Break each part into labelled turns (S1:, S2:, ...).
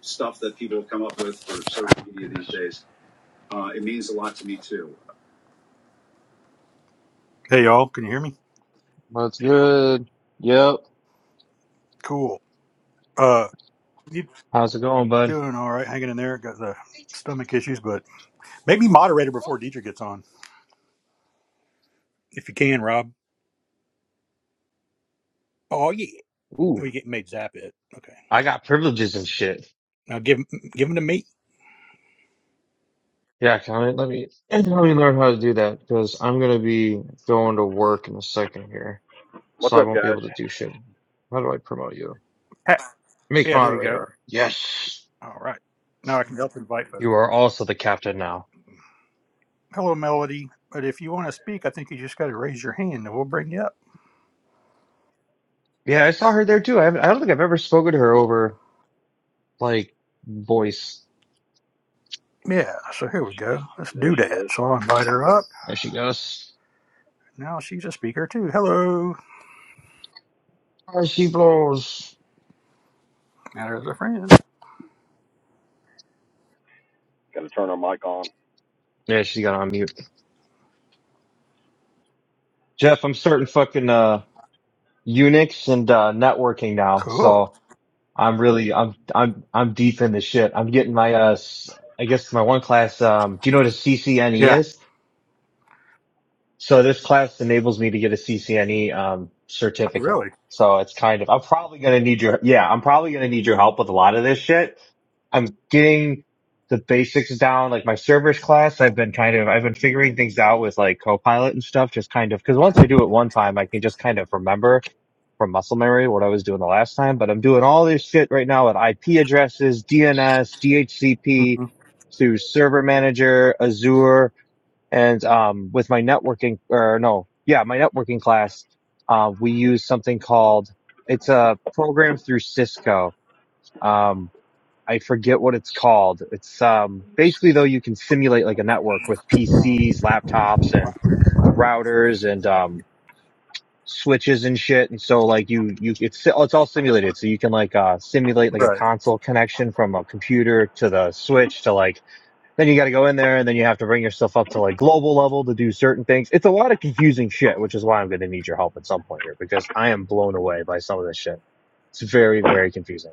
S1: stuff that people have come up with for social media these days. Uh, it means a lot to me too. Hey y'all, can you hear me?
S2: What's good? Yep.
S1: Cool. Uh, you
S2: How's it going, bud?
S1: doing all right? Hanging in there. Got the stomach issues, but maybe moderator before Deidre gets on, if you can, Rob. Oh yeah,
S2: Ooh,
S1: we get made zap it. Okay,
S2: I got privileges and shit.
S1: now give 'em- give them to me.
S2: Yeah, can I, let me let me learn how to do that because I'm gonna be going to work in a second here,
S3: What's
S2: so I
S3: up,
S2: won't be
S3: guys?
S2: able to do shit. How do I promote you?
S1: Ha-
S2: Make
S1: Yeah, there you go.
S2: moderator. Yes,
S1: All right, now I can help invite folks.
S2: you are also the captain now.
S1: Hello, Melody. But if you want to speak, I think you just got to raise your hand, and we'll bring you up.
S2: Yeah, I saw her there too. I, haven't, I don't think I've ever spoken to her over like voice.
S1: Yeah. So here we go. Let's do
S3: There she is.
S1: that. So I'll invite her up.
S2: There she goes.
S1: Now she's a speaker too. Hello.
S2: There she blows.
S1: Matter as a friend.
S3: Got to turn her mic on.
S2: Yeah, she got on mute. Jeff, I'm starting fucking uh. Unix and uh, networking now.
S1: Cool.
S2: So I'm really I'm I'm I'm deep in the shit. I'm getting my uh s- I guess my one class. Um, do you know what a CCNE
S1: Yeah.
S2: is? So this class enables me to get a CCNE um, certificate.
S1: Really.
S2: So it's kind of I'm probably gonna need your yeah I'm probably gonna need your help with a lot of this shit. I'm getting the basics down, like my servers class. I've been kind of I've been figuring things out with like Copilot and stuff, just kind of because once I do it one time, I can just kind of remember from muscle memory what I was doing the last time. But I'm doing all this shit right now with IP addresses, DNS, DHCP,
S1: hmm
S2: through Server Manager, Azure and um, with my networking, or no, yeah, my networking class, uh, we use something called it's a program through Cisco. Um, I forget what it's called. It's um, basically though you can simulate like a network with PCs, laptops, and routers and um, switches and shit. And so like you you it's it's all simulated. So you can like uh, simulate like a
S1: Right.
S2: console connection from a computer to the switch to like then you got to go in there and then you have to bring yourself up to like global level to do certain things. It's a lot of confusing shit, which is why I'm going to need your help at some point here because I am blown away by some of this shit. It's very, very confusing,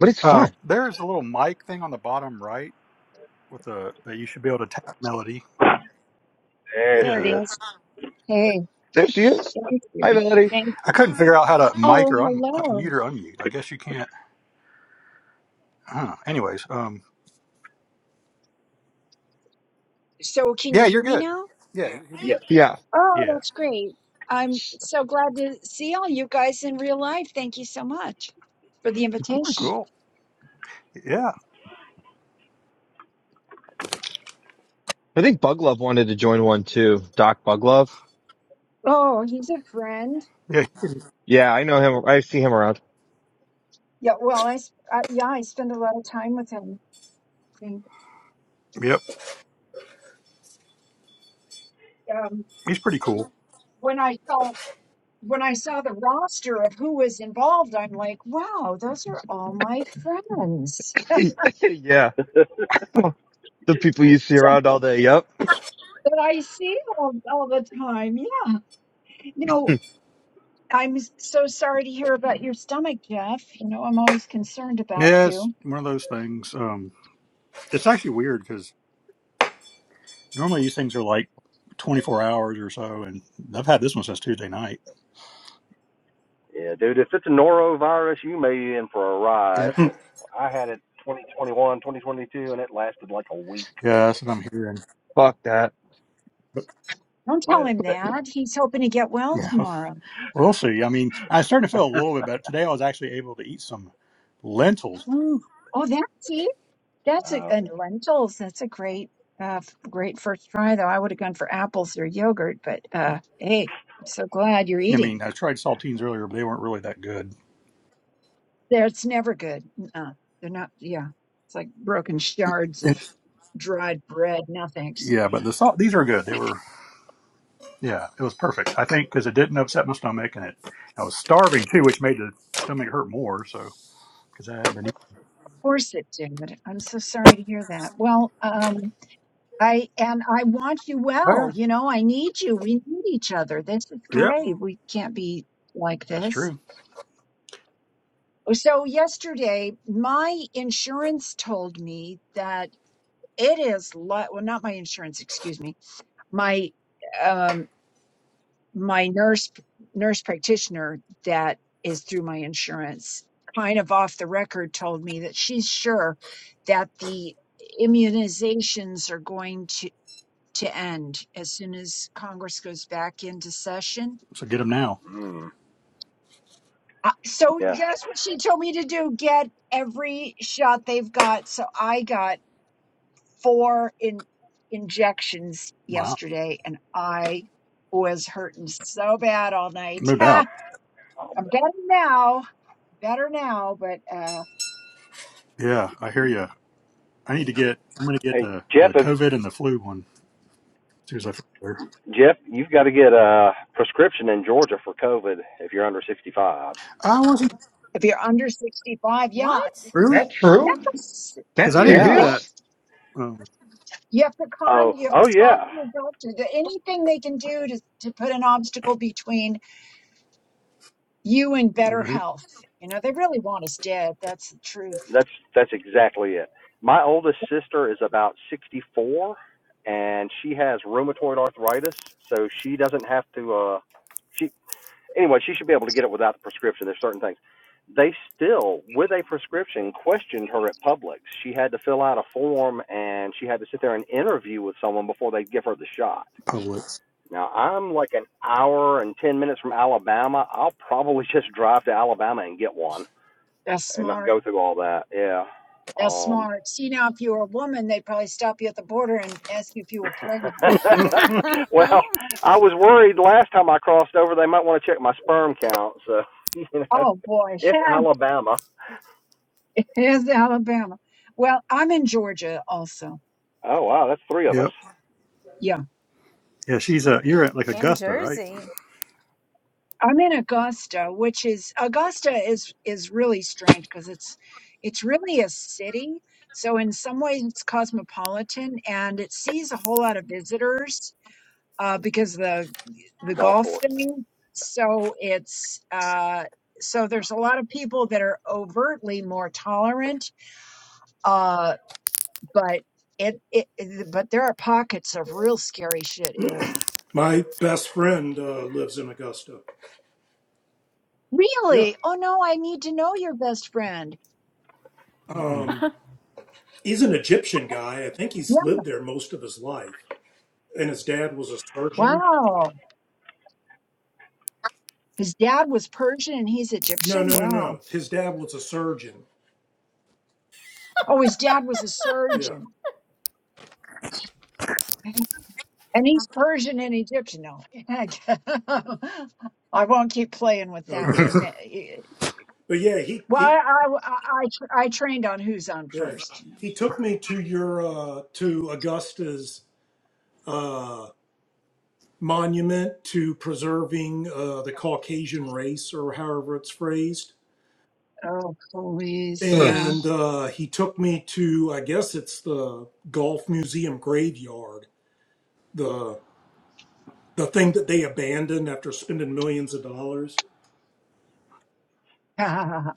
S2: but it's
S1: Um,
S2: fun.
S1: there's a little mic thing on the bottom right with a that you should be able to tap melody.
S3: There
S4: There
S3: she
S4: it
S1: Yeah.
S3: is.
S4: is. Hey,
S2: There she is.
S4: thank
S2: Hi,
S4: you.
S2: Melody.
S4: Thank
S1: I
S4: you.
S1: couldn't figure out how to mic
S4: Oh,
S1: or un, uh,
S4: hello.
S1: mute or unmute. I guess you can't. Huh. Anyways. Um.
S4: So, can you
S1: Yeah,
S4: hear
S1: you're
S4: me
S1: good.
S4: now?
S1: Yeah. You're you're good. to
S3: Yes.
S1: go.
S2: Yeah,
S4: Oh,
S1: Yeah.
S4: that's great. I'm so glad to see all you guys in real life. Thank you so much for the
S2: of
S4: invitation.
S2: course.
S1: Cool. Yeah.
S2: I think Buglove wanted to join one too. Doc Buglove.
S4: Oh, he's a friend.
S1: Yeah.
S2: Yeah, I know him. I see him around.
S4: Yeah, well, I, s- uh, yeah, I spend a lot of time with him. And,
S1: Yep.
S4: um,
S1: He's pretty cool.
S4: when I saw when I saw the roster of who was involved, I'm like, wow, those are all my friends
S2: yeah, the people you see
S4: that
S2: around all day. Yep.
S4: I see all, all the time. Yeah. No. I'm s- so sorry to hear about your stomach, Jeff. You know, I'm always concerned about
S1: Yeah, it's
S4: you.
S1: one of those things. Um. It's actually weird because Normally these things are like 24 hours or so, and I've had this one since Tuesday night.
S3: yeah, dude, if it's a norovirus, you may be in for a
S1: Yeah,
S3: ride. I had it 2021, 2022, and it lasted like a week.
S1: yeah, that's what I'm hearing.
S2: Fuck that.
S1: But
S4: Don't tell
S3: Yeah.
S4: him
S3: That,
S4: that. He's hoping to get well
S1: yeah,
S4: tomorrow.
S1: we'll see. I mean, I started to feel a little bit better today. I was actually able to eat some lentils.
S4: Oh, that's it. That's a,
S3: uh,
S4: and lentils. That's a great, uh, f- great first try, though. I would have gone for apples or yogurt, but uh, hey, I'm so glad you're
S1: I mean,
S4: eating.
S1: I tried saltines earlier, but they weren't really that good.
S4: That's never good. Uh, they're not. Yeah, it's like broken shards of
S1: It's,
S4: dried bread. No thanks.
S1: yeah, but the salt these are good. They were yeah, it was perfect. I think because it didn't upset my stomach, and it I was starving too, which made the stomach hurt more. So because I haven't been. eating-
S4: Of course it did. I'm so sorry to hear that. Well, um, I and I want you
S1: Oh
S4: well.
S1: yeah,
S4: You know, I need you. We need each other. This is
S1: yep,
S4: great. We can't be like
S1: that's
S4: this.
S1: true.
S4: So yesterday, my insurance told me that it is li- well, not my insurance. Excuse me, my um my nurse nurse practitioner that is through my insurance, kind of off the record, told me that she's sure that the immunizations are going to to end as soon as Congress goes back into session.
S1: So get them now.
S3: mm,
S4: Uh, So,
S3: yeah.
S4: yes, what she told me to do, get every shot they've got. So I got four in injections
S1: Wow,
S4: yesterday and I was hurting so bad all night.
S1: no doubt.
S4: I'm better now, better now, but uh
S1: Yeah, I hear you. I need to get. I'm going to get
S3: Hey,
S1: the
S3: Jeff,
S1: the
S3: if,
S1: COVID and the flu one as soon as I feel better.
S3: Jeff, you've got to get a prescription in Georgia for COVID if you're under 65.
S1: I wasn't
S4: if you're under 65, yeah.
S5: What?
S2: Is
S1: really
S4: y-
S2: that true?
S4: Yes.
S1: because
S2: That's
S1: I didn't hear
S3: Yeah.
S4: Yeah.
S1: that.
S2: serious?
S1: Um,
S4: You have to con,
S3: Oh,
S4: you have
S3: oh
S4: to talk to
S3: yeah.
S4: the doctor. The- Anything they can do to, to put an obstacle between You in better
S1: right,
S4: health. You know, they really want us dead. That's the truth.
S3: That's that's exactly it. My oldest sister is about 64, and she has rheumatoid arthritis, so she doesn't have to. Uh, she anyway, she should be able to get it without the prescription. There's certain things. They still, with a prescription, questioned her at Publix. She had to fill out a form, and she had to sit there and interview with someone before they'd give her the shot.
S1: Publix.
S3: Now I'm like an hour and ten minutes from Alabama. I'll probably just drive to Alabama and get one
S4: That's
S3: and not
S4: smart.
S3: go through all that. Yeah.
S4: That's
S3: Um
S4: smart. See, now, if you were a woman, they'd probably stop you at the border and ask you if you were pregnant.
S3: well, I was worried last time I crossed over they might want to check my sperm count, so you know.
S4: Oh, boy.
S3: It's Alabama.
S4: Here's Alabama. Well, I'm in Georgia also.
S3: Oh wow, that's three of us.
S1: Yep.
S4: Yeah.
S1: Yeah, she's uh You're at like
S5: In
S1: Augusta, right?
S5: Jersey.
S4: I'm in Augusta, which is Augusta is is really strange because it's it's really a city. So in some ways it's cosmopolitan and it sees a whole lot of visitors uh, because the the
S3: Golf
S4: golf
S3: course.
S4: thing. So it's uh, so there's a lot of people that are overtly more tolerant, uh, but it, it it- but there are pockets of real scary shit here.
S6: My best friend uh, lives in Augusta. Yeah.
S4: Really? Oh no, I need to know your best friend.
S1: Mm-mm.
S6: Um, he's an Egyptian guy. I think he's
S4: Yeah.
S6: lived there most of his life. And his dad was a surgeon.
S4: Wow. His dad was Persian and he's
S6: No,
S4: Egyptian.
S6: no, no,
S4: Wow.
S6: no. His dad was a surgeon.
S4: Oh, his dad was a
S6: Yeah.
S4: surgeon. And he's Persian and Egyptian. No, I won't keep playing with that
S6: Okay.
S4: one.
S6: But yeah, he,
S4: Well,
S6: he
S4: I, I, I, I tr- I trained on who's on
S6: yeah.
S4: first, you know.
S6: He took me to your uh to Augusta's uh monument to preserving uh the Caucasian race or however it's phrased
S4: Oh, please.
S2: Ugh.
S4: Yeah.
S6: and uh, he took me to I guess it's the Golf Museum graveyard, the the thing that they abandoned after spending millions of dollars.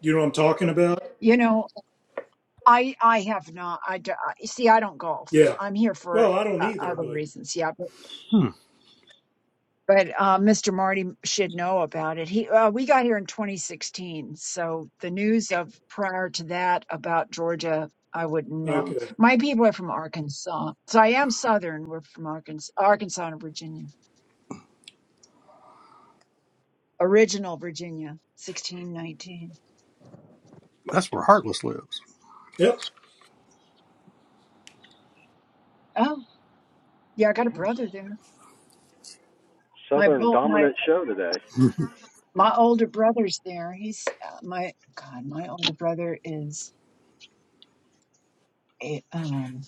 S6: You know what I'm talking about?
S4: you know, I, I have not, I, d- I- see, I don't golf.
S6: Yeah.
S4: I'm here for
S6: Well, I don't
S4: uh,
S6: either,
S4: other
S6: but
S4: reasons. Yeah. But,
S1: hmm.
S4: but, uh, Mr. Marty should know about it. He, uh, we got here in 2016. So the news of prior to that about Georgia, I wouldn't know.
S6: okay.
S4: My people are from Arkansas. So I am Southern. We're from Arkansas, Arkansas and Virginia, original Virginia, 1619.
S1: That's where Heartless lives.
S6: Yep.
S4: Oh, yeah, I got a brother there. My
S3: Southern
S4: bro- my
S3: dominant show today.
S4: my older brother's there. He's uh, my God. My older brother is a um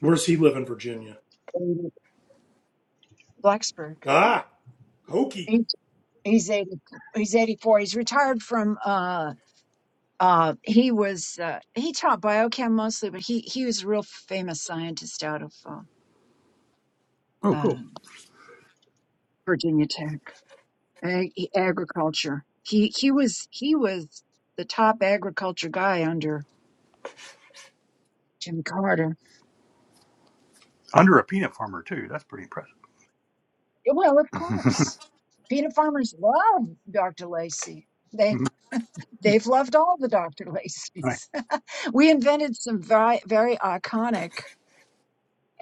S6: Where's he live in Virginia?
S4: in Blacksburg.
S6: Ah, Hokey.
S4: He's he's eighty he's eighty four. He's retired from uh uh he was uh he taught biochem mostly, but he he was a real famous scientist out of uh,
S1: oh, cool.
S4: uh Virginia Tech ag- agriculture. He he was he was the top agriculture guy under Jimmy Carter.
S1: Under a peanut farmer too. That's pretty impressive.
S4: Well, of course. Peanut farmers love Dr. Lacey. They they've loved all the Dr.
S1: right.
S4: Lacey's. we invented some very very iconic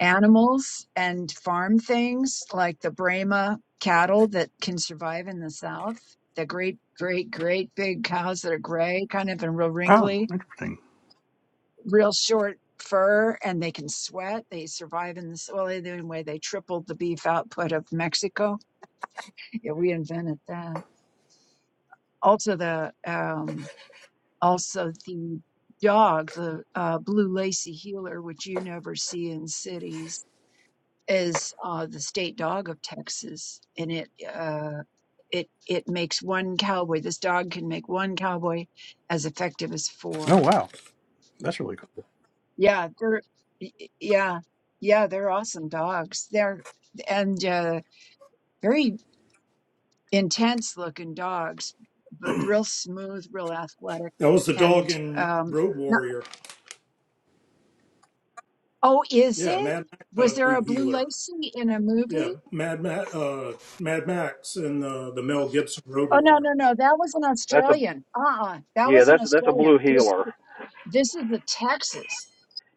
S4: animals and farm things like the Brahma cattle that can survive in the South. The great, great, great big cows that are gray, kind of and real
S1: Oh,
S4: wrinkly,
S1: interesting.
S4: real short fur, and they can sweat. They survive in this. Well, anyway, they tripled the beef output of Mexico. Yeah, we invented that. also the um also the dog the uh, blue lacy heeler which you never see in cities is uh, the state dog of texas and it uh, it it makes one cowboy this dog can make one cowboy as effective as
S1: Oh,
S4: four
S1: wow. That's really cool.
S4: yeah they're y- y- yeah yeah they're awesome dogs they're and uh, very intense looking dogs but real smooth real athletic
S6: That was the dog
S4: and
S6: in
S4: um
S6: Road Warrior.
S4: Oh, is
S6: Yeah,
S4: it?
S6: Mad Max had
S4: Was
S6: a
S4: there
S6: blue
S4: a blue
S6: healer.
S4: lacy in a
S6: Yeah,
S4: movie?
S6: Mad Ma uh, Mad Max and uh, the Mel Gibson Road
S4: Oh no,
S6: Warrior.
S4: no, no. That was an
S3: That's a
S4: Australian. Uh-uh. That
S3: yeah,
S4: was an
S3: that's that's a blue
S4: Australian. This
S3: heeler.
S4: this is the Texas.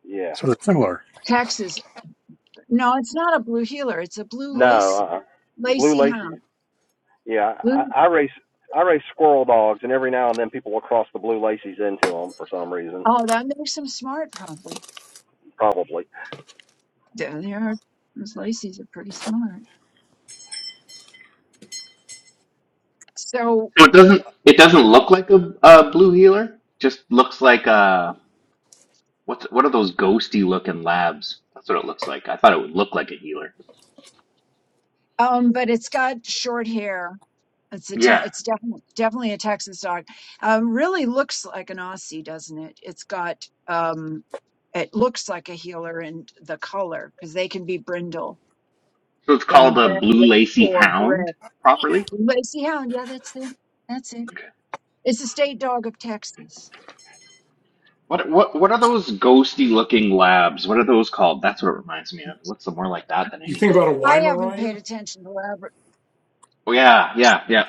S3: Yeah.
S1: So they're similar.
S4: Texas. No, it's not a blue heeler. It's a blue lacy.
S3: No, uh blue
S4: Lacy hound.
S3: laces. Yeah, I,
S4: Blue
S3: I race I race squirrel dogs, and every now and then people will cross the blue lacy's into them for some reason,
S4: oh, that makes them smart probably.
S3: probably.
S4: Yeah, They are those lacies are pretty smart. So
S7: So it doesn't it doesn't look like a, a blue healer. Just looks like uh what's what are those ghosty looking labs? That's what it looks like. I thought it would look like a healer.
S4: um, but it's got short hair It's a te-
S7: Yeah.
S4: it's definitely definitely a Texas dog. Um, really looks like an Aussie, doesn't it? It's got um, it looks like a healer in the color because they can be brindle
S7: So it's
S4: in
S7: called a
S4: red
S7: blue lacy
S4: or
S7: hound
S4: gray.
S7: properly.
S4: Lacy Hound, yeah, that's it. That's it.
S7: Okay.
S4: It's the state dog of Texas.
S7: What what what are those ghosty looking labs? What are those called? That's what it reminds me of. It looks more like that than
S6: You think
S7: anything.
S6: about a
S4: I haven't paid
S6: Weimaraner?
S4: attention to
S7: Oh yeah, yeah, yeah.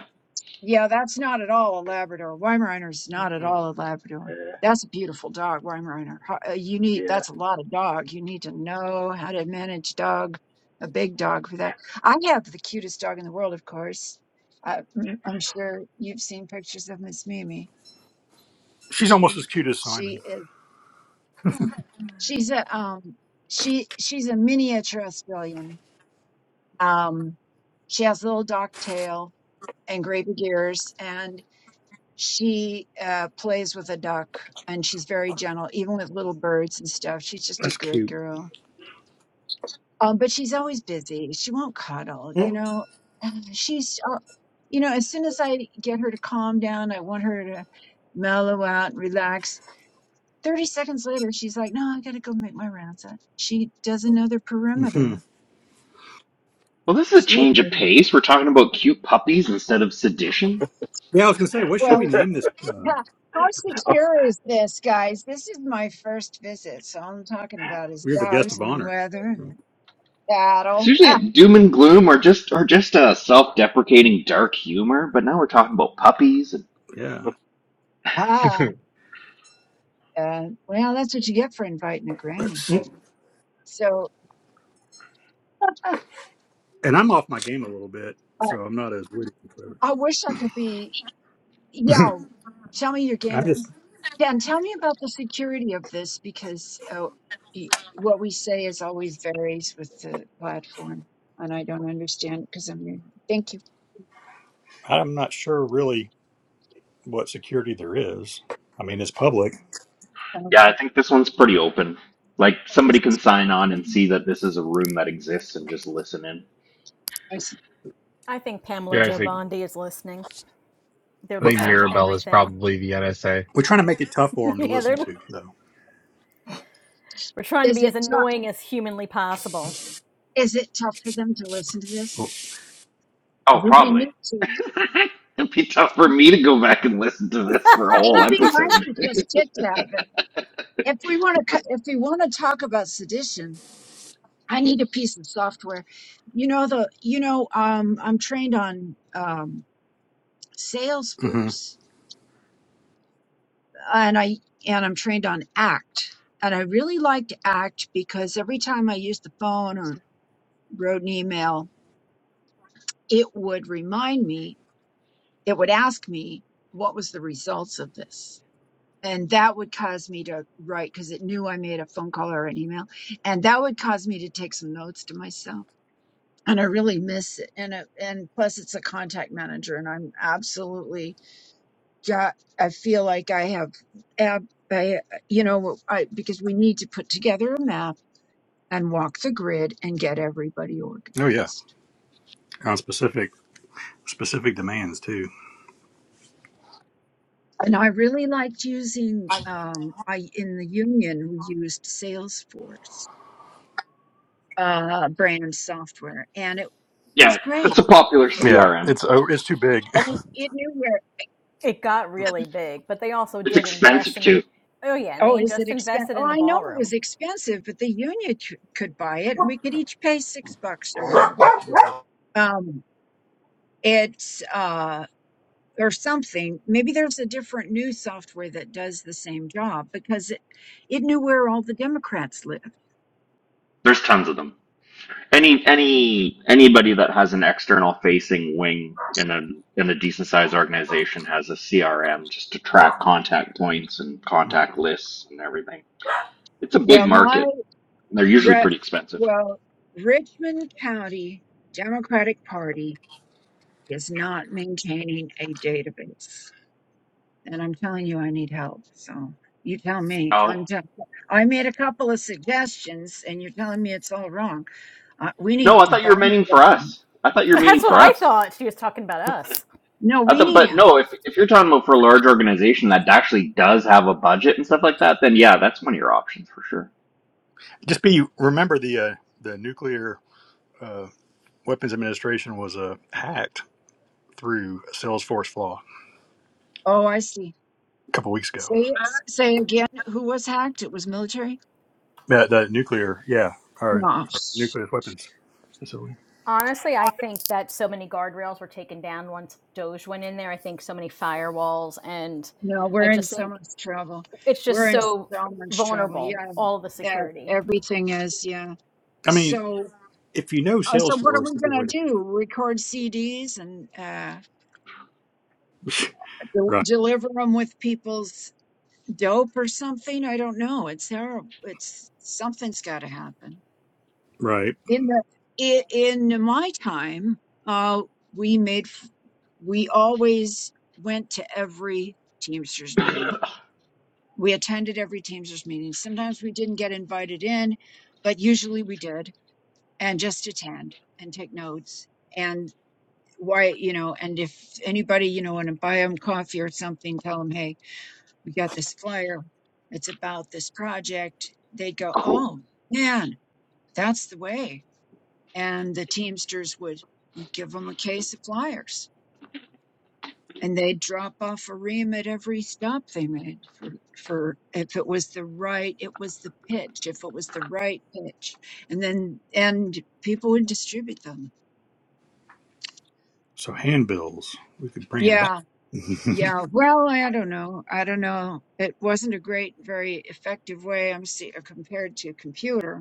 S4: Yeah, that's not at all a Labrador. Weimaraner's not at
S6: Mm-mm.
S4: all a Labrador.
S3: Uh,
S4: That's a beautiful dog, Weimaraner. Ho- uh, You need
S3: Yeah.
S4: that's a lot of dog. You need to know how to manage dog, a big dog for that. I have the cutest dog in the world, of course. I, mm, I'm sure you've seen pictures of Miss Mimi.
S1: She's almost as cute as Simon.
S4: She is she's a um she she's a miniature Australian. Um, she has a little dock tail and gray big ears, and she uh, plays with a duck and she's very gentle, even with little birds and stuff. She's just a
S1: That's
S4: good
S1: cute.
S4: girl. Um, but she's always busy. She won't cuddle, you
S6: Mm-mm.
S4: know. And She's, uh, you know, as soon as I get her to calm down, I want her to mellow out and relax. 30 seconds later, she's like, no, I got to go make my rounds. Uh, She doesn't know the
S1: hmm
S4: perimeter.
S7: Well, this is a
S4: She,
S7: change of pace. We're talking about cute puppies instead of sedition.
S1: Yeah, I was gonna say, what should
S4: well.
S1: we name this? Uh,
S4: Yeah. How secure is this, guys? This is my first visit, so all I'm talking about is
S1: we're the guest
S4: dogs
S1: of
S4: and
S1: honor.
S4: weather and
S7: It's
S4: cattle. Ah,
S7: usually doom and gloom or just or just a self-deprecating dark humor, but now we're talking about puppies and
S1: Yeah.
S4: ah. Uh, well, that's what you get for inviting a
S1: Let's
S4: granny.
S1: see.
S4: So
S1: And I'm off my game a little bit,
S4: uh,
S1: so I'm not as witty. but-
S4: I wish I could be. Yo, tell me your
S1: I
S4: game.
S1: just
S4: Dan, tell me about the security of this because oh, y- what we say is always varies with the platform, and I don't understand because I'm new. Thank you.
S1: I'm not sure really what security there is. I mean, it's public,
S4: Uh,
S7: yeah, I think this one's pretty open. Like
S4: Oh,
S7: somebody
S4: this
S7: can
S4: is
S7: sign
S4: public.
S7: on and
S4: Okay.
S7: see that this is a room that exists and just listen in.
S4: I see.
S5: I think Pamela
S2: Yeah, I
S5: Joe
S2: think.
S5: Bondi is listening. They're
S2: I
S1: but
S2: think
S5: listening
S7: And,
S5: to
S2: Mirabelle is
S5: everything.
S2: probably the NSA.
S1: we're trying to make it tough for them to
S5: yeah,
S1: listen
S5: they're
S1: to, though.
S5: we're trying to
S4: Is
S5: be as
S4: it?
S5: annoying as humanly possible.
S4: Is it tough for them to listen to this?
S1: Oh,
S7: oh,
S4: Do they
S7: probably.
S4: need to?
S7: It'd be tough for
S4: And
S7: me to go back and listen to this for a whole
S4: it'd be nice
S7: episode.
S4: to just chit chat. But if we want to, if we want to talk about sedition, I need a piece of software. You know the, you know, um, I'm trained on um,
S1: hmm
S4: Salesforce, and I and I'm trained on ACT, and I really liked ACT because every time I used the phone or wrote an email, it would remind me, it would ask me what was the results of this and that would cause me to write because it knew I made a phone call or an email, and that would cause me to take some notes to myself. And I really miss it. And it, and plus, it's a contact manager, and I'm absolutely got. I feel like I have, ab, I you know, I because we need to put together a map and walk the grid and get everybody
S1: oh yeah,
S4: organized.
S1: on specific specific demands too.
S4: And I really liked using. Um, I in the union we used Salesforce uh, brand software, and it
S7: Yeah,
S4: was
S7: it's
S4: great.
S7: a popular
S1: Yeah,
S7: CRM.
S1: it's oh, it's too big.
S4: And it knew where.
S5: it got
S4: uh,
S5: really big, but they also
S7: It's
S5: did invest
S7: expensive
S5: in the
S7: too.
S5: Oh yeah, and
S4: Oh,
S5: they
S4: is it
S5: just
S4: expensive?
S5: invested
S4: Oh,
S5: in the
S4: I know it
S5: ballroom.
S4: was expensive, but the union c- could buy it, and we could each pay six bucks or whatever. Um, it's uh, or something. Maybe there's a different new software that does the same job because it it knew where all the Democrats lived.
S7: There's tons of them. Any any anybody that has an external facing wing in a in a decent sized organization has a CRM just to track contact points and contact lists and everything. It's a big
S4: Well, my
S7: market. They're usually
S4: re-
S7: pretty expensive.
S4: well, Richmond County Democratic Party is not maintaining a database. and I'm telling you, I need help. So you tell me.
S7: Oh
S4: I'm just, I made a couple of suggestions, and you're telling me it's all wrong. Uh, we need
S7: no, I
S4: to
S7: thought you were
S4: buy
S7: meaning for
S4: something.
S7: us. I thought you were meaning
S5: That's what
S7: for
S5: I
S7: us.
S5: thought. She was talking about us.
S4: No,
S7: I
S4: we
S7: thought,
S4: need
S7: but
S4: help.
S7: no, if if you're talking about for a large organization that actually does have a budget and stuff like that, then yeah, that's one of your options for sure.
S1: just be remember the uh, the nuclear uh, weapons administration was uh, hacked through Salesforce flaw
S4: Oh, I see.
S1: a couple weeks ago.
S4: Say say again. Who was hacked? It was military.
S1: Yeah, the nuclear, yeah, our
S4: Oh, sh-
S1: nuclear weapons facility.
S5: Honestly, I think that so many guardrails were taken down once Doge went in there. I think so many firewalls and
S4: no, we're
S5: I
S4: in
S5: just
S4: so
S5: think
S4: much trouble.
S5: it's
S4: We're
S5: just
S4: in
S5: so
S4: so much trouble.
S5: vulnerable
S4: Yeah,
S5: all the
S4: yeah
S5: security
S4: everything is. Yeah.
S1: I mean,
S4: So.
S1: if you know
S4: Uh, so what are
S1: Salesforce,
S4: we
S1: that'd be a
S4: gonna
S1: way to-
S4: do? Record CDs and uh, del-
S1: right,
S4: deliver them with people's dope or something. I don't know. It's terrible. It's something's got to happen.
S1: right.
S4: In the i- in my time, uh, we made f- we always went to every Teamsters meeting. We attended every Teamsters meeting. Sometimes we didn't get invited in, but usually we did, and just attend and take notes and why you know and if anybody you know want to buy them coffee or something tell them hey. we got this flyer. It's about this project. They'd go,
S7: Oh,
S4: oh man, that's the way. And the Teamsters would, you'd give them a case of flyers and they'd drop off a ream at every stop they made for, for if it was the right, it was the pitch, if it was the right pitch. And then, and people would distribute them.
S1: So handbills, we could bring them
S4: Yeah.
S1: back.
S4: Yeah. Well, I don't know. I don't know. It wasn't a great, very effective way. I'm see, compared to a computer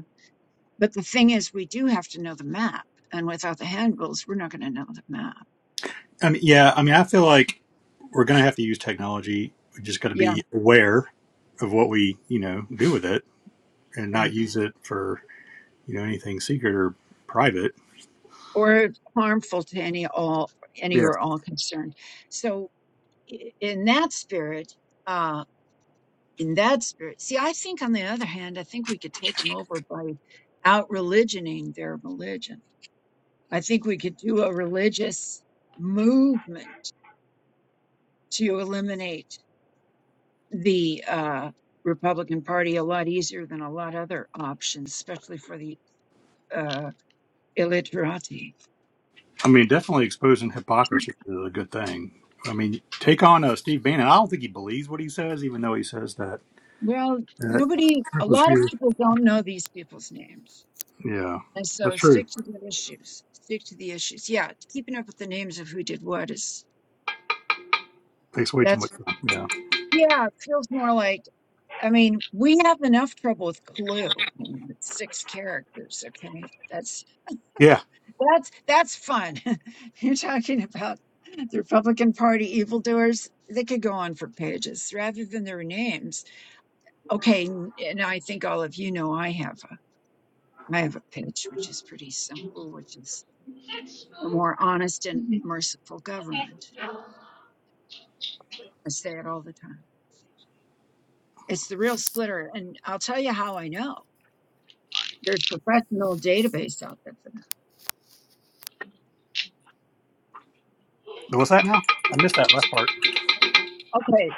S4: But the thing is, we do have to know the map. And without the handbills, we're not going to know the map.
S1: I mean, yeah, I mean, I feel like we're going to have to use technology. We just got to
S4: Yeah,
S1: be aware of what we, you know, do with it and not
S4: right.
S1: use it for, you know, anything secret or private.
S4: Or harmful to any all any
S1: Yeah.
S4: or all concerned. So i- in that spirit, uh, in that spirit, see, I think on the other hand, I think we could take them over by out religioning their religion. I think we could do a religious movement to eliminate the uh, Republican Party a lot easier than a lot other options, especially for the uh, illiterati.
S1: I mean, definitely exposing hypocrisy is a good thing. I mean, take on uh, Steve Bannon. I don't think he believes what he says, even though he says that.
S4: Well,
S1: That
S4: nobody,
S1: trip
S4: a
S1: was
S4: lot of
S1: here.
S4: people don't know these people's names.
S1: Yeah,
S4: And
S1: that's
S4: so
S1: true.
S4: stick to the issues. Stick to the issues. Yeah, keeping up with the names of who did what is
S1: Takes way too much
S4: that's,
S1: time. Yeah.
S4: yeah, it feels more like, I mean, we have enough trouble with Clue. you know, with Six characters, okay? That's
S1: Yeah.
S4: that's that's fun. You're talking about the Republican Party evildoers. They could go on for pages rather than their names Okay, n- and I think all of you know I have a I have a pitch which is pretty simple, which is a more honest and merciful government. I say it all the time. It's the real splitter, and I'll tell you how I know. There's professional database out there for
S1: What's that now? I missed that last part.
S4: that. Okay,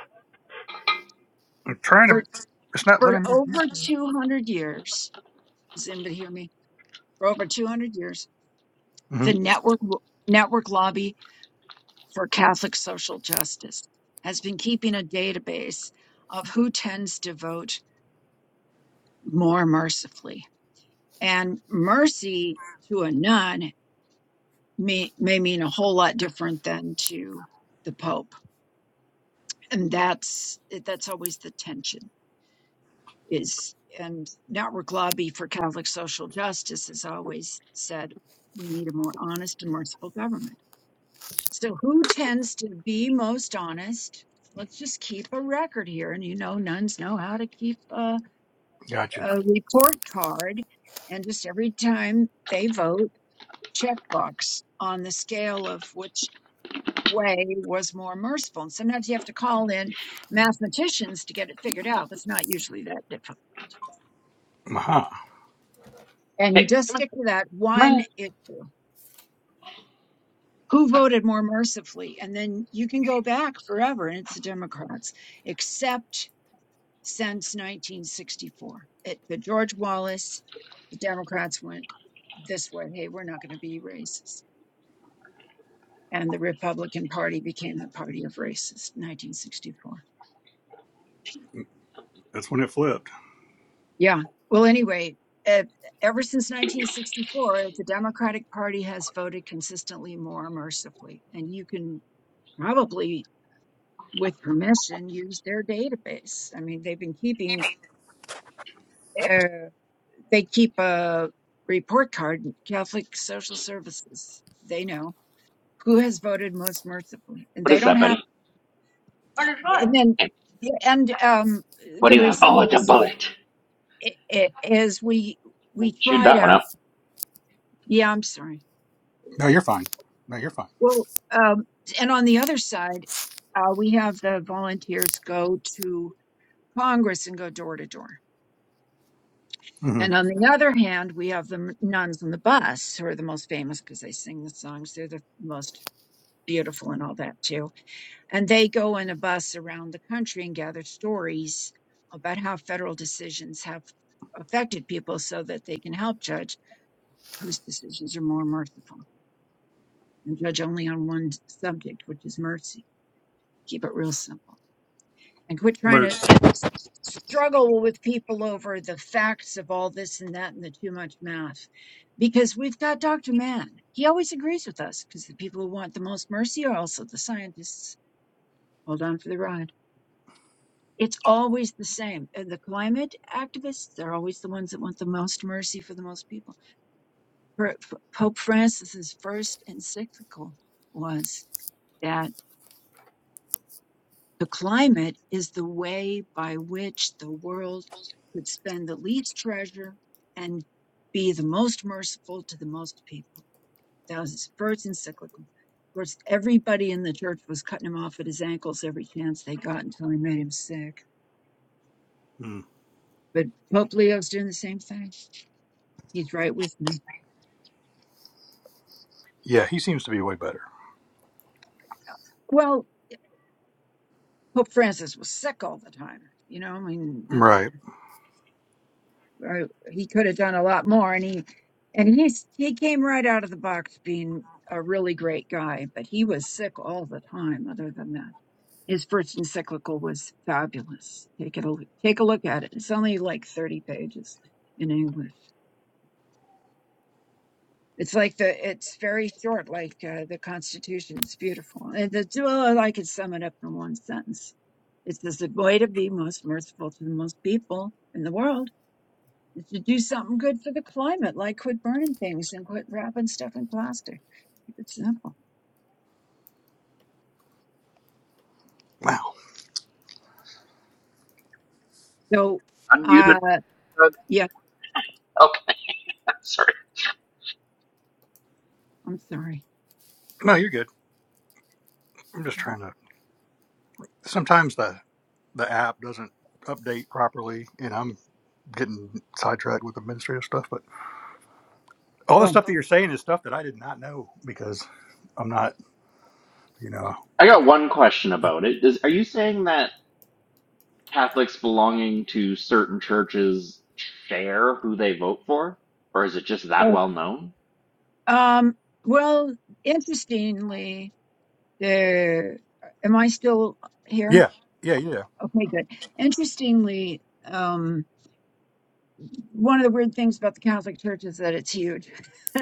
S1: I'm trying
S4: for
S1: to. It's not
S4: for
S1: letting me.
S4: over 200 years, does anybody hear me? For over 200 years,
S1: hmm
S4: the network network lobby for Catholic social justice has been keeping a database of who tends to vote more mercifully. And mercy to a nun may, may mean a whole lot different than to the Pope. And that's that's always the tension is and Network Lobby for Catholic Social Justice has always said we need a more honest and merciful government. So who tends to be most honest? Let's just keep a record here. And you know, nuns know how to keep a,
S1: Gotcha.
S4: a report card. And just every time they vote, checkbox on the scale of which way was more merciful. And sometimes you have to call in mathematicians to get it figured out. It's not usually that difficult.
S1: Aha.
S4: And you
S7: hey,
S4: just
S7: come on,
S4: stick to that
S7: come
S4: one
S7: on.
S4: issue. Who voted more mercifully? And then you can go back forever, and it's the Democrats, except since 1964. It, the George Wallace, the Democrats went this way. Hey, we're not going to be racist. And the Republican Party became the party of racists, 1964.
S1: That's when it flipped.
S4: Yeah. Well, anyway, eh, ever since 1964, the Democratic Party has voted consistently more mercifully. And you can probably, with permission, use their database. I mean, they've been keeping, uh, they keep a report card, Catholic Social Services. They know who has voted most mercifully. And
S7: What
S4: they
S7: is
S4: don't
S7: that, buddy?
S4: have, and then,
S7: Hey,
S4: yeah, and um,
S7: What
S4: the
S7: do you have? Oh, it's a
S4: results
S7: bullet.
S4: i- i- is we, we
S7: Chewed
S4: try
S7: that one
S4: to,
S7: up.
S4: yeah, I'm sorry.
S1: No, you're fine. No, you're fine.
S4: Well, um, and on the other side, uh, we have the volunteers go to Congress and go door to door.
S1: hmm
S4: And on the other hand, we have the m- nuns on the bus who are the most famous because they sing the songs. They're the most beautiful and all that too. And they go in a bus around the country and gather stories about how federal decisions have affected people so that they can help judge whose decisions are more merciful and judge only on one subject, which is mercy. Keep it real simple. and quit trying
S1: Bert.
S4: to s- struggle with people over the facts of all this and that and the too much math because we've got dr mann he always agrees with us because the people who want the most mercy are also the scientists hold on for the ride it's always the same and the climate activists they're always the ones that want the most mercy for the most people Per- P- pope francis's first encyclical was that The climate is the way by which the world could spend the least treasure and be the most merciful to the most people. That was his first encyclical. Of course, everybody in the church was cutting him off at his ankles every chance they got until he made him sick.
S1: Mm.
S4: But Pope Leo's doing the same thing. He's right with me.
S1: Yeah, he seems to be way better.
S4: Well, Pope Francis was sick all the time. You know, I mean, that.
S1: Right.
S4: or he could have done a lot more and he and he's he came right out of the box being a really great guy but he was sick all the time other than that his first encyclical was fabulous take it a, look- take a look at it it's only like 30 pages in english it's like the it's very short like uh, the constitution it's beautiful and the well i could sum it up in one sentence it says the way to be most merciful to the most people in the world is to do something good for the climate, like quit burning things and quit wrapping stuff in plastic. Keep it simple.
S1: Wow.
S4: So,
S7: Unmuted.
S4: uh, yeah,
S7: Okay, sorry.
S4: I'm sorry.
S1: No, you're good. I'm just trying to. Sometimes the the app doesn't update properly, and I'm getting sidetracked with administrative stuff. But all the
S4: Oh,
S1: stuff that you're saying is stuff that I did not know because I'm not You know.
S7: I got one question about it. Is, are you saying that Catholics belonging to certain churches share who they vote for? Or is it just that
S4: oh,
S7: well known?
S4: um, well, interestingly, there, am I still here?
S1: Yeah. Yeah. Yeah.
S4: Okay, good. Interestingly, um, one of the weird things about the Catholic Church is that it's huge.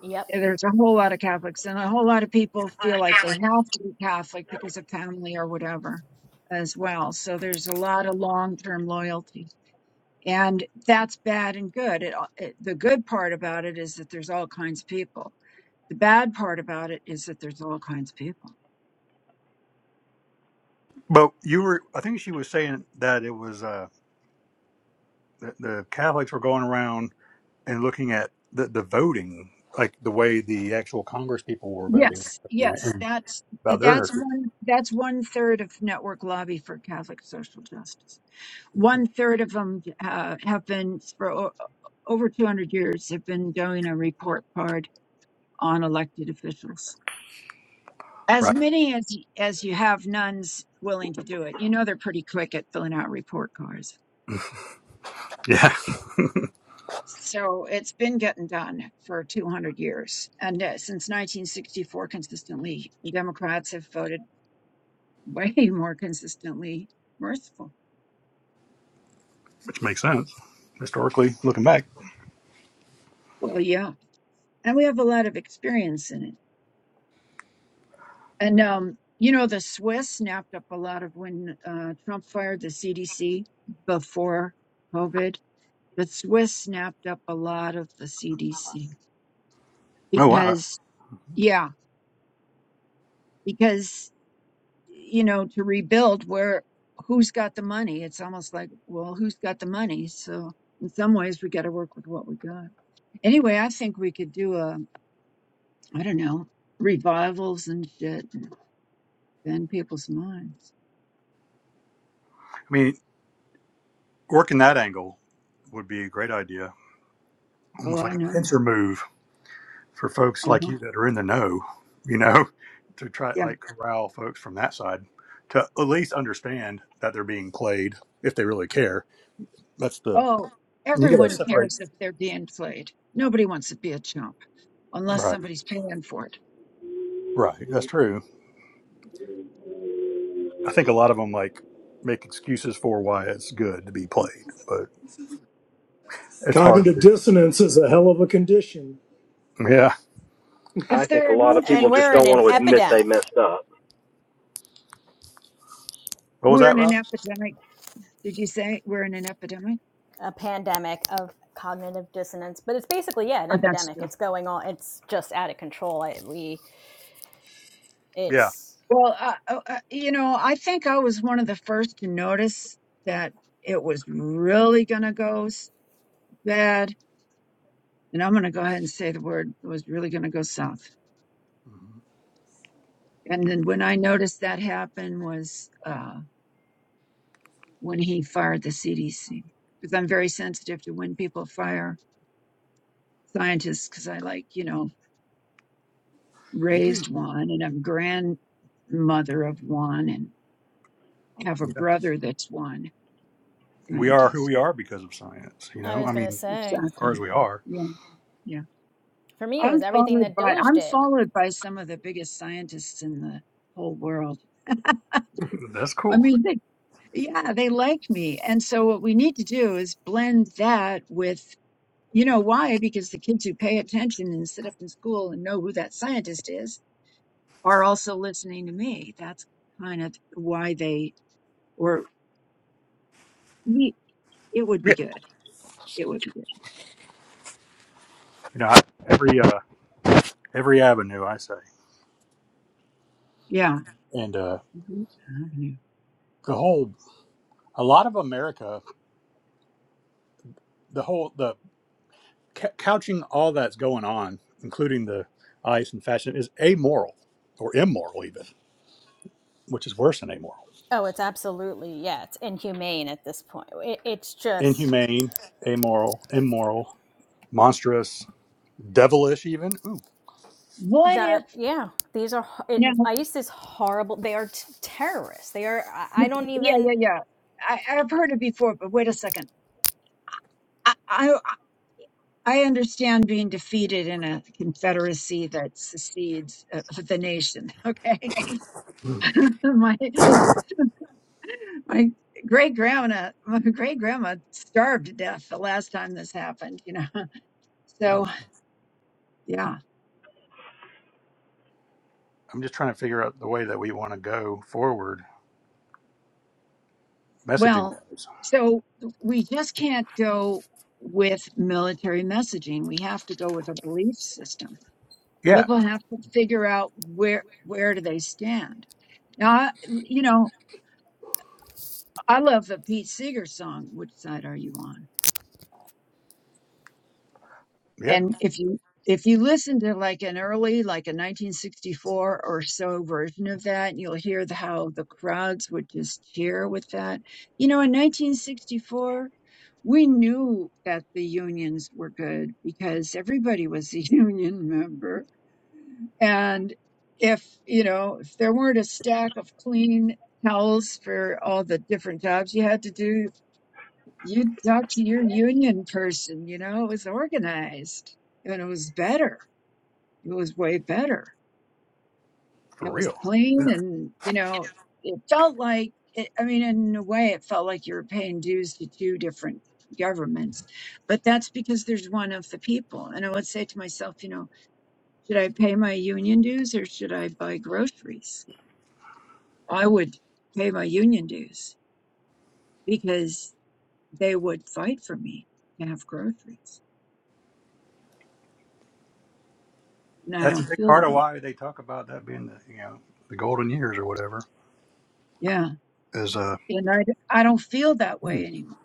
S5: yep
S4: Yeah, there's a whole lot of Catholics, and a whole lot of people feel like they have to be Catholic because of family or whatever as well. So there's a lot of long term loyalty. And that's bad and good. It, it, the good part about it is that there's all kinds of people. The bad part about it is that there's all kinds of people.
S1: But you were. I think she was saying that it was uh, the, the Catholics were going around and looking at the, the voting, like the way the actual Congress people were voting
S4: Yes, yes, that's
S1: about their
S4: that's
S1: nurture.
S4: one that's one third of network lobby for Catholic social justice. One third of them uh, have been for o- over 200 years have been doing a report card on elected officials. As
S1: Right.
S4: many as as you have nuns willing to do it, you know they're pretty quick at filling out report cards.
S1: Yeah.
S4: So it's been getting done for 200 years, and uh, since 1964, consistently Democrats have voted way more consistently merciful.
S1: Which makes sense historically looking back.
S4: Well, yeah, and we have a lot of experience in it. And um, you know, the Swiss snapped up a lot of when uh, Trump fired the CDC before COVID. The Swiss snapped up a lot of the CDC
S1: Oh wow.
S4: because, yeah, because you know, to rebuild, where who's got the money? It's almost like, well, who's got the money? So in some ways, we got to work with what we got. Anyway, I think we could do a, I don't know, revivals and shit, and bend people's minds.
S1: I mean, working that angle would be a great idea.
S4: Oh,
S1: Almost
S4: I
S1: like a
S4: know.
S1: pincer move. for folks
S4: Uh
S1: like
S4: huh.
S1: you that are in the know, you know, to try
S4: Yeah.
S1: like corral folks from that side to at least understand that they're being played if they really care. That's the
S4: Oh,
S1: you got to
S4: everyone
S1: separate.
S4: cares if they're being played. Nobody wants to be a chump unless
S1: Right,
S4: somebody's paying for it.
S1: right. That's true. I think a lot of them like make excuses for why it's good to be played, but it's hard
S6: Cognitive
S1: to
S6: dissonance is a hell of a condition.
S1: do. Yeah.
S3: I
S4: If
S3: think a
S4: they're
S3: lot of
S4: making
S3: people
S5: And
S4: ex-
S3: just
S5: we're
S3: don't
S5: in
S4: i-
S5: an
S3: want to
S4: i-
S3: admit they
S5: epidemic.
S3: messed up.
S1: What was
S4: we're
S1: that,
S4: in an
S1: Rob?
S4: epidemic. Did you say we're in an epidemic?
S5: a pandemic of cognitive dissonance but it's basically yeah an
S4: Oh, that's
S5: epidemic
S4: true.
S5: it's going on it's just out of control I, we
S1: Yeah.
S5: it's
S4: Well, uh, uh, uh, you know, I think I was one of the first to notice that it was really going to go s- bad. And I'm going to go ahead and say the word it was really going to go south.
S1: Mhm.
S4: And then when I noticed that happen was uh, when he fired the CDC because I'm very sensitive to when people fire scientists because I like, you know,
S1: Me too.
S4: raised one and I'm grandmother of one and have a
S1: Yeah.
S4: brother that's one
S1: We are who
S4: scientist.
S1: we are because of science. You
S5: i
S1: know,
S5: was
S1: I
S5: gonna
S1: mean,
S5: say
S1: as
S4: Exactly.
S1: far as we are,
S4: Yeah, yeah.
S5: for me it
S4: I'm
S5: was everything
S4: followed
S5: that
S4: by
S5: doge
S4: I'm
S5: did
S4: followed by some of the biggest scientists in the whole world.
S1: that's
S4: I
S1: cool.
S4: mean, they, yeah, they like me. And so what we need to do is blend that with You know why? Because the kids who pay attention and sit up in school and know who that scientist is are also listening to me. That's kind of why they or me. It would
S1: Yeah.
S4: be good. It would be good.
S1: You know, I, every uh, every avenue, I say.
S4: Yeah.
S1: and uh,
S4: Mhm. Avenue.
S1: the whole a lot of america the whole the c- couching all that's going on including the ice and fashion is amoral or immoral even which is worse than amoral
S5: oh it's absolutely yeah it's inhumane at this point it, it's just
S1: inhumane amoral immoral monstrous devilish even ooh
S4: What if?
S5: that yeah these are it,
S4: Now,
S5: isis is horrible they are t- terrorists they are I don't
S4: yeah,
S5: even
S4: yeah, yeah. I, I've heard it before, but wait a second. I, I I understand being defeated in a confederacy that secedes uh, the nation. Okay, my my great grandma my great grandma starved to death the last time this happened you know
S1: no
S4: so yeah
S1: i'm just trying to figure out the way that we want to go forward messaging
S4: well
S1: wise
S4: so we just can't go with military messaging we have to go with a belief system
S1: yeah
S4: people have to figure out where where do they stand now I, you know i love the pete seeger song which side are you on
S1: yeah
S4: and if you if you listen to like an early like a 1964 or so version of that you'll hear the, how the crowds would just cheer with that you know in 1964 we knew that the unions were good because everybody was a union member and if you know if there weren't a stack of clean towels for all the different jobs you had to do you talk to your union person, you know, it was organized and it was better. It was way better.
S1: for
S4: It was
S1: real
S4: clean and, you know, it felt like, it, I mean, in a way, it felt like you were paying dues to two different governments, but that's because there's one of the people. And I would say to myself, you know, should I pay my union dues or should I buy groceries? I would pay my union dues because they would fight for me to have groceries and I
S1: that's a
S4: don't
S1: big
S4: feel
S1: part
S4: that
S1: of
S4: way.
S1: why they talk about that being the you know the golden years or whatever
S4: Yeah.
S1: is uh
S4: And I, d- I don't feel that
S1: hmm,
S4: way anymore.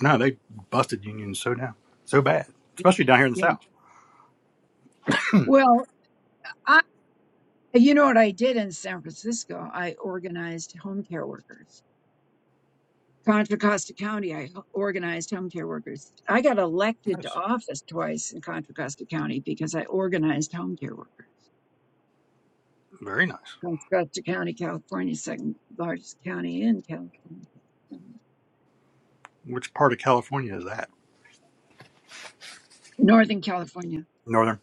S1: No, they busted unions so down, so bad, especially down here in the
S4: Yeah.
S1: South.
S4: Well, I, you know what I did in San Francisco? I organized home care workers. Contra Costa County, I h- organized home care workers. I got elected to
S1: Nice,
S4: office twice in Contra Costa County because I organized home care workers.
S1: very nice.
S4: Contra Costa County, California, second largest county in California.
S1: Which part of California is that?
S4: Northern California,
S1: Northern.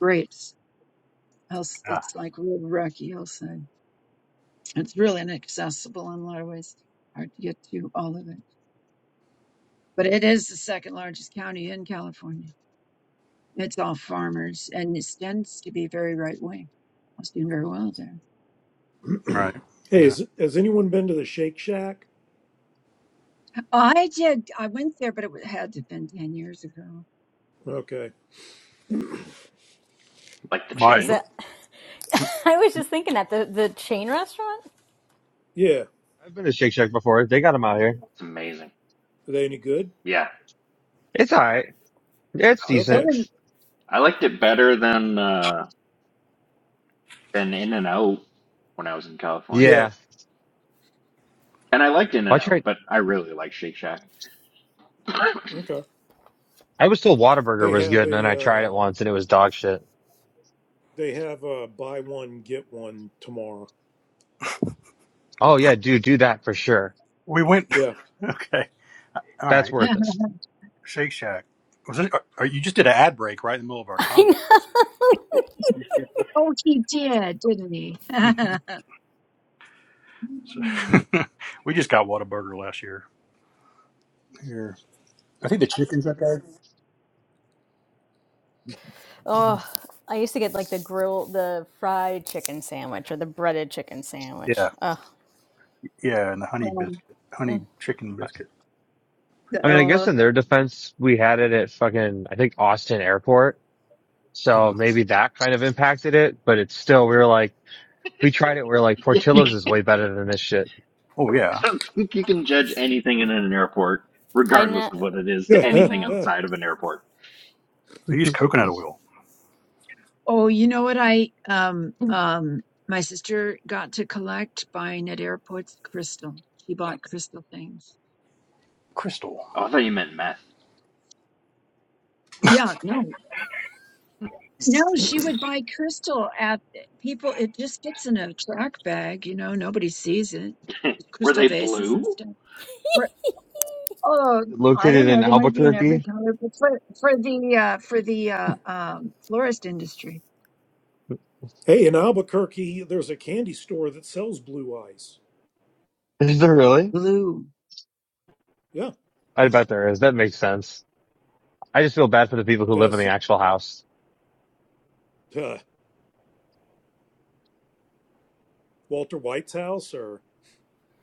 S4: great. Else,
S1: Ah,
S4: it's like real rocky hillside. It's really inaccessible in a lot of ways, hard to get to all of it. But it is the second largest county in California. It's all farmers and it tends to be very right wing. I was doing very well there.
S1: right.
S6: Hey,
S1: Yeah.
S6: is, has anyone been to the Shake Shack?
S4: I did, I went there, but it wa- had to have been 10 years ago.
S6: Okay.
S7: Like the
S1: Why
S5: Is
S7: chain?
S5: that? I was just thinking that the the chain restaurant.
S6: Yeah.
S2: I've been to Shake Shack before. They got them out here.
S7: It's amazing.
S6: Are they any good?
S7: Yeah,
S2: It's alright. Yeah, It's
S7: I like
S4: It
S6: Okay.
S2: decent.
S4: was,
S7: it. I liked it better than, uh, than In and Out when I was in California.
S6: Yeah.
S2: Yeah.
S7: And I liked In
S2: I
S7: and Out,
S2: tried,
S7: but I really like Shake Shack.
S6: Okay.
S2: I was still Whataburger
S6: They
S2: was
S6: have
S2: good and then I
S6: a
S2: tried it
S6: uh
S2: once and it was dog shit.
S6: they have a buy one get one tomorrow.
S2: Oh yeah, dude, do that for sure.
S1: we went?
S6: Yeah.
S1: okay. All
S2: That's
S1: right.
S2: worth it.
S1: Shake Shack. Was it? Or you just did an ad break right in the middle of our
S5: I
S1: combo.
S5: know.
S1: I
S4: oh, he did, didn't he?
S1: see. Mhm. So, we just got Whataburger last year. Here, I think the chicken's okay.
S5: Oh, I used to get like the grill, the fried chicken sandwich or the breaded chicken sandwich.
S1: Yeah,
S5: Oh,
S1: yeah, and the honey
S4: Um,
S1: biscuit, honey
S5: mm.
S1: chicken biscuit.
S2: I mean, I guess in
S4: oh,
S2: their defense, we had it at fucking, I think Austin airport. So
S1: Mm.
S2: maybe that kind of impacted it, but it's still, we were like, we tried it. We were like,
S7: Yeah,
S2: Portillo's is way better than this shit.
S1: Oh yeah,
S7: I don't think you can judge anything in an airport,
S5: I
S7: regardless
S5: know.
S7: of what it is, to
S6: hey,
S7: anything
S5: hmm
S7: outside of an airport.
S1: they use coconut oil,
S4: oh, you know what? I, um, um, my sister got to collect buying at airports crystal. She bought crystal things
S1: crystal.
S7: Oh, I thought you meant meth.
S4: Yeah, no. No, she would buy crystal at eh, people. It just gets in a track bag, you know, nobody sees it.
S7: Were
S4: Crystal
S7: they
S4: vases and
S7: blue?
S4: stuff. Or, oh, I don't
S2: Located in
S4: know. They might be in every
S2: Albuquerque?
S4: color, but for for the uh, for the uh, um, florist industry,
S6: in Albuquerque, there's a candy store that sells blue ice.
S2: Is there really?
S4: blue.
S6: Yeah.
S2: I bet there is. That makes sense. I just feel bad for the people who live in
S6: That's
S2: the actual house.
S6: uh, Walter White's house or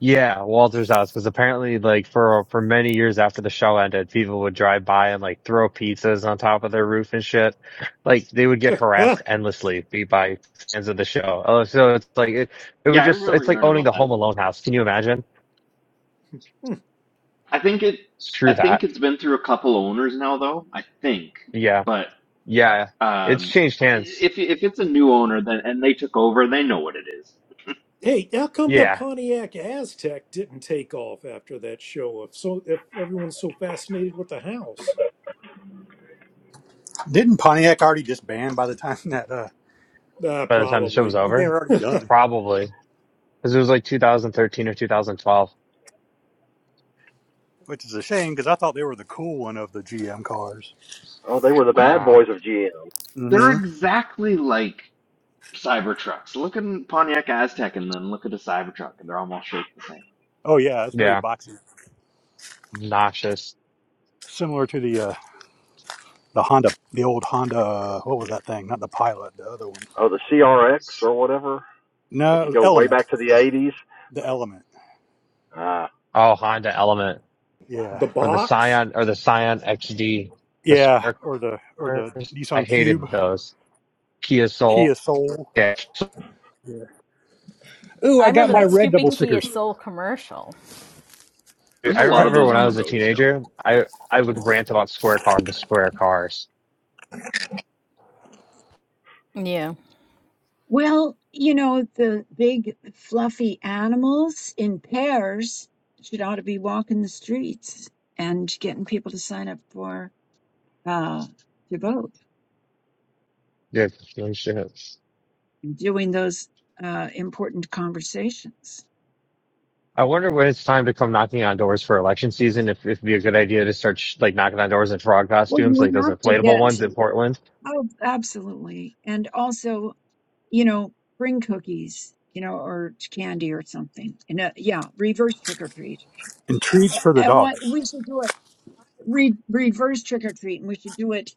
S2: Yeah, Walter's house, because apparently, like for for many years after the show ended, people would drive by and like throw pizzas on top of their roof and shit. Like they would get harassed endlessly be- by fans of the show. Oh, so it's like it, it would
S7: Yeah, I
S2: just it's
S7: remember
S2: like
S7: hearing
S2: owning
S7: about
S2: the
S7: that.
S2: Home Alone house. Can you imagine?
S7: I think it.
S2: Screw
S7: I think
S2: that.
S7: it's been through a couple owners now, though. I think,
S2: Yeah,
S7: but
S2: yeah. It's
S7: um,
S2: changed hands.
S7: if if it's a new owner, then and they took over, they know what it is.
S6: Hey, how come the
S2: Yeah,
S6: Pontiac Aztec didn't take off after that show? If so, if everyone's so fascinated with the house,
S1: Didn't Pontiac already just ban by the time that uh,
S6: uh,
S2: by the time the show
S1: I
S2: was
S6: probably
S1: think they
S2: over,
S1: were already done?
S2: probably because it was like 2013 or 2012.
S1: Which is a shame because I thought they were the cool one of the GM cars.
S3: Oh, they were the
S7: What?
S3: bad
S2: Ah,
S3: boys of GM.
S7: They're
S1: hmm
S7: exactly like Cybertrucks. Look at a Pontiac Aztec, and then look at a Cybertruck, and they're almost shaped the same.
S1: Oh yeah, it's very
S2: yeah,
S1: boxy,
S2: noxious.
S1: similar to the uh, the Honda, the old Honda. Uh, what was that thing? Not the Pilot, the other one.
S3: Oh, the CRX or whatever.
S1: No,
S3: If
S1: it
S3: you
S1: was
S3: go way
S1: Element,
S3: back to the 80s,
S1: the Element.
S3: uh,
S2: Oh, Honda Element
S1: Yeah,
S6: the
S2: or the
S6: box.
S2: Scion or the Scion XD, the
S1: yeah,
S2: square
S1: or the or the
S2: cars. I
S1: Nissan Cube,
S2: hated those. Kia
S1: Kia
S2: Soul.
S1: Soul.
S2: Yeah.
S1: Yeah. Ooh,
S5: I
S1: I got
S5: remember
S1: my
S5: that
S1: red double
S5: stupid Kia
S1: stickers
S5: Soul commercial.
S7: There's
S2: I
S7: a
S1: I,
S7: lot of
S2: remember
S7: those
S2: when I
S7: on the
S2: was a
S7: road still.
S2: teenager, I I would rant about square cars and square cars.
S5: Yeah,
S4: Well, you know, the big fluffy animals in pairs should ought to be walking the streets and getting people to sign up for uh, to vote.
S2: Yeah, no shit.
S4: doing those uh, important conversations.
S2: I wonder when it's time to come knocking on doors for election season. If if it'd be a good idea to start sh- like knocking on doors in frog
S4: Well,
S2: costumes,
S4: you
S2: like those
S4: have to
S2: inflatable
S4: get
S2: ones
S4: to,
S2: in Portland.
S4: oh, absolutely. And also, you know, bring cookies, you know, or candy or something. And uh, yeah, reverse trick or treat.
S1: and treats for the
S4: And what
S1: dogs.
S4: we should do it, re- reverse trick or treat. And we should do it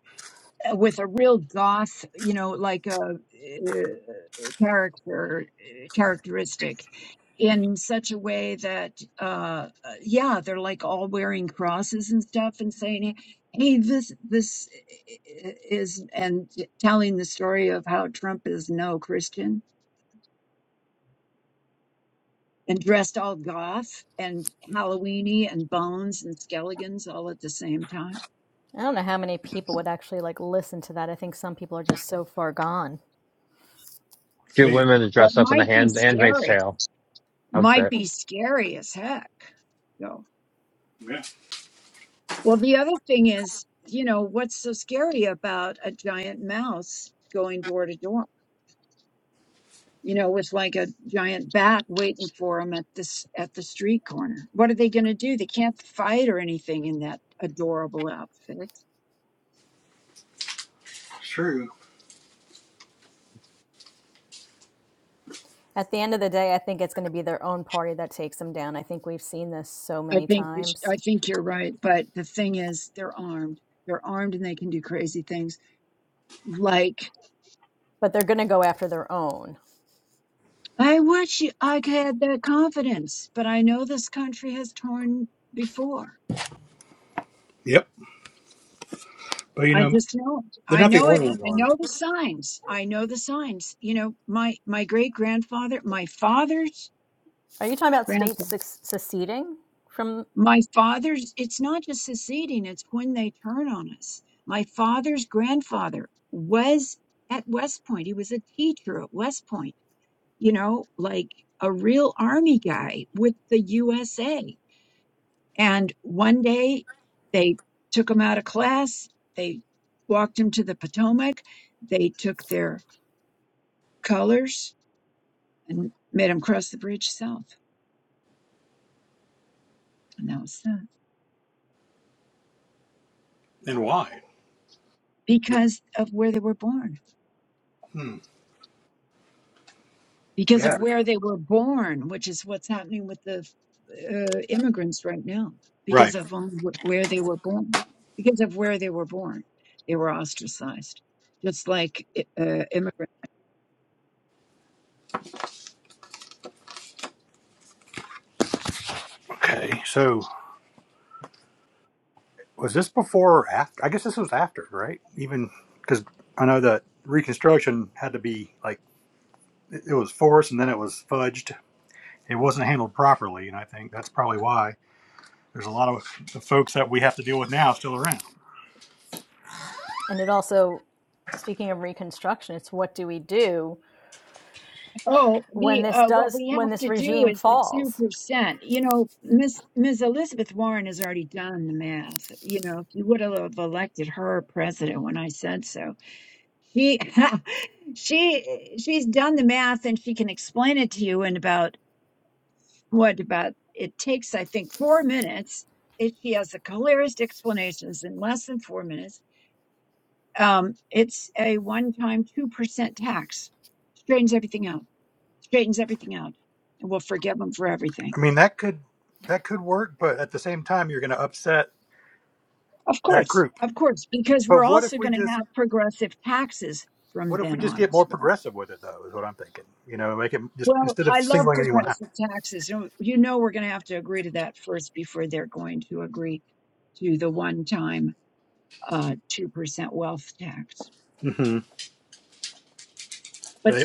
S4: with a real goth, you know, like a uh, character uh, characteristic in such a way that uh uh, yeah they're like all wearing crosses and stuff and saying hey hey, this this eh, eh, is and telling the story of how Trump is no Christian and dressed all goth and Halloweeny and bones and skeletons all at the same time.
S5: I don't know how many people would actually like listen to that. I think some people are just so far gone.
S2: Get women to
S4: Well,
S2: dress
S4: it
S2: up in the
S4: might be
S2: hand Handmaid's
S4: scary.
S2: Tale
S4: Might
S2: outfit.
S4: be scary as heck. So.
S1: Yeah.
S4: Well, the other thing is, you know, what's so scary about a giant mouse going door to door? You know, with like a giant bat waiting for them at this at the street corner. What are they going to do? They can't fight or anything in that adorable outfit.
S5: At the end of the day, I think it's going to be their own party that takes them down. I think we've seen this so
S4: I
S5: many
S4: think you sh-
S5: times,
S4: I think you're right, but the thing is, they're armed. They're armed and they can do crazy things. Like
S5: but they're going to go after their own.
S4: I wish you- I had that confidence, but I know this country has torn before.
S1: Yep, but you
S4: I
S1: know
S4: just know it.
S1: they're
S4: I
S1: not the
S4: know
S1: only
S4: it, and
S1: ones
S4: I
S1: armed.
S4: know the signs. I know the signs. You know, my my great grandfather, my father's
S5: Are you talking about states
S4: grandfather,
S5: seceding from?
S4: my father's. It's not just seceding; it's when they turn on us. My father's grandfather was at West Point. He was a teacher at West Point. You know, like a real army guy with the USA. And one day, they took him out of class. They walked him to the Potomac. They took their colors and made them cross the bridge south. And that was that
S1: And why?
S4: because of where they were born,
S1: Hmm.
S4: because
S1: Yeah.
S4: of where they were born, which is what's happening with the uh, immigrants right now, because
S1: Right.
S4: of only wh- where they were born, because of where they were born, they were ostracized. Just like i- uh, immigrants.
S1: Okay. So was this before or after? I guess this was after, right? Even because I know that Reconstruction had to be like it it was forced and then it was fudged. It wasn't handled properly, and I think that's probably why there's a lot of the folks that we have to deal with now still around.
S5: And it also, speaking of Reconstruction, it's what do we do
S4: Oh,
S5: when
S4: the
S5: this
S4: uh, what
S5: does
S4: we
S5: when
S4: have
S5: this
S4: to do
S5: regime
S4: is the two
S5: falls?
S4: percent. You know, Miss Miss Elizabeth Warren has already done the math. You know, if you would have elected her president when I said so, She she she's done the math and she can explain it to you in about what about it takes I think four minutes. If she has the clearest explanations in less than four minutes, um, it's a one-time two percent tax. Straightens everything out. Straightens everything out, and we'll forgive them for everything.
S1: I mean, that could that could work, but at the same time, you're going to upset
S4: Of
S1: that
S4: course,
S1: group.
S4: of course, because we're
S1: But what if
S4: also
S1: we
S4: going to
S1: just
S4: have progressive taxes
S1: what
S4: from
S1: if we
S4: then
S1: just
S4: on
S1: get
S4: as
S1: more
S4: well.
S1: progressive with it, though? Is what I'm thinking. You know, make it just
S4: Well,
S1: instead of
S4: I love
S1: singling anyone out.
S4: progressive taxes. You you know, we're going to have to agree to that first before they're going to agree to the one-time uh, 2% wealth tax.
S1: hmm
S4: But
S1: I,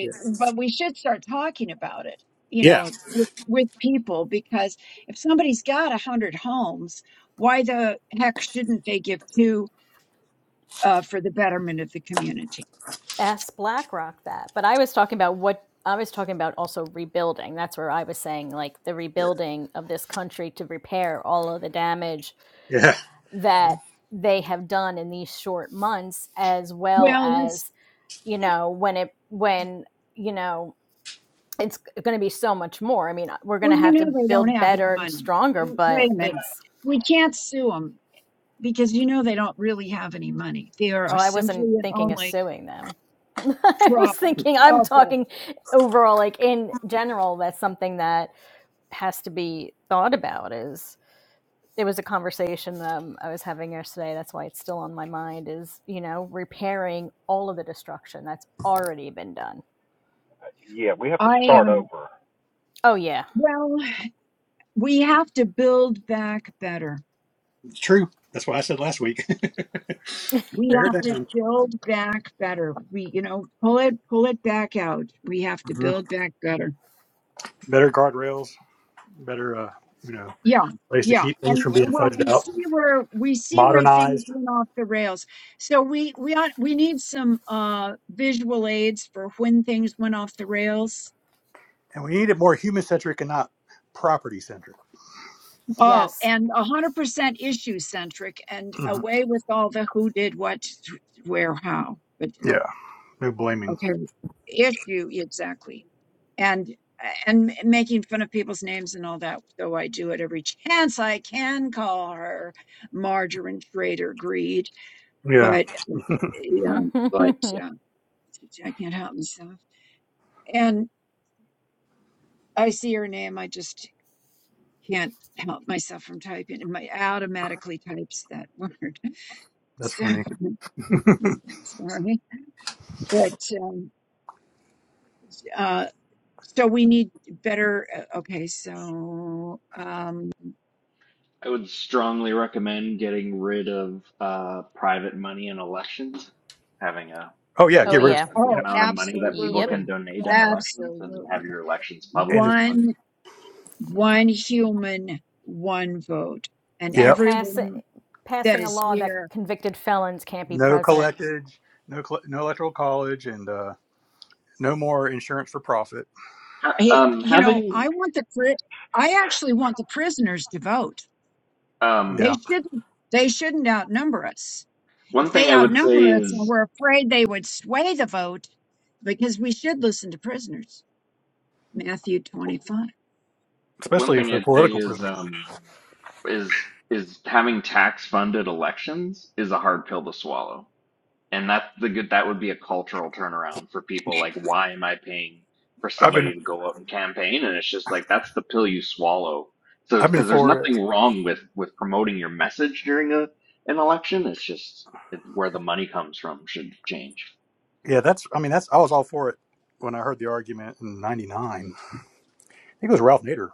S1: yeah.
S4: but we should start talking about it, you
S1: Yeah.
S4: know, with, with people because if somebody's got a 100 homes, why the heck shouldn't they give two uh, for the betterment of the community?
S5: Ask BlackRock that. But I was talking about what I was talking about also rebuilding. That's where I was saying like the rebuilding of this country to repair all of the damage
S1: Yeah,
S5: that they have done in these short months, as well
S4: Well, let's,
S5: as you know when it when you know it's going to be so much more. I mean, uh, we're going
S4: well,
S5: to
S4: you
S5: have
S4: know,
S5: to
S4: they don't
S5: build
S4: have any
S5: better and
S4: money.
S5: stronger, but
S4: Wait a minute.
S5: it's
S4: We can't sue 'em because you know they don't really have any money. They are
S5: oh, I
S4: simply
S5: wasn't
S4: and
S5: thinking of
S4: only
S5: suing them. I was
S4: prop
S5: thinking I'm
S4: up.
S5: talking overall like in general that's something that has to be thought about is it was a conversation um, I was having yesterday. That's why it's still on my mind is, you know, repairing all of the destruction that's already been done.
S3: yeah, we have to
S4: I
S3: start
S4: am,
S3: over.
S5: Oh, yeah.
S4: well, we have to build back better.
S1: it's true. That's what I said last week.
S4: We
S1: Tear it
S4: have to
S1: down.
S4: build back better. We, you know, pull it, pull it back out. We have to
S1: hmm
S4: build back better.
S1: Better guardrails, better, uh, you know,
S4: Yeah.
S1: ways to
S4: Yeah.
S1: keep things
S4: And
S1: from being
S4: well,
S1: fudged
S4: we
S1: out,
S4: see where, we see where things
S1: modernized.
S4: went off the rails. So we, we ought, we need some, uh, visual aids for when things went off the rails
S1: And we need it more human centric and not property centric.
S4: Oh,
S5: Yes.
S4: and 100% issue centric and
S1: hmm
S4: away with all the who did what, where, how. But
S1: Yeah, no blaming.
S4: okay, issue exactly. And and making fun of people's names and all that, though I do it every chance I can call her margarine trader greed,
S1: Yeah,
S4: but yeah, but uh,
S5: oh,
S4: I can't help myself. And I see her name, I just can't help myself from typing, and my automatically types that word.
S1: that's
S4: So
S1: funny.
S4: Mm, Sorry, but um, uh, so we need better. uh, Okay, so um,
S7: I would strongly recommend getting rid of uh, private money in elections, having a
S1: oh, yeah, get rid
S7: limit
S1: of
S5: yeah.
S7: of the
S4: oh,
S1: no,
S7: amount of money that people
S5: Yep.
S7: can
S4: absolutely,
S7: donate in elections, and have
S4: absolutely.
S7: your elections
S1: And if,
S7: publicly funded.
S4: One, one human, one vote, and
S5: and
S1: yep,
S5: pass,
S4: everyone that
S5: passing a
S4: is
S5: law that
S4: here.
S5: convicted felons can't be
S1: no
S5: president.
S1: collected, no, coll- no electoral college, and uh, no more insurance for profit.
S7: Ha-
S4: Hey,
S7: Um,
S4: you know,
S7: having
S4: I want the pri- I actually want the prisoners to vote. They
S1: Yeah,
S7: um,
S4: shouldn't. They shouldn't outnumber us. If
S7: one thing
S4: they
S7: I would say
S4: outnumber us and
S7: is
S4: we're afraid they would sway the vote, because we should listen to prisoners. Matthew 25.
S7: one
S1: especially if
S7: thing
S1: they're
S7: I'd say
S1: political
S7: is
S1: prisoners.
S7: um, is is having tax funded elections is a hard pill to swallow and that's the good that would be a cultural turnaround for people like why am i paying for
S1: I've been
S7: somebody to go out and campaign and it's just like that's the pill you swallow so it's
S1: I've been
S7: because there's
S1: for it
S7: nothing wrong with with promoting your message during a an election it's just it's where the money comes from should change
S1: Yeah, that's. I mean, that's. I was all for it when I heard the argument in '99. I think it was Ralph Nader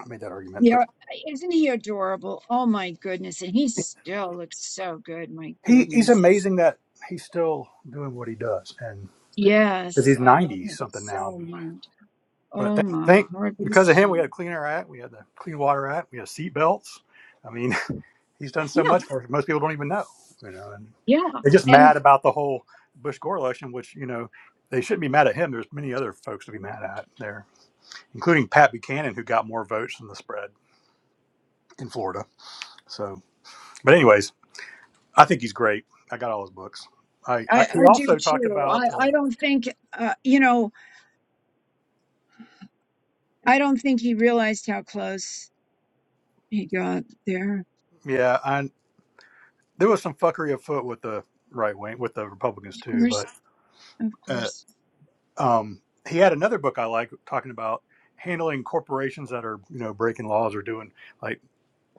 S1: I made that argument, but
S4: Yeah, isn't he adorable? Oh my goodness. And he still looks so good. My
S1: he he's
S4: goodness.
S1: amazing that he's still doing what he does, and because
S4: Yes,
S1: he's
S4: I love
S1: 90
S4: him
S1: something now.
S4: so much.
S1: But
S4: Oh
S1: th-
S4: my
S1: think
S4: Lord, these
S1: because of him, we
S4: two.
S1: had a Clean Air Act, we had the Clean Water Act, we had seat belts. I mean, he's done so
S4: Yeah,
S1: much for us, most people don't even know, you know, and
S4: yeah.
S1: they're just
S4: And
S1: mad about the whole Bush Gore election, which you know. They shouldn't be mad at him. There's many other folks to be mad at there, including Pat Buchanan, who got more votes than the spread. in Florida. So, but anyways, I think he's great. I got all his books. I,
S4: I,
S1: I he
S4: I do
S1: also talked
S4: too.
S1: about
S4: I,
S1: uh,
S4: I don't think, uh, you know, I don't think he realized how close he got there.
S1: yeah, and there was some fuckery afoot with the right wing with the Republicans
S4: Of
S1: too.
S4: course,
S1: But
S4: of
S1: uh,
S4: course.
S1: um, he had another book I like talking about handling corporations that are you know breaking laws or doing like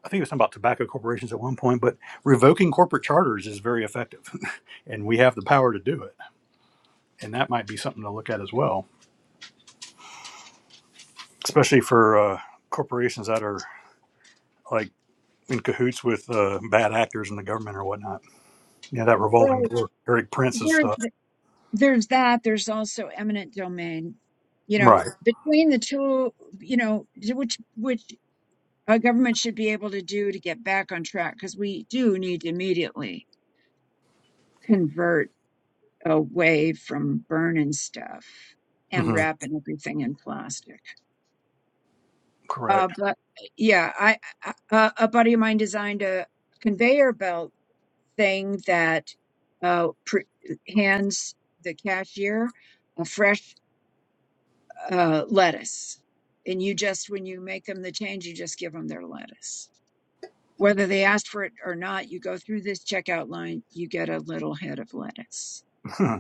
S1: I think it was something about tobacco corporations at one point. But revoking corporate charters is very effective, and we have the power to do it. And that might be something to look at as well, especially for uh, corporations that are like in cahoots with uh, bad actors in the government or whatnot. Yeah, that revolving
S4: Well,
S1: door, Eric Prince's
S4: here's.
S1: stuff.
S4: there's that there's also eminent domain you know
S1: Right.
S4: between the two you know which which a government should be able to do to get back on track because we do need to immediately convert away from burning stuff and
S1: hmm
S4: wrapping everything in plastic uh,
S1: Correct.
S4: but yeah i I a a buddy of mine designed a conveyor belt thing that uh, pr- hands the cashier a fresh uh, lettuce. And you just, when you make them the change, you just give them their lettuce. Whether they asked for it or not, you go through this checkout line, you get a little head of lettuce.
S1: Hmm.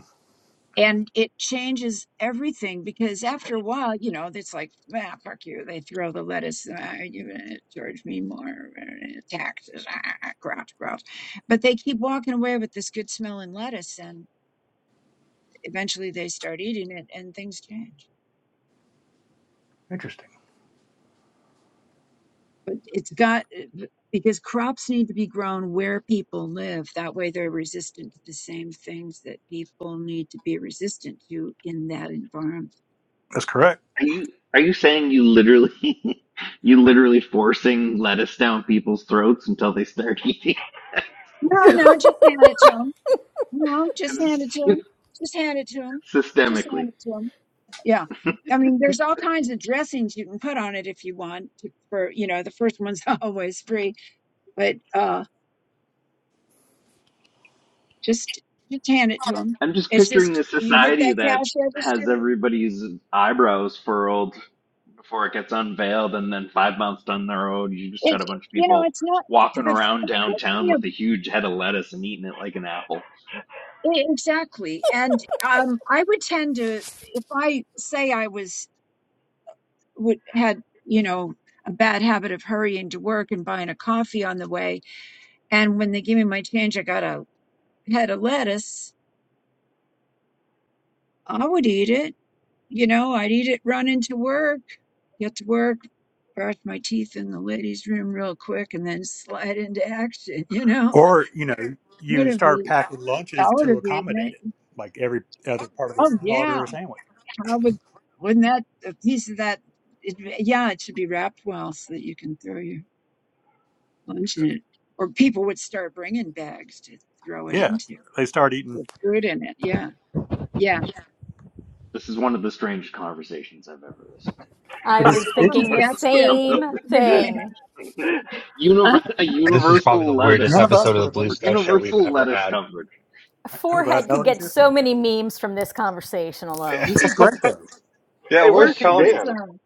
S4: And it changes everything because after a while, you know, it's like, ah, fuck you. They throw the lettuce, ah, you eh, charge me more eh, taxes, ah, grouch, grouch. But they keep walking away with this good smelling lettuce, and eventually they start eating it, and things change.
S1: Interesting.
S4: But It's got because crops need to be grown where people live. That way, they're resistant to the same things that people need to be resistant to in that environment.
S1: That's correct.
S7: are you are you saying you literally you literally forcing lettuce down people's throats until they start eating
S4: No, no, just hand it to them. No, just hand it to them. Just hand it to them. Just hand
S7: systemically.
S4: it to them. Yeah. I mean, there's all kinds of dressings you can put on it if you want to, for, you know, the first one's always free, but, uh, just, just hand it to them.
S7: I'm just
S4: It's
S7: picturing
S4: just,
S7: a
S4: you hit
S7: society
S4: that
S7: that
S4: cash register.
S7: has everybody's eyebrows furled before it gets unveiled, and then five months down the road, you just
S4: It,
S7: got a bunch of
S4: you know,
S7: people
S4: it's not
S7: walking
S4: the
S7: around
S4: the poor
S7: downtown
S4: thing
S7: with
S4: of-
S7: a huge head of lettuce and eating it like an apple.
S4: e- exactly. And um, I would tend to, if I say I was would had, you know, a bad habit of hurrying to work and buying a coffee on the way, and when they give me my change, I got a head of lettuce. I would eat it. You know, I'd eat it running to work, get to work, brush my teeth in the ladies' room real quick, and then slide into action. You know,
S1: Or you know,
S4: would
S1: you
S4: have
S1: start packing
S4: I
S1: lunches
S4: would
S1: to
S4: have eaten
S1: accommodate
S4: it.
S1: it, like every other part of a
S4: Oh
S1: salad
S4: yeah.
S1: or a sandwich.
S4: How would, wouldn't that, a piece of that, it, yeah, it should be wrapped well so that you can throw your lunch in it. Or people would start bringing bags to throw it
S1: Yeah,
S4: into
S1: they start eating.
S4: with food in it. Yeah. Yeah.
S7: This is one of the strangest conversations I've ever
S1: But
S5: I
S1: it's
S5: was
S4: Oh,
S5: thinking
S1: interesting.
S5: the
S4: that's good.
S7: listened
S5: same
S7: to.
S4: Yeah.
S5: thing.
S4: Huh?
S7: Univer- a
S2: This is probably the
S7: universal
S2: weirdest
S7: lettuce,
S2: episode of the Blue Sky Show we've
S7: universal
S2: ever
S7: lettuce
S2: had.
S7: coverage,
S5: A
S1: I- I'm glad
S5: Forehead could
S1: Melody's
S5: get
S1: here.
S5: so many memes from this conversation alone.
S1: This is great, though.
S2: Yeah,
S3: Hey,
S4: Oh,
S3: where's
S2: where's
S3: he
S2: Tony?
S3: been?
S4: awesome.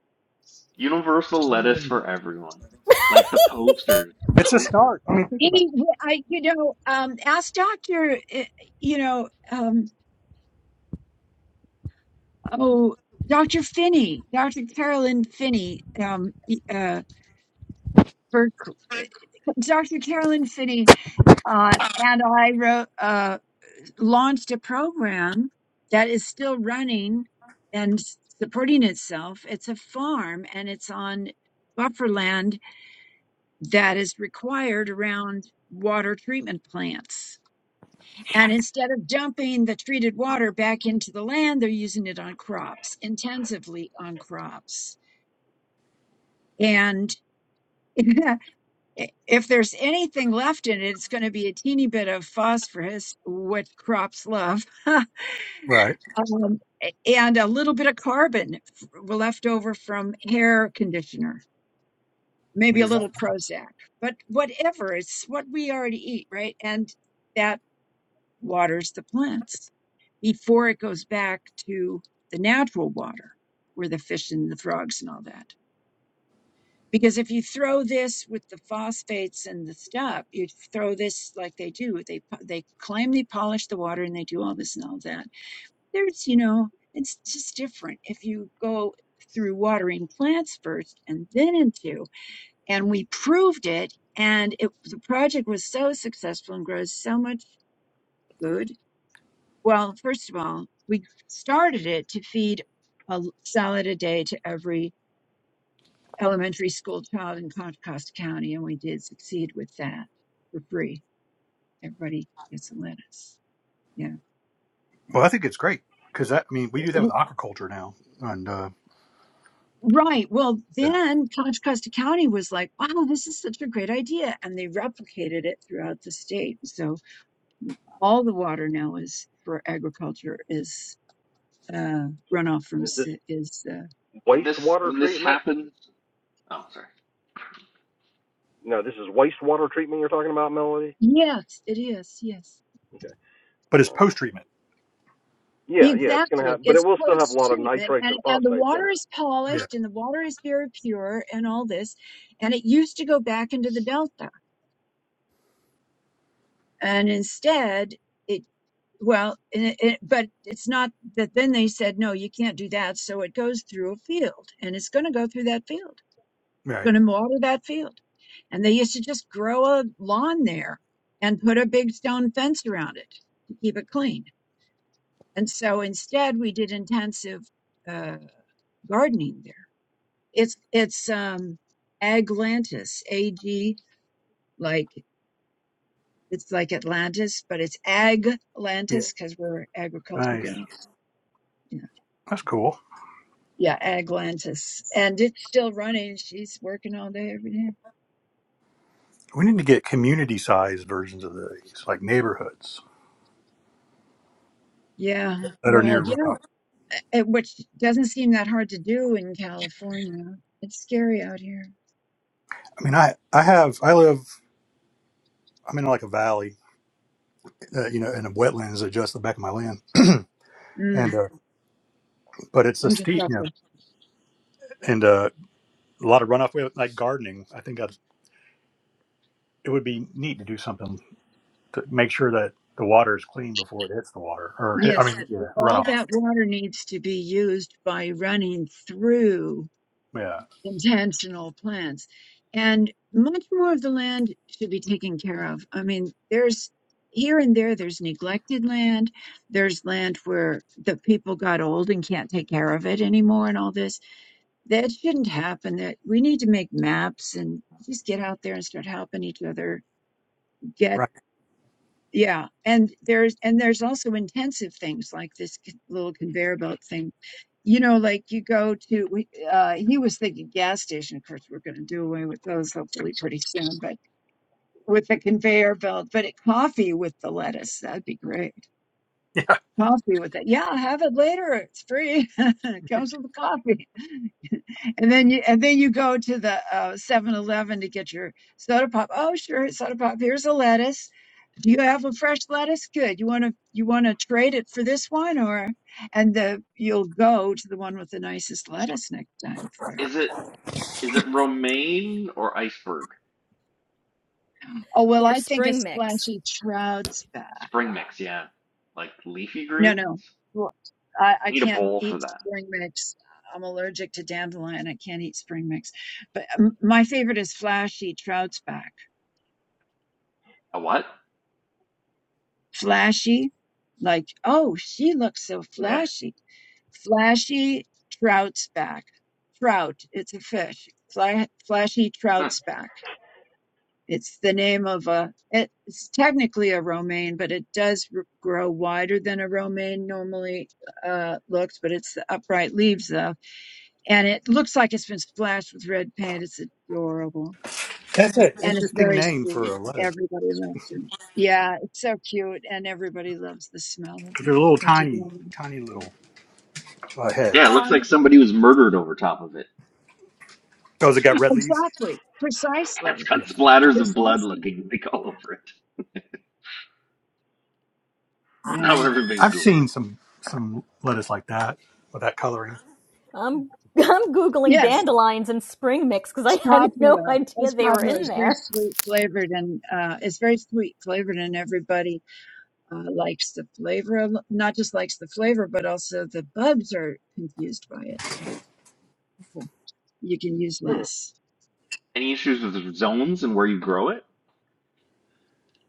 S7: universal
S1: I'm really
S7: lettuce
S1: enjoying.
S7: for everyone, like the posters.
S1: it. It's a start. I mean, think about
S4: Any, I, you know, um, ask Dr., eh, you know, um, oh, Dr. Finney, Dr. Carolyn Finney, um, y- uh, Berk, Dr. Carolyn Finney Uh, and I wrote, uh, launched a program that is still running and supporting itself. It's a farm and it's on buffer land that is required around water treatment plants. And instead of dumping the treated water back into the land, they're using it on crops, intensively on crops. And if there's anything left in it, it's going to be a teeny bit of phosphorus, what crops love.
S1: it. Right.
S4: um, a- and a little bit of carbon f- were left over from hair conditioner,
S1: Which
S4: maybe a
S1: is
S4: little Prozac, but whatever, it's what we already eat, right? And that waters the plants before it goes back to the natural water where the fish and the frogs and all that. Because if you throw this with the phosphates and the stuff, you throw this like they do. They po- they claim they polish the water and they do all this and all that there's, you know, it's just different if you go through watering plants first and then into. And we proved it, and it the project was so successful and grows so much food. Well, first of all, we started it to feed a l- salad a day to every elementary school child in Contra Costa County, and we did succeed with that for free. Everybody gets a lettuce. Yeah
S1: well, I think it's great because I mean we do that with aquaculture now, and uh,
S4: Right. Well,
S1: yeah.
S4: then Contra Costa County was like, wow, this is such a great idea. And they replicated it throughout the state. So all the water now is for agriculture is uh, runoff from
S3: Is this
S4: ci- is. Uh,
S7: When this
S3: wastewater
S7: when this
S3: treatment?
S7: happens, oh sorry,
S3: No, this is wastewater treatment you're talking about, Melody?
S4: yes, it is. Yes.
S3: Okay.
S1: but it's
S3: All right.
S1: post treatment.
S3: Yeah, yeah, it's going to
S4: Exactly.
S3: have, but it
S4: It's
S3: will still have a
S4: post
S3: lot of
S4: treatment
S3: nitrates
S4: and,
S3: and
S4: and the
S3: phosphates in it.
S4: water is
S1: Yeah.
S4: polished and the water is very pure and all this. And it used to go back into the Delta. And instead, it Well, and it, it, but it's not that then they said, no, you can't do that. So it goes through a field and it's going to go through that field,
S1: Right.
S4: going to water that field. And they used to just grow a lawn there and put a big stone fence around it to keep it clean. And so instead we did intensive uh, gardening there. It's, it's, um, Aglantis, A-G, like, it's like Atlantis, but it's
S1: Yeah.
S4: Aglantis because we're agriculture
S1: Nice.
S4: guys.
S1: That's cool.
S4: Yeah, Aglantis. And it's still running. She's working all day every day.
S1: We need to get community sized versions of these, like neighborhoods
S4: Yeah.
S1: that are
S4: Well,
S1: near
S4: yeah,
S1: runoff.
S4: eh, eh, which doesn't seem that hard to do in California. It's scary out here.
S1: I mean, I, I have, I live, I'm in like a valley, uh, you know, and the wetlands are just the back of my land. And,
S4: Mm,
S1: uh, but it's a
S4: I'm just
S1: steep,
S4: up
S1: you know,
S4: with-
S1: and uh, a lot of runoff. We have like gardening. I think that's, it would be neat to do something to make sure that the water is clean before it hits the water or hit, I
S4: Yes,
S1: mean, yeah,
S4: all
S1: runoff.
S4: that water needs to be used by running through.
S1: Yeah.
S4: intentional plants. And much more of the land should be taken care of. I mean, there's here and there, there's neglected land. There's land where the people got old and can't take care of it anymore and all this. That shouldn't happen. That we need to make maps and just get out there and start helping each other get.
S1: Right.
S4: Yeah, and there's and there's also intensive things like this c- little conveyor belt thing. You know, like you go to we, uh he was thinking gas station. Of course, we're going to do away with those hopefully pretty soon, but with the conveyor belt, but it, coffee with the lettuce, that'd be great.
S1: Yeah.
S4: Coffee with it. Yeah, have it later. It's free. It comes with the coffee. And then you and then you go to the uh 7-Eleven to get your soda pop. Oh, sure, soda pop. Here's a lettuce. Do you have a fresh lettuce? Good. You want to you want to trade it for this one or and the you'll go to the one with the nicest lettuce next time for.
S7: is it? Is it romaine or iceberg?
S4: Oh, well,
S5: Or
S4: I think it's
S5: spring mix.
S4: splashy trout's back.
S7: Spring mix, yeah. Like leafy
S4: No, no.
S7: greens?
S4: Well, I I
S7: You need a
S4: can't
S7: bowl for
S4: eat
S7: that.
S4: spring mix. I'm allergic to dandelion. I can't eat spring mix. But um, my favorite is flashy trout's back
S7: A what?
S4: Flashy, like, oh, she looks so
S7: Yeah.
S4: flashy. Flashy trout's back. Trout, it's a fish. Fla- flashy
S7: Huh.
S4: trout's back. It's the name of a, it's technically a romaine, but it does r- grow wider than a romaine normally uh, looks, but it's the upright leaves though. And it looks like it's been splashed with red paint. It's adorable
S1: That's an
S4: and it's
S1: interesting
S4: very
S1: name for
S4: sweet.
S1: a lettuce
S4: Everybody loves it. Yeah, it's so cute, and everybody loves the smell of
S1: because they're
S4: it,
S1: little tiny,
S4: particularly.
S1: tiny little uh, heads.
S7: Yeah, it looks like
S4: Um,
S7: somebody was murdered over top of it.
S1: Oh, has it got red leaves?
S4: exactly,
S7: It's
S4: precisely,
S7: got
S1: Yeah.
S7: splatters of blood
S4: precisely.
S7: looking like all over it.
S4: Yeah.
S7: Now everybody's
S1: I've
S7: Googling.
S1: seen some some lettuce like that with that coloring.
S5: I'm I'm googling
S4: Yes,
S5: dandelions and spring mix because
S4: it's
S5: I had no
S4: popular.
S5: idea
S4: It's
S5: they were
S4: popular.
S5: in
S4: It's very
S5: there.
S4: sweet flavored, and uh, it's very sweet flavored, and everybody uh, likes the flavor. a lo- Not just likes the flavor, but also the bugs are confused by it. Yeah. You can use
S3: Hmm.
S4: less.
S7: Any issues with the zones and where you grow it?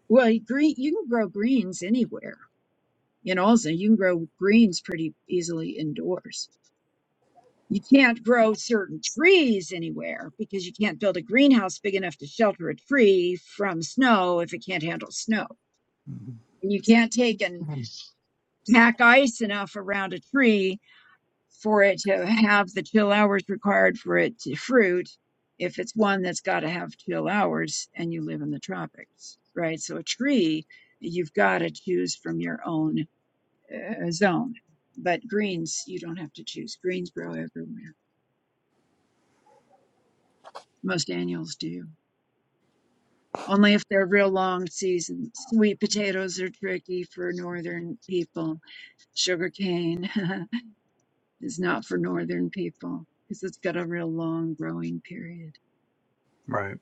S4: Well, you green, you can grow greens anywhere And also, you can grow greens pretty easily indoors. You can't grow certain trees anywhere because you can't build a greenhouse big enough to shelter a tree from snow if it can't handle snow.
S1: Mhm.
S4: And you can't take and pack ice enough around a tree for it to have the chill hours required for it to fruit if it's one that's got to have chill hours and you live in the tropics, right? So a tree, you've got to choose from your own uh, zone. But greens, you don't have to choose. Greens grow everywhere. Most annuals do. Only if they're real long seasons. Sweet potatoes are tricky for northern people. Sugarcane is not for northern people because it's got a real long growing period.
S1: Right.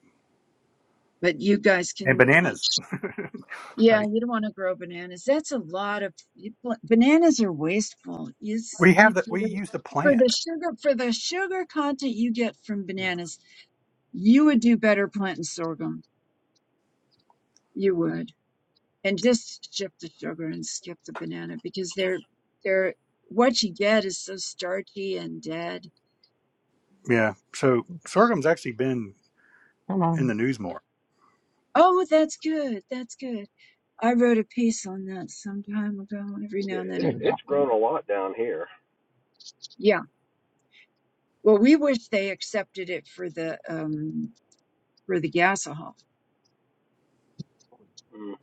S4: But you guys
S1: And
S4: can plant.
S1: bananas.
S4: Yeah,
S1: like
S4: you don't want to grow bananas. That's a lot of you, pla- bananas are wasteful. You, s-
S1: we have
S4: you
S1: that
S4: for
S1: we
S4: the
S1: use the
S4: for
S1: plant.
S4: the sugar for the sugar content you get from bananas You would do better planting sorghum. You would. And just skip the sugar and skip the banana because they're they're what you get is so starchy and dead.
S1: Yeah. So sorghum's actually been in the news more.
S4: Oh, that's good. That's good. I wrote a piece on that some time ago. Every
S3: Yeah,
S4: now and then
S3: it's
S4: I
S3: it's
S4: have one.
S3: grown a lot down here.
S4: Yeah. Well, we wish they accepted it for the um for the gasohol.
S3: Mm.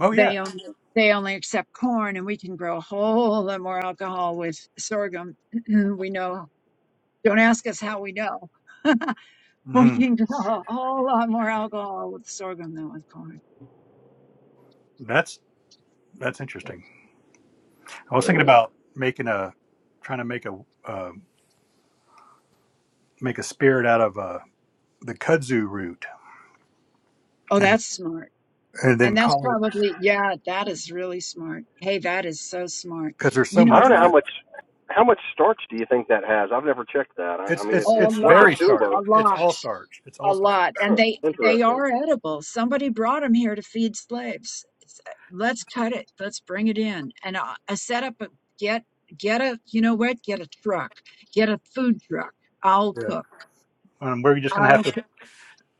S1: Oh yeah.
S4: They only they only accept corn, and we can grow a whole lot more alcohol with sorghum. we know. Don't ask us how we know.
S1: hmm
S4: Working a whole lot more alcohol with sorghum than with corn.
S1: That's that's interesting. I was thinking about making a trying to make a uh, make a spirit out of uh, the kudzu root
S4: Oh,
S1: and
S4: that's smart.
S1: and
S4: And
S1: then
S4: that's
S1: call it
S4: probably, yeah, that is really smart. Hey, that is so smart.
S1: because there's so
S4: You
S3: I
S4: know
S1: much
S3: don't know
S1: of
S3: how
S4: what?
S1: it.
S3: much how much starch do you think that has? I've never checked that. I, I
S1: It's
S3: mean, it,
S1: it's
S4: Oh, a
S3: it's
S1: it's
S3: like a
S1: very
S4: lot,
S1: starch.
S3: tuber.
S4: a
S1: It's
S4: lot,
S1: all starch. It's all
S4: a
S1: starch.
S4: lot. And
S3: Huh,
S4: they they
S3: interesting.
S4: are edible. Somebody brought them here to feed slaves. It's- Let's cut it. Let's bring it in. And I, I set up a get get a you know what? Get a truck. Get a food truck. I'll cook.
S1: um, we're just going to
S4: I'll
S1: have to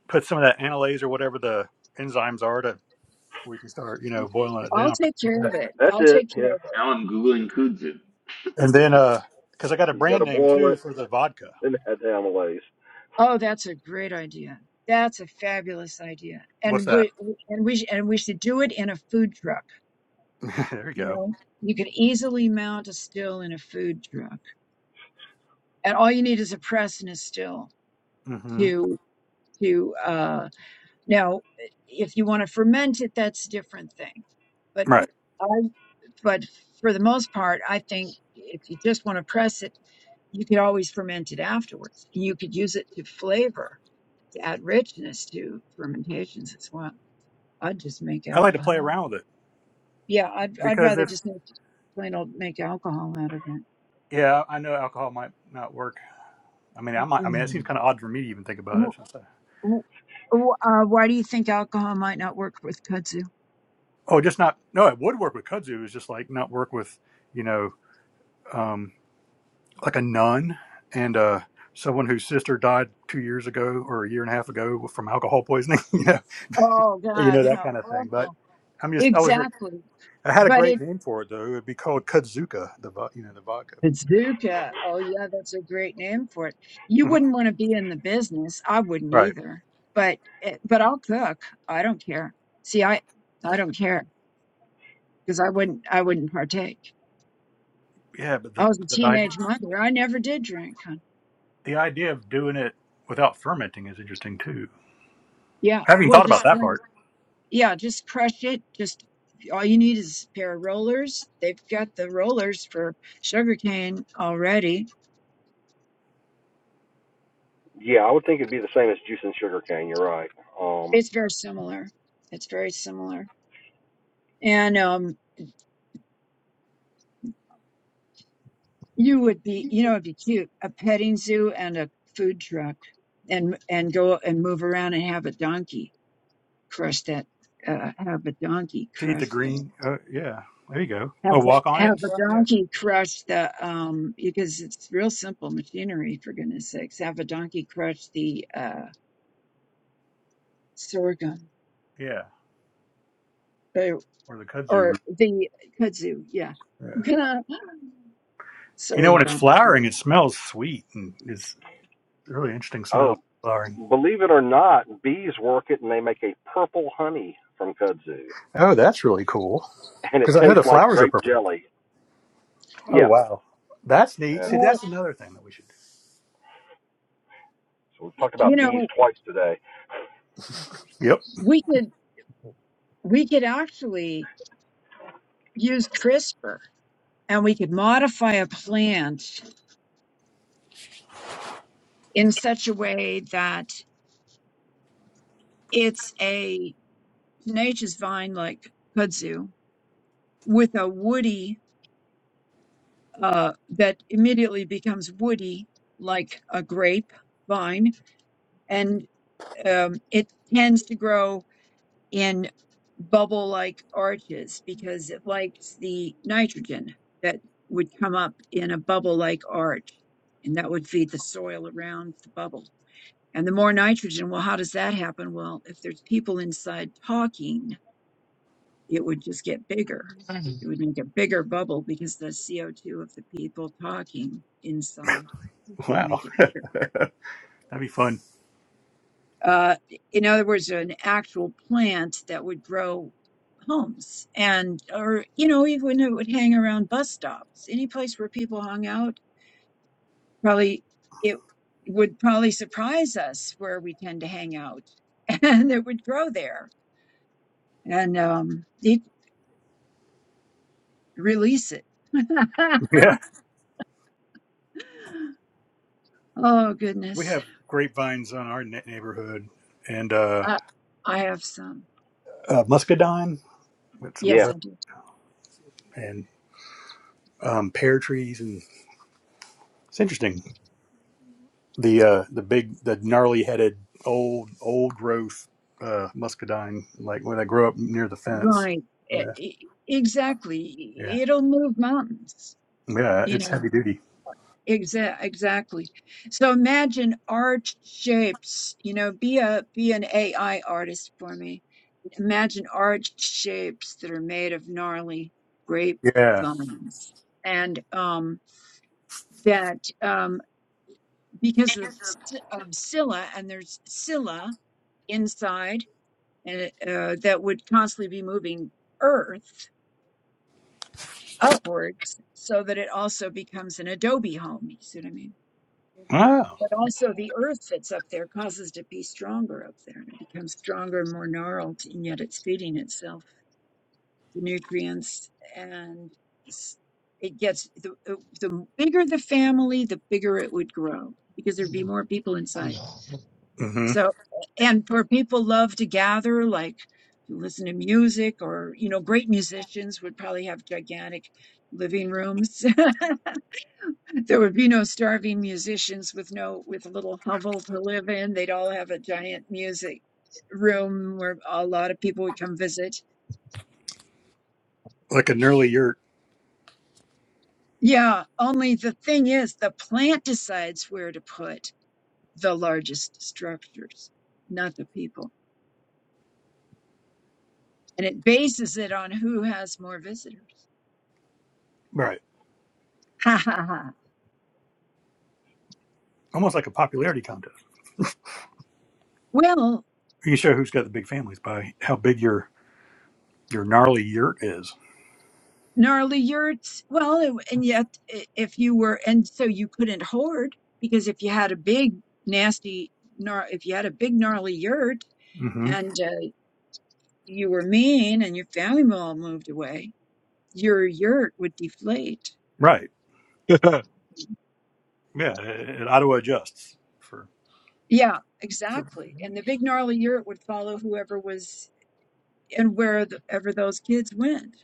S1: put some of that analase or whatever the enzymes are to we can start you know
S3: Mm,
S1: boiling it
S4: I'll
S1: down
S4: take care of
S3: That,
S4: it.
S3: that's
S4: I'll
S3: it.
S4: take
S3: Yeah,
S4: care of it.
S7: Now I'm Googling kudzu.
S1: and then
S3: you,
S1: uh because i got a
S3: you got
S1: brand
S3: to
S1: name
S3: boil
S1: too
S3: it
S1: for the vodka
S3: and add the amylase.
S4: Oh, that's a great idea. That's a fabulous idea.
S1: what's
S4: And
S1: that
S4: we and we sh- and we should do it in a food truck,
S1: there you
S4: you
S1: go
S4: know? You could easily mount a still in a food truck. And all you need is a press and a still
S1: hmm
S4: to to uh now if you want to ferment it, that's a different thing. But
S1: right
S4: I but for the most part, I think if you just want to press it, you could always ferment it afterwards. You could use it to flavor, to add richness to fermentations as well. I'd just make
S1: i like to play
S4: alcohol.
S1: around with it
S4: Yeah, I'd I'd
S1: because
S4: rather
S1: if
S4: just make plain old make alcohol out of it.
S1: yeah i know alcohol might not work i mean i might i mean it seems kind of odd for me to even think about it
S4: Wh-
S1: so-
S4: wh- wh- Uh, why do you think alcohol might not work with kudzu?
S1: oh just not no it would work with kudzu it's just like not work with you know um like a nun and uh someone whose sister died two years ago or a year and a half ago from alcohol poisoning you know
S4: Oh
S1: you
S4: God,
S1: know that
S4: how
S1: kind of thing but
S4: awful!
S1: i'm just i was
S4: Exactly,
S1: i had a
S4: but
S1: great
S4: it
S1: name for it though it would be called kudzuka the vo- you know the vodka
S4: bazooka. Oh yeah, that's a great name for it. You
S1: Mhm.
S4: wouldn't want to be in the business. I wouldn't
S1: right
S4: either. But it, but I'll cook. I don't care. See, I I don't care because I wouldn't I wouldn't partake.
S1: yeah but
S4: I
S1: the
S4: was a
S1: the idea,
S4: teenage mother. I never did drink. Huh?
S1: the idea of doing it without fermenting is interesting too
S4: Yeah,
S1: i haven't even
S4: well,
S1: thought about
S4: just
S1: that part
S4: Yeah, just crush it. Just all you need is a pair of rollers. They've got the rollers for sugarcane already.
S3: Yeah, I would think it'd be the same as juicing sugarcane. You're right. Um,
S4: It's very similar. It's very similar. And um you would be, you know, it'd be cute, a petting zoo and a food truck and and go and move around and have a donkey crush that uh have a donkey
S1: to eat the
S4: crush the
S1: green uh, yeah there you go oh
S4: have the,
S1: walk on it
S4: have
S1: and
S4: a
S1: stuff
S4: donkey crush the um because it's real simple machinery for goodness sakes have a donkey crush the uh Sorghum,
S1: yeah
S4: or,
S1: or the kudzu
S4: or
S1: root.
S4: the kudzu. Yeah.
S1: yeah
S4: Can I,
S1: you know
S4: sorry
S1: when it's
S4: about that.
S1: flowering it smells sweet and it's Really interesting
S3: oh,
S1: smell. Flowering.
S3: believe it or not, bees work it and they make a purple honey from kudzu,
S1: Oh, that's really cool.
S3: and it
S1: Because I know the
S3: tastes like
S1: flowers are
S3: grape
S1: purple.
S3: jelly.
S1: Oh,
S3: Yeah,
S1: wow. That's neat.
S3: yeah.
S1: See,
S4: Well,
S1: that's another thing that we should
S3: So we've
S4: y-
S3: talked
S4: you
S3: about bees
S4: know,
S3: twice today.
S1: do. Yep.
S4: we could we could actually use CRISPR and we could modify a plant in such a way that it's a tenacious vine like kudzu with a woody uh, that immediately becomes woody like a grape vine, and um, it tends to grow in bubble like arches because it likes the nitrogen that would come up in a bubble like arch and that would feed the soil around the bubble. And the more nitrogen, well, how does that happen? Well, if there's people inside talking, it would just get bigger. It would make a bigger bubble because the CO2 of the people talking inside would
S1: Wow.
S4: make it bigger.
S1: That'd be fun.
S4: uh, in other words, an actual plant that would grow homes and, or, you know, even it would hang around bus stops, any place where people hung out, probably it would probably surprise us where we tend to hang out and it would grow there and, um, it release it.
S1: Yeah.
S4: oh
S1: We
S4: goodness.
S1: have grapevines on our ne- neighborhood and uh,
S4: Uh, I have some.
S1: uh, muscadine with some of
S3: Yeah,
S4: Yes,
S1: the
S4: I do.
S1: and um, pear trees. And it's interesting. The uh, the big, the gnarly headed old, old growth uh, muscadine, like when they grow up near the fence.
S4: Right. E-
S1: Yeah.
S4: e-
S1: Yeah.
S4: Exactly. It'll move mountains,
S1: Yeah.
S4: you
S1: It's
S4: know.
S1: heavy duty.
S4: Exa- exactly. So imagine arch shapes, you know, be a be an AI artist for me. Imagine arch shapes that are made of gnarly grape
S1: Yeah.
S4: vines. And um that um because of, s- of Scylla and there's Scylla inside and uh, that would constantly be moving earth upwards so that it also becomes an adobe home. You see what I mean?
S1: Wow.
S4: but also the earth that's up there causes it to be stronger up there and it becomes stronger and more gnarled and yet it's feeding itself the nutrients and s- it gets the, uh, the bigger the family the bigger it would grow because there'd be more people inside
S1: mm hmm
S4: so and for people love to gather like to listen to music or you know great musicians would probably have gigantic living rooms There would be no starving musicians with no with a little hovel to live in. They'd all have a giant music room where a lot of people would come visit.
S1: Like an early yurt,
S4: Yeah, only the thing is, the plant decides where to put the largest structures, not the people. And it bases it on who has more visitors.
S1: right?
S4: Ha ha ha.
S1: Almost like a popularity contest.
S4: Well,
S1: You can show who's got the big families by how big your your gnarly yurt is.
S4: gnarly yurts. Well, and and yet, i- if you were, and so you couldn't hoard because if you had a big nasty, gnar, if you had a big gnarly yurt
S1: mm hmm
S4: and uh, you were mean and your family all moved away, your yurt would deflate.
S1: Right. Yeah. It, it auto adjusts for.
S4: Yeah,
S1: for
S4: exactly. And the big gnarly yurt would follow whoever was and wherever those kids went.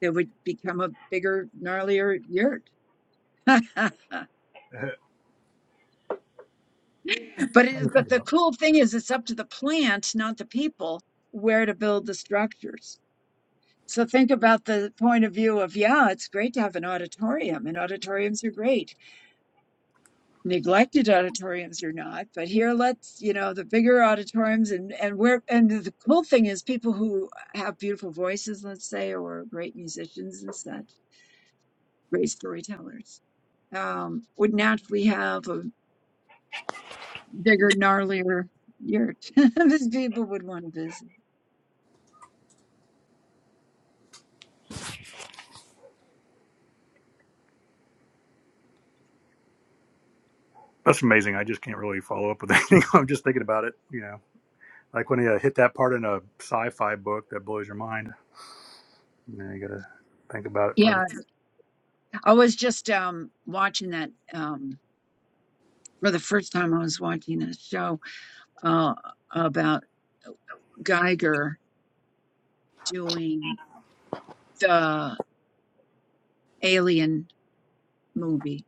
S4: There would become a bigger, gnarlier yurt.
S1: uh,
S4: But it, but the cool thing is, it's up to the plant, not the people, where to build the structures. So think about the point of view of, yeah, it's great to have an auditorium, and auditoriums are great. Neglected auditoriums are not, but here let's, you know, the bigger auditoriums and and where and the cool thing is people who have beautiful voices, let's say, or great musicians and such, great storytellers, um, would naturally have a bigger, gnarlier yurt. These people would want to visit.
S1: that's amazing. I just can't really follow up with anything. I'm just thinking about it. You know, like when you hit that part in a sci-fi book that blows your mind. You know, you gotta think about it
S4: Yeah,
S1: from.
S4: I was just um watching that um for the first time I was watching a show uh about Geiger doing the Alien movie.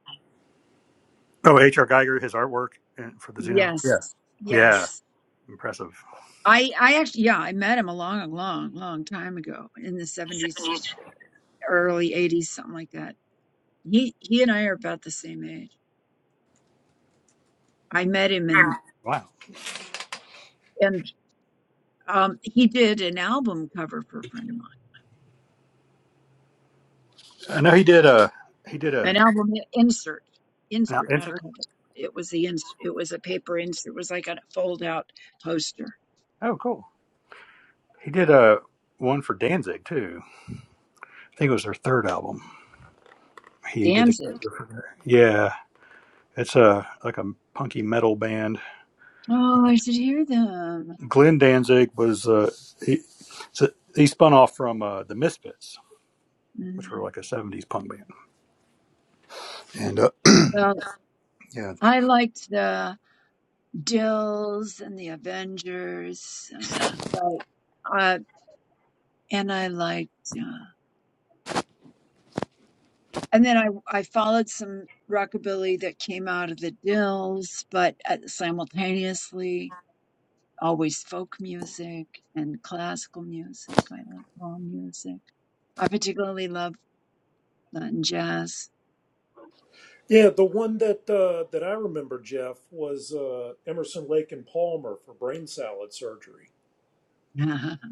S1: Oh, H.R. Geiger, his artwork and for the Xeno. Yeah.
S4: Yes.
S1: yeah.
S4: Yes.
S1: Impressive.
S4: I I actually yeah, I met him a long long long time ago in the 70s early 80s something like that. He he and I are about the same age. I met him and
S1: Wow.
S4: and um he did an album cover for a friend of mine.
S1: I know he did a he did a
S4: an album insert,
S1: an
S4: insert, not a
S1: interest.
S4: cover. It was the ins. It was a paper insert. It was like a fold out poster.
S1: Oh, cool. He did a one for Danzig too. I think it was their third album. He did the
S4: Danzig.
S1: cover for Yeah, it's a like a punky metal band.
S4: Oh, I should hear them.
S1: Glenn Danzig was uh he so he spun off from uh, the Misfits, which
S4: Mm.
S1: were like a '70s punk band. And uh,
S4: Well,
S1: yeah,
S4: I liked the Dills and the Avengers, um, but uh, and I liked, uh, and then I I followed some rockabilly that came out of the Dills, but uh, simultaneously. always folk music and classical music. I like all music. I particularly love Latin jazz.
S6: Yeah, the one that uh, that I remember, Jeff, was uh, Emerson Lake and Palmer for brain salad surgery,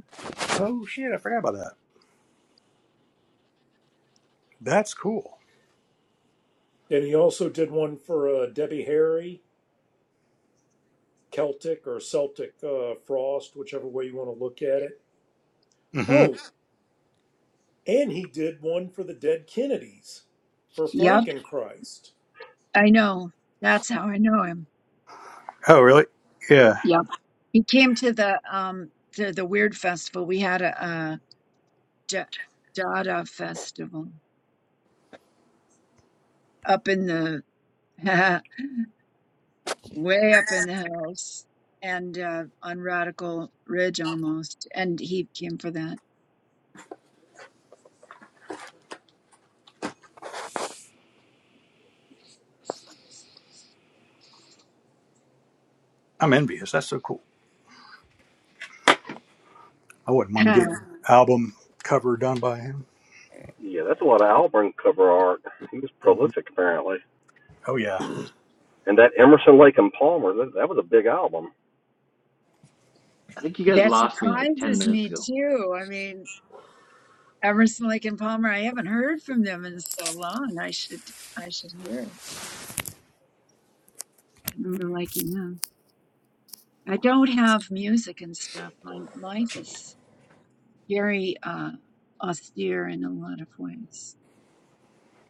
S1: oh shit, I forgot about that. That's cool.
S6: and he also did one for uh, Debbie Harry, Celtic or Celtic uh, Frost, whichever way you want to look at it.
S1: hmm
S6: Oh, and he did one for the dead Kennedys for
S4: yep,
S6: Frankenchrist.
S4: I know. That's how I know him.
S1: Oh really? Yeah,
S4: Yep. He came to the um to the Weird Festival. We had a, uh Ja- Dada festival up in the way up in the hills and uh, on Radical Ridge almost, and he came for that.
S1: I'm envious. That's so cool. I wouldn't mind getting an album cover done by him.
S3: yeah. That's a lot of Alburn cover art. He was
S1: hmm
S3: prolific, apparently.
S1: Oh yeah.
S3: and that Emerson Lake and Palmer that, that was a big album.
S7: I think you guys
S4: that
S7: lost me like 10
S4: surprises
S7: minutes
S4: me
S7: ago.
S4: too. I mean, Emerson, Lake and Palmer. I haven't heard from them in so long. I should I should hear it. I remember liking them. I don't have music and stuff. My life is very uh, austere in a lot of ways.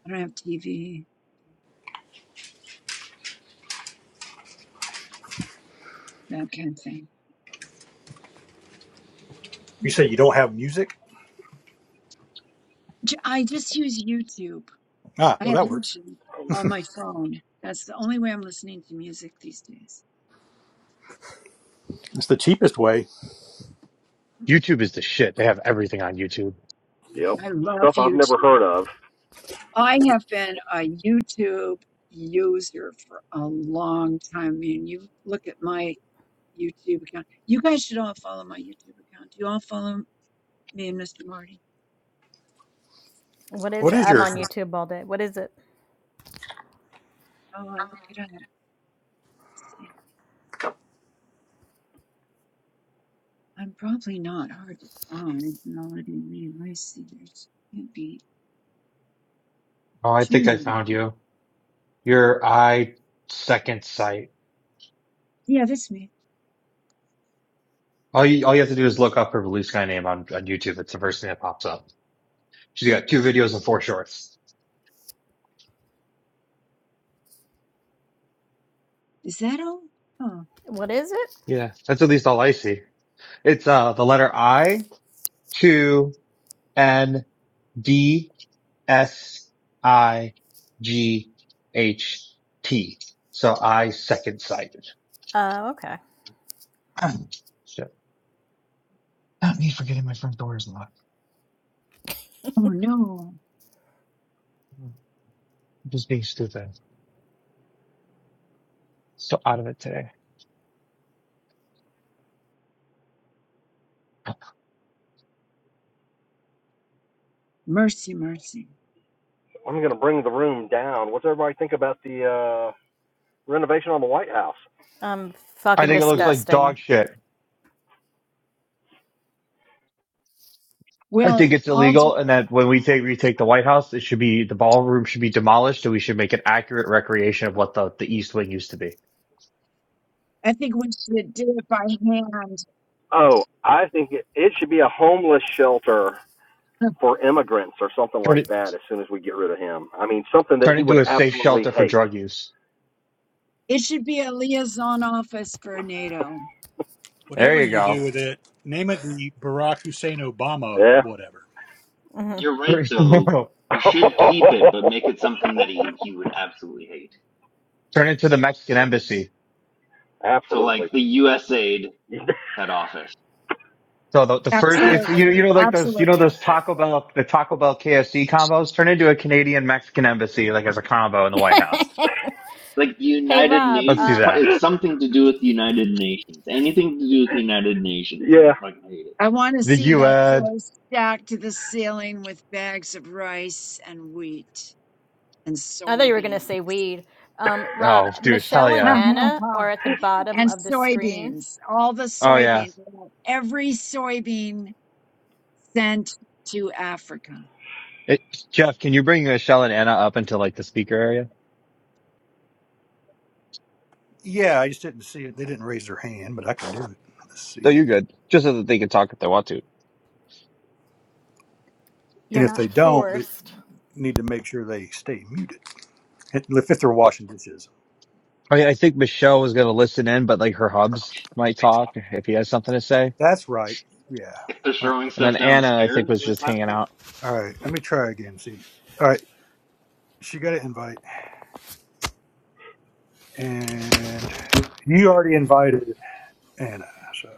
S4: I don't have TV, that kind of thing.
S1: You say you don't have music?
S4: J- I just use YouTube.
S1: Ah,
S4: I
S1: well
S4: have
S1: that works.
S4: YouTube on my phone. That's the only way I'm listening to music these days.
S1: It's the cheapest way
S4: Mm.
S2: YouTube is the shit. They have everything on YouTube.
S3: You know,
S4: I love
S3: stuff I've never
S4: YouTube.
S3: heard of.
S4: I have been a YouTube user for a long time. I mean, you look at my YouTube account. You guys should all follow my YouTube account. Do you all follow me and Mr. Marty?
S5: What
S1: What
S5: is it?
S1: is
S5: I'm
S1: yours?
S5: on YouTube all day. What is it?
S4: Oh, I'll look it up. Let's see. I'm probably not hard to find. No, I didn't mean. I see. There's can't be
S2: Oh, I
S4: too
S2: think I
S4: many.
S2: found you. Your I second sight.
S4: Yeah, that's me.
S2: All you, all you have to do is look up her blue sky name on, on YouTube. It's the first thing that pops up. She's got two videos and four shorts.
S4: Is that all? Oh,
S5: What is it?
S2: Yeah, that's at least all I see. It's uh the letter I, two, N, D, S, I, G, H, T. So I second sighted.
S5: Oh, uh, okay.
S4: oh no. Mercy, mercy.
S3: I'm gonna bring the room down. What's everybody think about the uh, renovation on the White House?
S5: I'm
S2: I
S5: fucking
S4: Oh,
S2: think it looks
S4: boy.
S2: like
S5: disgusting.
S2: dog shit. I
S4: Well,
S2: think it's
S4: I'll. ju-
S2: illegal, and that when we take retake the White House, it should be the ballroom should be demolished, and we should make an accurate recreation of what the, the East Wing used to be.
S4: I think we should do it by hand.
S3: Oh, I think it, it should be a homeless shelter for immigrants or something
S2: Turn
S3: like
S2: it
S3: that. As soon as we get rid of him, I mean something that
S2: turn it
S3: he would
S2: into a safe
S3: absolutely
S2: shelter for
S3: hate.
S2: drug use.
S4: It should be a liaison office for NATO.
S1: Whatever
S2: There you
S1: you
S2: go.
S1: do with it, name it the Barack Hussein Obama
S3: Yeah.
S1: whatever.
S5: Mhm.
S7: You're right though. You should keep it, but make it something that he, he would absolutely hate.
S2: turn it to the Mexican embassy.
S7: So
S3: absolutely.
S7: like the USAID head office.
S2: So the, the first, it's you
S4: Absolutely.
S2: you know like those you know
S4: Absolutely.
S2: those Taco Bell the Taco Bell KFC combos turn into a Canadian Mexican embassy like as a combo in the White House.
S7: like the
S5: hey
S7: United
S5: Rob,
S2: Let's
S7: Nations.
S2: do
S7: It's,
S5: um,
S7: part,
S2: that.
S7: it's something to do with the United Nations. Anything to do with the United Nations, you
S3: yeah.
S7: would fucking hate it.
S4: I want to
S2: The
S4: see that
S2: UN.
S4: close stacked to the ceiling with bags of rice and wheat and
S5: I thought you were going to
S4: soybean.
S5: say weed. Um, Rob,
S2: Oh, dude, hell
S5: Michelle and
S2: yeah.
S5: Anna are at the bottom
S4: and
S5: of the screen.
S4: soybeans, all the
S2: Oh yeah.
S4: soybeans, every soybean sent to Africa.
S2: It, Jeff, can you bring Michelle and Anna up into like the speaker area?
S1: Yeah, I just didn't see it. They didn't raise their hand, but I can do it. Let's
S2: No, you're
S1: see.
S2: good. Just so that they can talk if they want to.
S5: You're
S1: And if they
S5: not
S1: don't, they
S5: forced.
S1: need to make sure they stay muted. If if they're
S2: But-
S1: washing dishes.
S2: I, mean, I think Michelle was going to listen in, but like her hubs might talk if he has something to say.
S1: That's right. Yeah.
S7: If they're
S1: All right.
S7: throwing
S2: And then
S7: stuff
S2: Anna, I think,
S7: downstairs
S2: was
S7: like
S2: just
S7: last
S2: hanging
S7: week.
S2: out.
S1: All right. Let me try again. See. All right. She got an invite. And you already invited Anna. So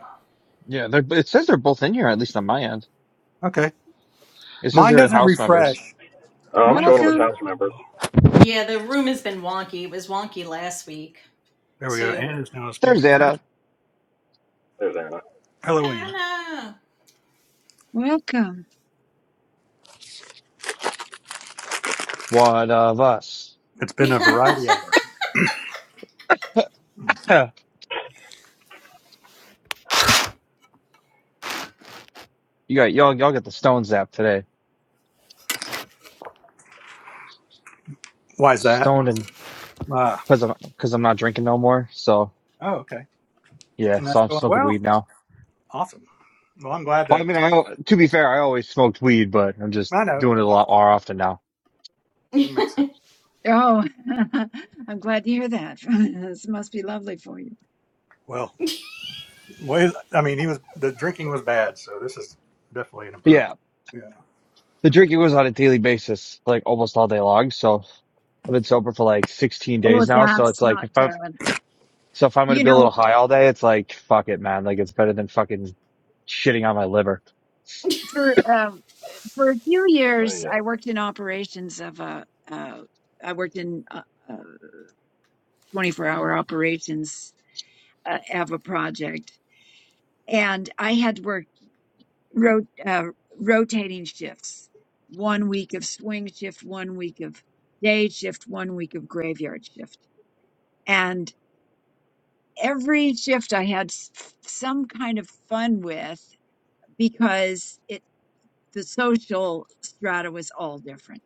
S2: Yeah, they're, it says they're both in here, at least on my end.
S1: okay.
S2: It says
S1: Mine
S2: they're
S1: doesn't
S2: house members.
S1: refresh.
S3: Uh, I'm
S1: Mine
S3: showing him
S1: doesn't
S3: as
S4: Welcome,
S3: house
S1: refresh very
S3: members.
S1: well.
S5: Yeah, the room has been wonky. It was wonky last week
S1: There we go.
S5: too with
S1: Anna's now a
S2: There's
S1: speaker.
S2: Anna.
S3: There's Anna.
S1: Hello, Anna.
S5: Anna.
S4: welcome.
S2: One of us.
S1: It's been a variety
S5: yeah,
S1: hour.
S2: Huh. You got y'all. Y'all got the stone zap today.
S1: Why is that?
S2: Stoned and
S1: Uh,
S2: because I'm because I'm not drinking no more. So
S1: oh, okay.
S2: yeah,
S1: And that's
S2: so I'm
S1: going
S2: smoking
S1: well.
S2: weed now.
S1: Awesome. Well, I'm glad
S2: Well, I
S1: that
S2: mean, I al- to be fair, I always smoked weed, but I'm just
S1: I know.
S2: doing it a lot more often now.
S1: It makes sense.
S4: Oh, I'm glad to hear that. This must be lovely for you.
S1: Well, well, I mean, he was the drinking was bad, so this is definitely an
S2: Yeah.
S1: improvement. Yeah,
S2: The drinking was on a daily basis, like almost all day long. So I've been sober for like 16
S4: Oh,
S2: days now. So
S4: that's
S2: it's like,
S4: not
S2: if I'm,
S4: good.
S2: so if I'm going to
S4: You
S2: be a
S4: know,
S2: little high all day, it's like, fuck it, man. Like it's better than fucking shitting on my liver.
S4: for um, for a few
S3: Oh
S4: years,
S3: yeah.
S4: I worked in operations of a. Uh, I worked in uh, uh, 24 hour operations uh, of a project, and I had worked ro- uh, rotating shifts. One week of swing shift, one week of day shift, one week of graveyard shift, every shift I had some kind of fun with because it the social strata was all different.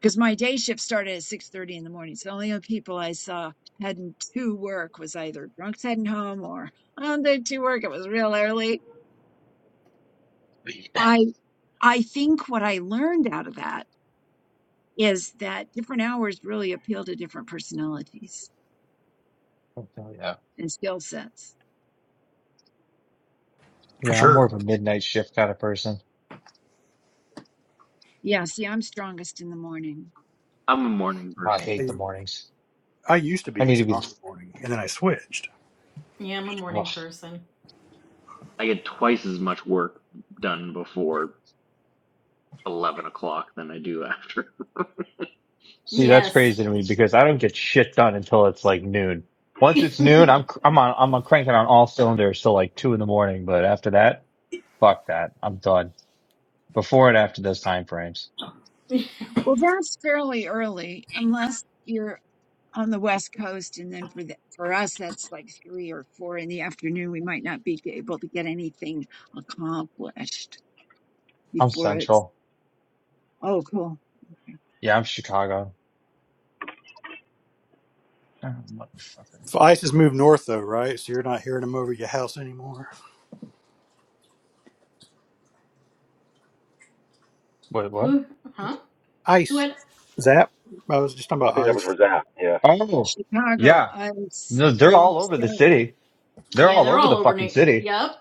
S4: Because my day shift started at six thirty in the morning, so the only people I saw heading to work was either drunks heading home or on the to work. It was real early. I I think what I learned out of that is that different hours really appeal to different personalities
S2: So yeah.
S4: and skill sets.
S1: for
S2: Yeah. I'm more
S1: sure.
S2: of a midnight shift kind of person.
S4: Yeah, see, I'm strongest in the morning.
S7: I'm a morning
S2: I
S7: person.
S2: hate
S1: I,
S2: the mornings.
S1: I used to
S2: I
S1: be
S2: need to be,
S1: strong in the morning, and then I switched.
S5: I'm a
S2: ugh.
S5: morning person.
S7: I get twice as much work done before eleven o'clock than I do after.
S2: see, that's
S5: Yes.
S2: crazy to me because I don't get shit done until it's like noon. Once it's noon, I'm, cr- I'm on, I'm on cranking on all cylinders till like two in the morning. But after that, fuck that. I'm done before and after those time frames.
S4: Well, that's fairly early, unless you're on the West Coast, and then for the, for us, that's like three or four in the afternoon. We might not be able to get anything accomplished
S2: I'm
S4: before it's.
S2: Central.
S4: Oh, cool. Okay.
S2: Yeah, I'm Chicago.
S1: So ice has
S4: hmm.
S1: moved north, though, right? So you're not hearing them over your house anymore.
S2: Wait, what?
S5: Who? Huh? Who
S1: Ice,
S5: had?
S1: Zap. I was just talking
S3: I
S1: about
S3: think that was
S1: ice,
S3: Razak. Yeah.
S2: Oh,
S4: Chicago,
S2: yeah.
S4: I was,
S2: No, they're
S4: are you
S2: all over the
S4: serious?
S2: city. They're
S5: Yeah,
S2: all
S5: they're
S2: over
S5: all
S2: the fucking
S5: overnight.
S2: city.
S5: Yep.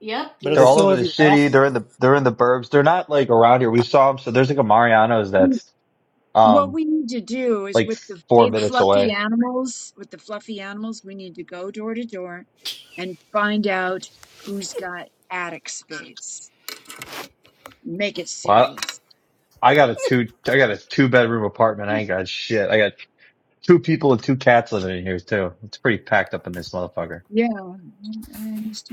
S5: Yep. Do
S1: but
S5: you
S1: are
S2: They're
S1: they
S2: all
S5: see?
S1: still
S2: over
S1: over
S2: the
S1: your
S2: city.
S1: house?
S2: They're in the they're in the burbs. They're not like around here. We saw them. So there's like a Mariano's that's
S4: What
S2: um
S4: we need to do is
S2: like
S4: with the
S2: four
S4: big
S2: minutes
S4: fluffy
S2: away.
S4: animals, with the fluffy animals, we need to go door to door and find out who's got attic space. Make it
S2: Well,
S4: serious.
S2: I, I got a two I got a two bedroom apartment. I ain't
S7: Jesus.
S2: got shit. I got two people and two cats living in here too. It's pretty packed up in this motherfucker.
S4: Yeah, I, I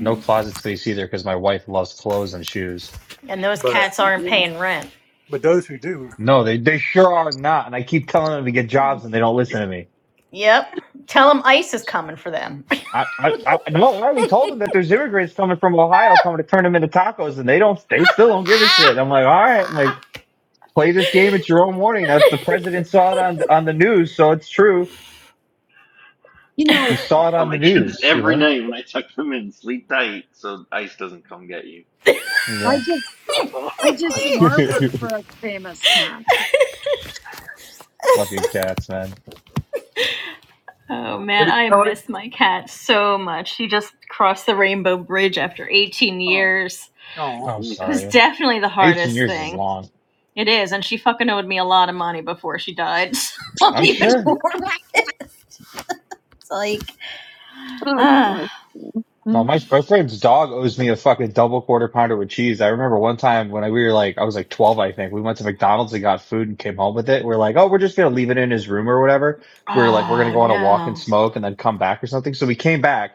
S2: No closet space either because my wife loves clothes and shoes.
S5: And those
S1: But
S5: cats aren't
S4: Yeah.
S5: paying rent.
S1: but those who do,
S2: No, they they sure are not. And I keep telling them to get
S7: I
S2: jobs, and they don't listen to me.
S5: Yep. Tell them ICE is coming for them.
S2: I, I, I no, I already told them that there's immigrants coming from Ohio coming to turn them into tacos, and they don't, they still don't give a shit. I'm like, all right, I'm like play this game at your own warning. That the president saw it on on the news, so it's true.
S4: You
S2: He
S4: know,
S2: saw it
S7: Tell
S2: on the
S7: my kids
S2: news, you
S7: every
S2: know.
S7: night when I tuck them in, sleep tight so ice doesn't come get you.
S4: I
S2: Yeah,
S4: just I did some artwork for a famous cat.
S2: fucking cats, man.
S5: Oh
S1: are
S5: man,
S1: you
S5: I
S1: telling? him?
S5: miss my cat so much. She just crossed the rainbow bridge after 18
S4: Oh
S5: years.
S1: Oh.
S2: I'm
S5: It was
S2: sorry.
S5: definitely the
S2: 18
S5: hardest
S2: years is
S5: thing.
S2: long.
S5: It is, and she fucking owed me a lot of money before she died.
S2: I'm
S4: shoot.
S5: even
S2: sure.
S5: more it's like,
S4: Uh, uh,
S5: ah,
S2: No, my my friend's dog owes me a fucking double quarter pounder with cheese. I remember one time when I, we were like, I was like 12, I think. We went to McDonald's and got food and came home with it. We're like, oh, we're just gonna leave it in his room or whatever. We were like, we're gonna
S5: oh
S2: go on a walk and
S5: no.
S2: smoke and then come back or something. So we came back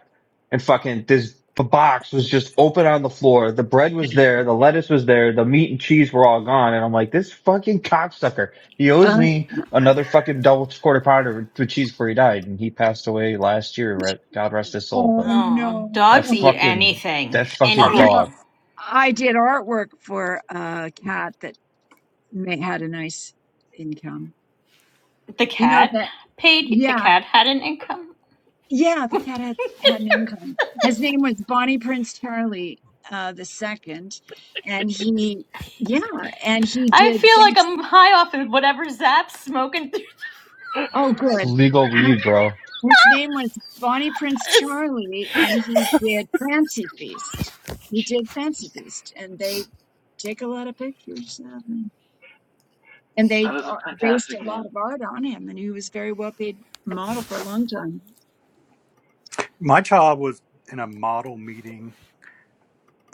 S2: and fucking this box was just open on the floor. The bread was there, the lettuce was there, the meat and cheese were all gone. And I'm like, this fucking cocksucker, he owes me another fucking double quarter pounder with cheese before he died, and he passed away last year. right? God rest his soul,
S4: oh
S2: but.
S5: Oh,
S2: That
S4: no.
S5: dogs eat
S2: fucking
S5: anything,
S2: that fucking
S4: You know,
S2: dog.
S5: anything.
S4: I did artwork for a cat that may, had a nice income.
S5: The
S4: You know
S5: cat
S4: that.
S5: paid. The
S4: Yeah.
S5: cat had an income.
S4: Yeah, the cat had, had an income. His name was Bonnie Prince Charlie uh, the second, and he, yeah, and he
S5: I
S4: did
S5: feel like
S4: things.
S5: I'm high off of whatever Zap's smoking through
S4: Oh,
S2: It's
S4: good.
S2: legal weed, bro.
S4: His name was Bonnie Prince
S5: this.
S4: Charlie, and he did Fancy Feast. He did Fancy Feast, and they take a lot of pictures of him, and they
S7: That is a
S4: ar- based a
S7: fantastic
S4: lot
S7: name.
S4: of art on him, and he was a very well paid model for a long time.
S1: My child was in a model meeting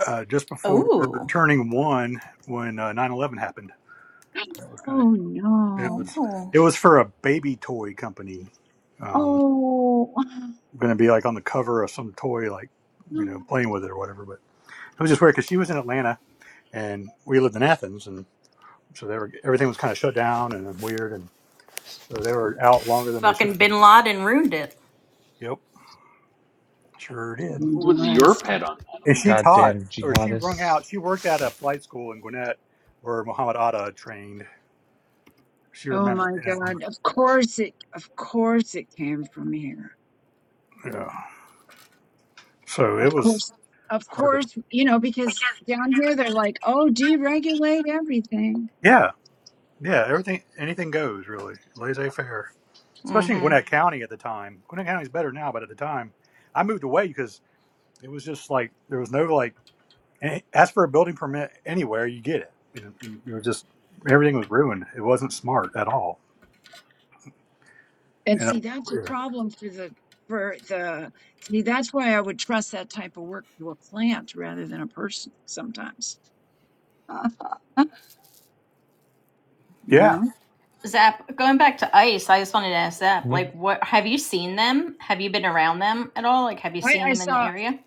S1: uh, just before
S5: Oh,
S1: turning one when uh, 9/11 happened. That was kind of
S4: Oh
S1: it
S4: no!
S1: was
S5: oh.
S1: it was for a baby toy company. Um,
S4: Oh.
S1: going to be like on the cover of some toy, like you know, playing with it or whatever. But it was just weird because she was in Atlanta and we lived in Athens, and so they were everything was kind of shut down and weird, and so they were out longer than they should
S5: Fucking
S1: have been.
S5: Bin Laden ruined it.
S1: Yep, sure did.
S4: going
S7: Who
S4: a
S7: was
S4: lot of
S7: your
S4: stuff.
S7: pet on 9
S1: And she
S7: 11?
S1: taught,
S2: Goddamn
S1: or she rung
S2: jihadists.
S1: out. She worked at a flight school in Gwinnett, where Muhammad Atta trained. She
S4: Oh
S1: remembered
S4: my
S1: him.
S4: God. Of course it, of course it came from here.
S1: Yeah. So it
S4: Of
S1: was
S4: course, of
S1: hard to.
S4: course, you know, because down here they're like, oh, deregulate everything.
S1: Yeah, yeah. Everything, anything goes really, laissez faire. Especially in
S5: hmm
S1: Gwinnett County at the time. Gwinnett County's better now, but at the time, I moved away because it was just like there was no like. and Ask for a building permit anywhere, you get it. You know, it was just everything was ruined. It wasn't smart at all.
S4: And
S1: And
S4: see,
S1: it,
S4: that's a problem for the, for the, see, that's why I would trust that type of work to a plant rather than a person sometimes.
S1: yeah,
S4: You
S1: Yeah.
S4: know?
S5: Zap, going back to ICE, I just wanted to ask Zap,
S2: Hmm?
S5: like, what have you seen them? Have you been around them at all? Like, have you
S4: I,
S5: seen
S4: I
S5: them in
S4: saw
S5: the area?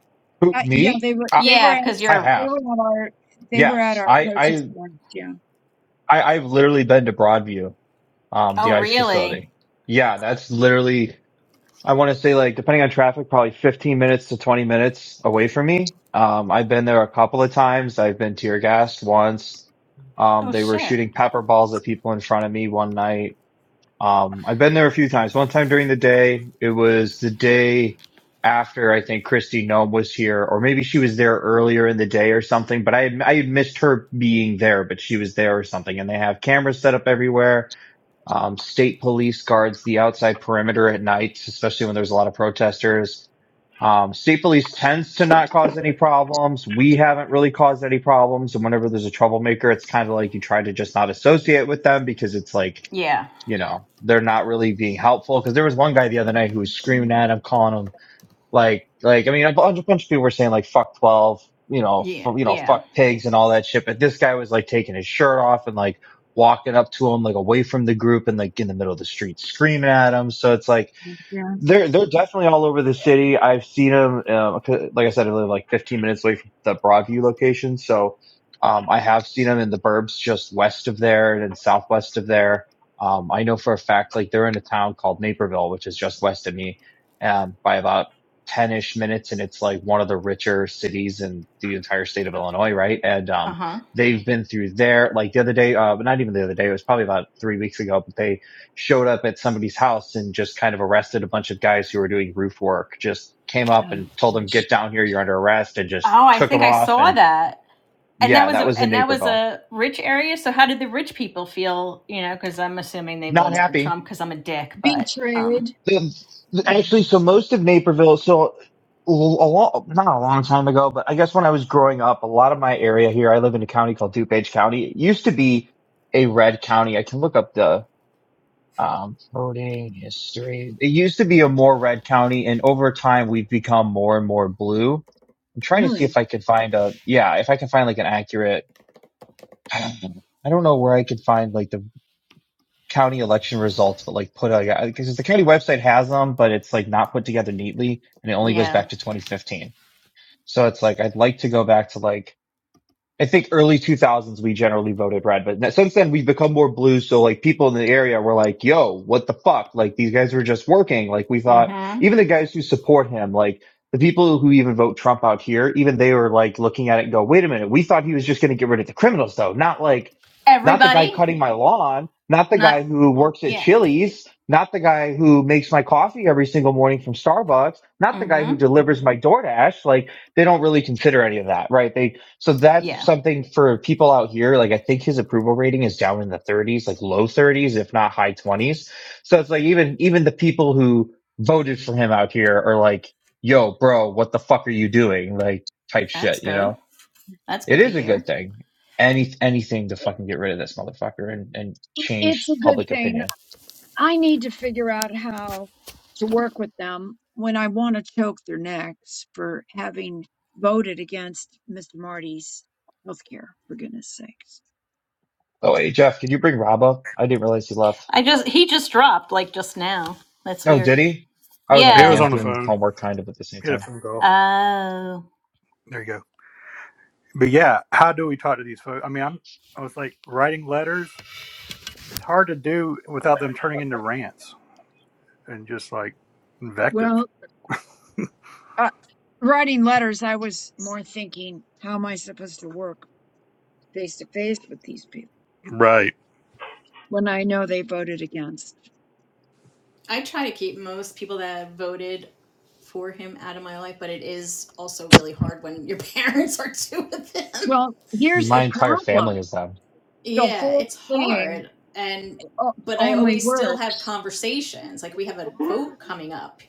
S2: Who,
S4: Uh, yeah,
S2: me?
S4: they were
S2: I,
S4: they were
S5: Yeah,
S4: at
S5: because
S2: I
S5: you're.
S4: they
S2: have.
S4: were at our they were at
S2: Yes.
S4: our
S2: I,
S4: protest
S2: I
S4: march. Yeah,
S2: I I've literally been to Broadview, um, the
S5: Oh,
S2: ICE
S5: really?
S2: facility. Yeah, that's literally I want to say like depending on traffic, probably 15 minutes to 20 minutes away from me. Um, I've been there a couple of times. I've been tear gassed once. Um,
S5: Oh,
S2: they were
S5: shit.
S2: shooting pepper balls at people in front of me one night. Um, I've been there a few times. One time during the day, it was the day after I think Christy Nome was here, or maybe she was there earlier in the day or something. But I had, I had missed her being there, but she was there or something. And they have cameras set up everywhere. Um, state police guards the outside perimeter at night, especially when there's a lot of protesters. Um, state police tends to not cause any problems. We haven't really caused any problems. And whenever there's a troublemaker, it's kind of like you try to just not associate with them because it's like
S5: Yeah.
S2: you know, they're not really being helpful. Cause there was one guy the other night who was screaming at him, calling him like, like, I mean, a bunch, a bunch of people were saying like, fuck 12, you know,
S5: Yeah.
S2: f- you know,
S5: Yeah.
S2: fuck pigs and all that shit. But this guy was like taking his shirt off and like walking up to him, like away from the group and like in the middle of the street screaming at him. So it's like,
S4: yeah.
S2: they're they're definitely all over the city. I've seen them. Uh, c- like I said, I live like 15 minutes away from the Broadview location, so um, I have seen them in the burbs just west of there and then southwest of there. Um, I know for a fact, like they're in a town called Naperville, which is just west of me, um, by about 10-ish minutes, and it's like one of the richer cities in the entire state of Illinois, right? And
S5: Uh
S2: um,
S5: huh.
S2: they've been through there. Like the other day, uh, but not even the other day. It was probably about three weeks ago, but they showed up at somebody's house and just kind of arrested a bunch of guys who were doing roof work. Just came up
S4: Oh
S2: and told them, "Get
S4: gosh,
S2: down here, you're under arrest," and just
S5: Oh, I
S2: took them
S5: think I
S2: off.
S5: saw
S2: And
S5: that. And that
S2: yeah,
S5: was
S2: that
S5: a
S2: was in
S5: and that was
S2: Naperville.
S5: a rich area. So how did the rich people feel? You know, because I'm assuming they
S2: Not
S5: voted for
S2: happy.
S5: Trump because I'm a dick. But um,
S4: betrayed. Mm,
S2: Actually, so most of Naperville, so a long, not a long time ago, but I guess when I was growing up, a lot of my area here, I live in a county called DuPage County. It used to be a red county. I can look up the, it used to be a more red county and over time we've become more and more blue I'm trying to see
S4: Really,
S2: if I could find a yeah, if I can find like an accurate. I don't know where I could find like the county election results, but like put a because the county website has them, but it's like not put together neatly, and it only goes
S5: yeah.
S2: back to 2015. So it's like I'd like to go back to like I think early 2000s we generally voted red, but since then we've become more blue. So like people in the area were like, yo, what the fuck? Like these guys were just working. Like we thought
S5: Mm-hmm.
S2: even the guys who support him, like the people who even vote Trump out here, even they were like looking at it and go, wait a minute. We thought he was just going to get rid of the criminals though. Not like, not the guy
S5: Everybody,
S2: cutting my lawn, not the
S5: not
S2: guy who works at
S5: yeah.
S2: Chili's, not the guy who makes my coffee every single morning from Starbucks, not the guy
S5: Mm-hmm.
S2: who delivers my DoorDash. Like they don't really consider any of that, right? They so that's
S5: Yeah,
S2: something for people out here. Like I think his approval rating is down in the 30s, like low 30s, if not high 20s. So it's like even even the people who voted for him out here are like, "Yo, bro, what the fuck are you doing?" Like type
S5: that's
S2: shit, you
S5: good.
S2: know.
S5: That's
S2: It
S5: good to
S2: is a good
S5: hear.
S2: thing. Any anything to fucking get rid of this motherfucker and and
S4: it's a
S2: change
S4: good
S2: public
S4: thing.
S2: opinion.
S4: I need to figure out how to work with them when I want to choke their necks for having voted against Mr. Marty's health care. For goodness sakes.
S2: Oh wait, Jeff, could you bring Rob up? I didn't realize he left.
S5: I just he just dropped like just now. That's
S2: Oh,
S5: weird.
S2: did he? I wasn't
S1: it
S2: looking.
S1: was
S5: Yeah.
S2: I'm
S1: on the
S2: doing
S1: phone.
S2: homework kind of at the same
S1: Hit a
S2: time.
S1: phone call.
S5: Oh.
S1: There you go. but yeah, how do we talk to these folks? I mean, I'm, I was like writing letters. It's hard to do without them turning into rants and just like invective.
S4: Well, uh, writing letters, I was more thinking, how am I supposed to work face to face with these people?
S1: Right.
S4: when I know they voted against.
S5: I try to keep most people that voted for him out of my life, but it is also really hard when your parents are two of them.
S4: Well, here's
S2: My
S4: the
S2: entire family
S4: problem
S2: is them.
S4: the
S5: Yeah,
S4: whole
S5: it's
S4: thing
S5: hard. And
S4: o-
S5: but I
S4: only
S5: always still have
S4: works.
S5: conversations. Like we have a vote coming up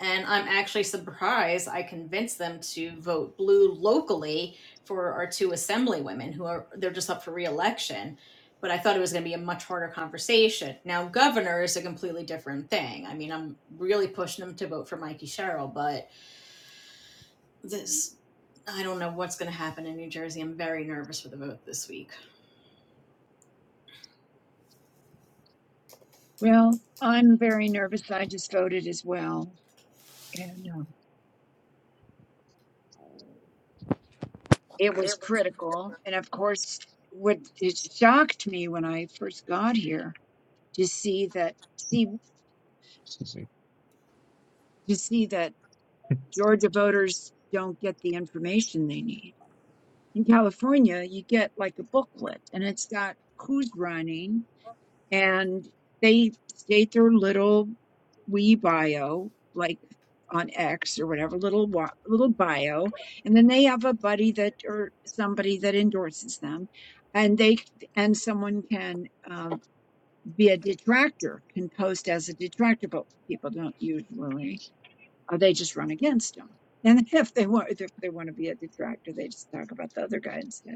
S5: And I'm actually surprised I convinced them to vote blue locally for our two assemblywomen who are they're just up for reelection. But I thought it was going to be a much harder conversation. Now, governor is a completely different thing. I mean, I'm really pushing them to vote for Mikey Sherrill, but this, I don't know what's going to happen in New Jersey. I'm very nervous for the vote this week.
S4: Well, I'm very nervous. I just voted as well. And uh, it was critical. And of course, what it shocked me when I first got here to see that see to see that Georgia voters don't get the information they need. In California, you get like a booklet and it's got who's running and they state their little wee bio, like on X or whatever, little wa- little bio, and then they have a buddy that or somebody that endorses them, and they and someone can um, be a detractor, can post as a detractor, but people don't usually. Or they just run against them, and if they want if they want to be a detractor, they just talk about the other guy instead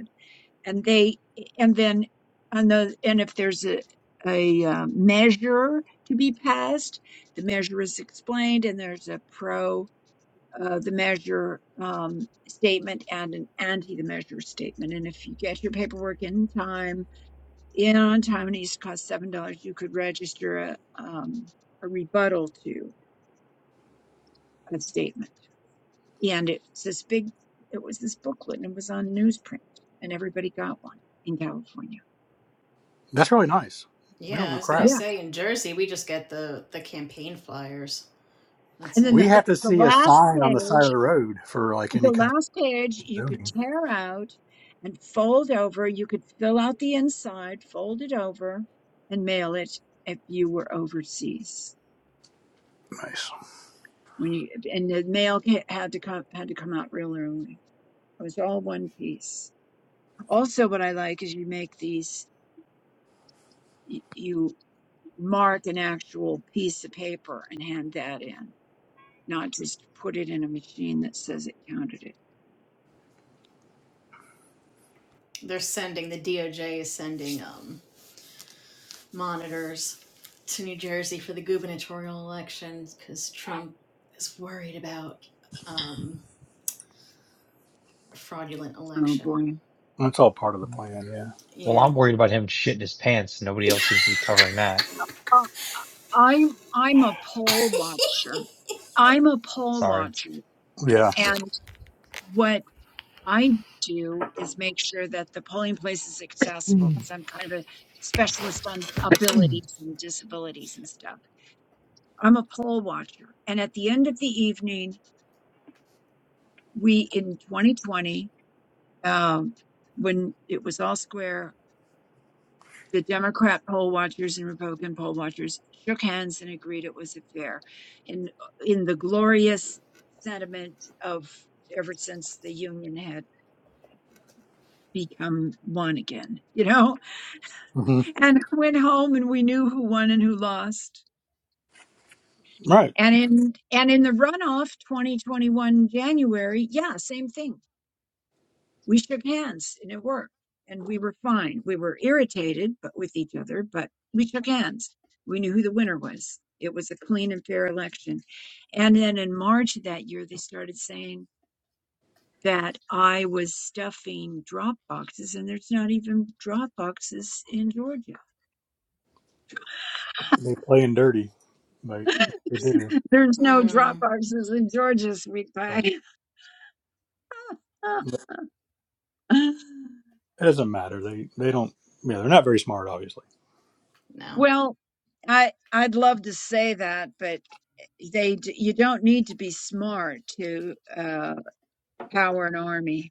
S4: and they and then on the and if there's a a uh, measure to be passed the measure is explained and there's a pro uh, the measure um, statement and an anti the measure statement and if you get your paperwork in time in on time and it used to cost seven dollars you could register a um, a rebuttal to a statement and it's this big it was this booklet and it was on newsprint and everybody got one in california
S1: That's really nice. We don't
S5: Yeah, I
S1: know
S5: was going to
S1: crap.
S5: say in Jersey, we just get the the campaign flyers. That's
S4: And then
S1: We
S5: it.
S4: the
S1: have to
S4: the
S1: see a
S4: last
S1: sign on the side of
S4: page,
S1: the road for like any
S4: the
S1: kind of
S4: last page you could
S1: zoning.
S4: tear out and fold over. You could fill out the inside, fold it over, and mail it if you were overseas.
S1: Nice.
S4: When you and the mail ca- had to come had to come out real early. It was all one piece. Also, what I like is you make these. y- You mark an actual piece of paper and hand that in, not just put it in a machine that says it counted it.
S5: They're sending the DOJ is sending um monitors to New Jersey for the gubernatorial elections because Trump is worried about um, a fraudulent
S4: Oh
S5: election.
S4: boy.
S1: That's all part of the plan. Yeah.
S2: Well,
S5: Yeah.
S2: I'm worried about him shitting his pants. Nobody else seems to be covering that.
S4: I'm I'm a poll watcher. I'm a poll
S2: Sorry.
S4: watcher, a-
S1: Yeah.
S4: and what I do is make sure that the polling place is accessible because I'm kind of a specialist on abilities and disabilities and stuff. I'm a poll watcher, and at the end of the evening, we in 2020, um, when it was all square, the Democrat poll watchers and Republican poll watchers shook hands and agreed it was a fair. In in the glorious sentiment of ever since the Union had become one again, you know,
S1: hmm
S4: and went home and we knew who won and who lost.
S1: Right.
S4: And in and in the runoff, 2021 January, yeah, same thing we shook hands and it worked and we were fine we were irritated but with each other but we shook hands we knew who the winner was it was a clean and fair election and then in march of that year they started saying that i was stuffing drop boxes and there's not even drop boxes in georgia
S1: They playing dirty. Like they do.
S4: there's no drop
S5: Mm,
S4: boxes in georgia sweet
S1: So,
S4: pie
S1: it doesn't matter. They they don't. Yeah, they're not very smart, obviously.
S5: no.
S4: well i i'd love to say that but they d- you don't need to be smart to uh, power an army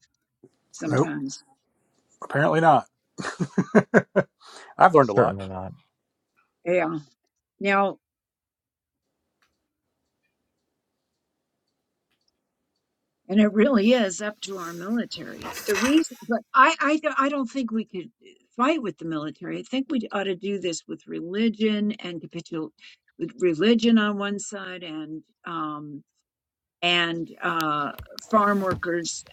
S1: Nope.
S4: sometimes.
S1: Apparently not. I've learned a lot.
S2: Certainly not.
S4: Yeah. Now, and it really is up to our military. The reason, but I I, don't- I don't think we could fight with the military. I think we ought to do this with religion and capitul with religion on one side and um and uh farm workers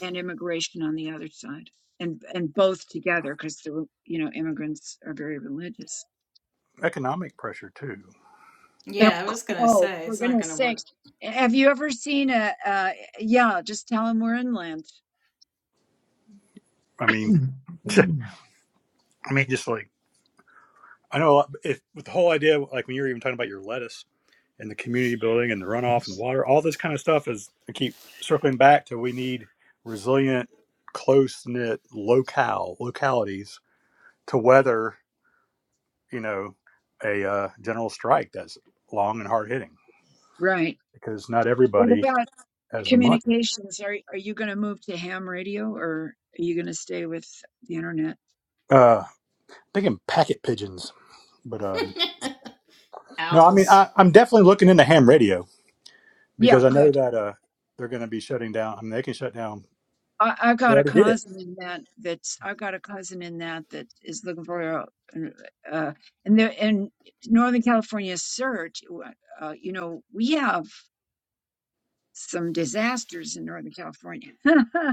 S4: and immigration on the other side and and both together because the you know immigrants are very religious
S1: economic pressure too.
S5: Yeah,
S4: Of
S5: I was going to
S4: Oh,
S5: say
S4: for
S5: it's not going
S4: goodness
S5: to work.
S4: sakes. Have you ever seen a, uh, yeah, just tell them we're inland.
S1: I mean, I mean, just like I know if with the whole idea, like when you were even talking about your lettuce and the community building and the runoff and water, all this kind of stuff is I keep circling back to we need resilient, close knit locale localities to weather, you know, a uh, general strike that's long and hard hitting
S4: Right.
S1: because not
S4: What
S1: everybody
S4: about
S1: has the money.
S4: communications? Are, are you going to move to ham radio or are you going to stay with the internet?
S1: Uh, thinking packet pigeons, but um, no, I mean
S5: Owls.
S1: I, I'm definitely looking into ham radio
S4: Yeah,
S1: because I know
S4: good.
S1: that uh, they're going to be shutting down. I mean, they can shut down.
S4: I, I've
S1: They
S4: got a
S1: already did it.
S4: cousin in that, that's, I've got a cousin in that that is looking for a, uh, and there, in Northern California surge, uh, uh, you know, we have some disasters in Northern California.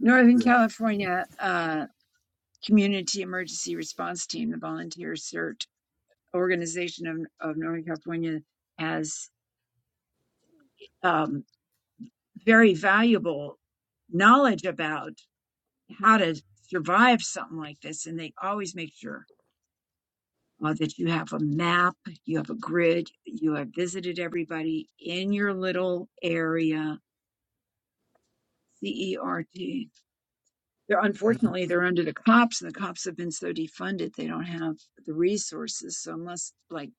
S4: Northern
S1: Yeah.
S4: California uh, Community Emergency Response Team, the volunteer CERT organization of, of Northern California, has um, very valuable knowledge about how to survive something like this. And they always make sure uh, that you have a map, you have a grid, you have visited everybody in your little area, CERT. they're unfortunately they're under the cops and the cops have been so defunded they don't have the resources so unless like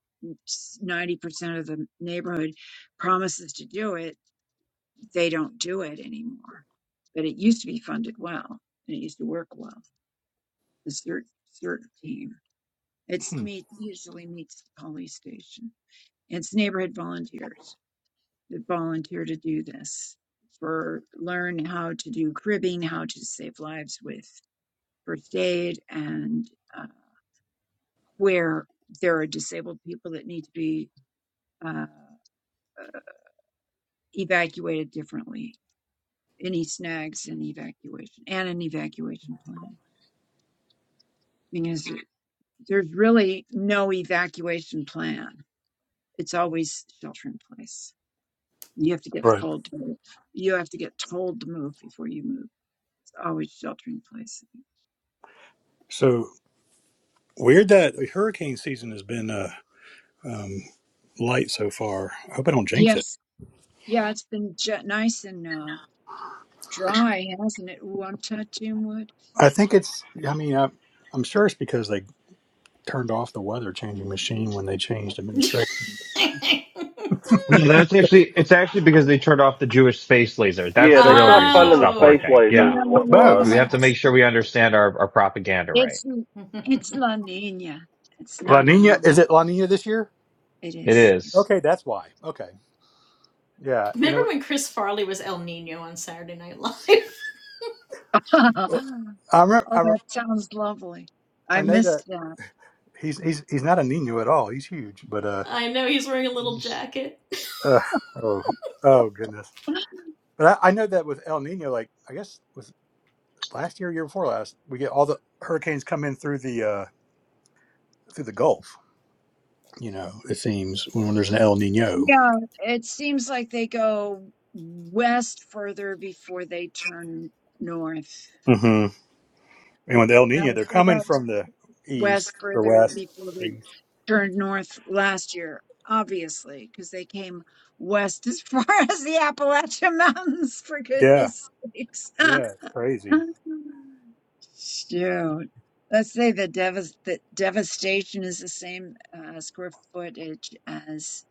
S4: 90% of the neighborhood promises to do it they don't do it anymore but it used to be funded well and it used to work well the cert cert team it's meet usually meets the police station it's neighborhood volunteers that volunteer to do this for learn how to do cribbing how to save lives with first aid and uh, where there are disabled people that need to be uh, evacuated differently. Any snags in evacuation and an evacuation plan because there's really no evacuation plan. It's always shelter in place. You have to get
S1: right.
S4: told to move. You have to get told to move before you move. It's always shelter in place.
S1: So weird that hurricane season has been uh, um, light so far. I hope I don't jinx it.
S4: Yes, yeah, it's been j- nice and uh, dry, hasn't it? Ooh, I'm touching wood.
S1: I think it's. I mean, I, I'm sure it's because they turned off the weather changing machine when they changed administration.
S2: No, that's actually it's actually because they turned off the Jewish space laser. That's
S3: Yeah,
S2: the
S3: they
S2: real
S3: stopped
S2: reason it
S3: funding the
S2: stopped
S3: space
S5: oh.
S2: working.
S3: lasers,
S2: Yeah.
S4: No,
S3: is what
S1: It's
S3: it was.
S1: both.
S2: We have to make
S4: it's
S2: sure we understand our, our propaganda right.
S4: it's it's La Nina. It's
S1: La
S4: not El
S1: Nina. Is
S4: Niño.
S1: it La Nina this year?
S4: It
S2: It
S4: is.
S2: is.
S1: Okay, that's why. Okay. Yeah. And it,
S5: Remember when Chris Farley was El Nino on Saturday Night Live?
S1: was- I remember.
S4: Oh,
S1: I, re-
S4: that sounds lovely. I
S1: I know
S4: missed
S1: that
S4: that.
S1: he's he's he's not a Nino at all. He's huge, but uh.
S5: I know he's wearing a little jacket.
S1: Ugh, oh, oh goodness. But I, I know that with El Nino, like I guess was it last year, year before last, we get all the hurricanes come in through the uh, through the Gulf. You know, it seems when, when there's an El Nino.
S4: Yeah, it seems like they go west further before they turn north.
S1: hmm And with El
S4: No,
S1: Nino, they're
S4: they went
S1: coming from the east
S4: west
S1: or
S4: further
S1: west.
S4: before
S1: Or
S4: they
S1: east.
S4: turned north last year, obviously, because they came west as far as the Appalachian Mountains, for
S1: Yeah,
S4: goodness sakes.
S1: yeah, it's crazy.
S4: Shoot. Let's say the, devas the devastation is the same uh, square footage as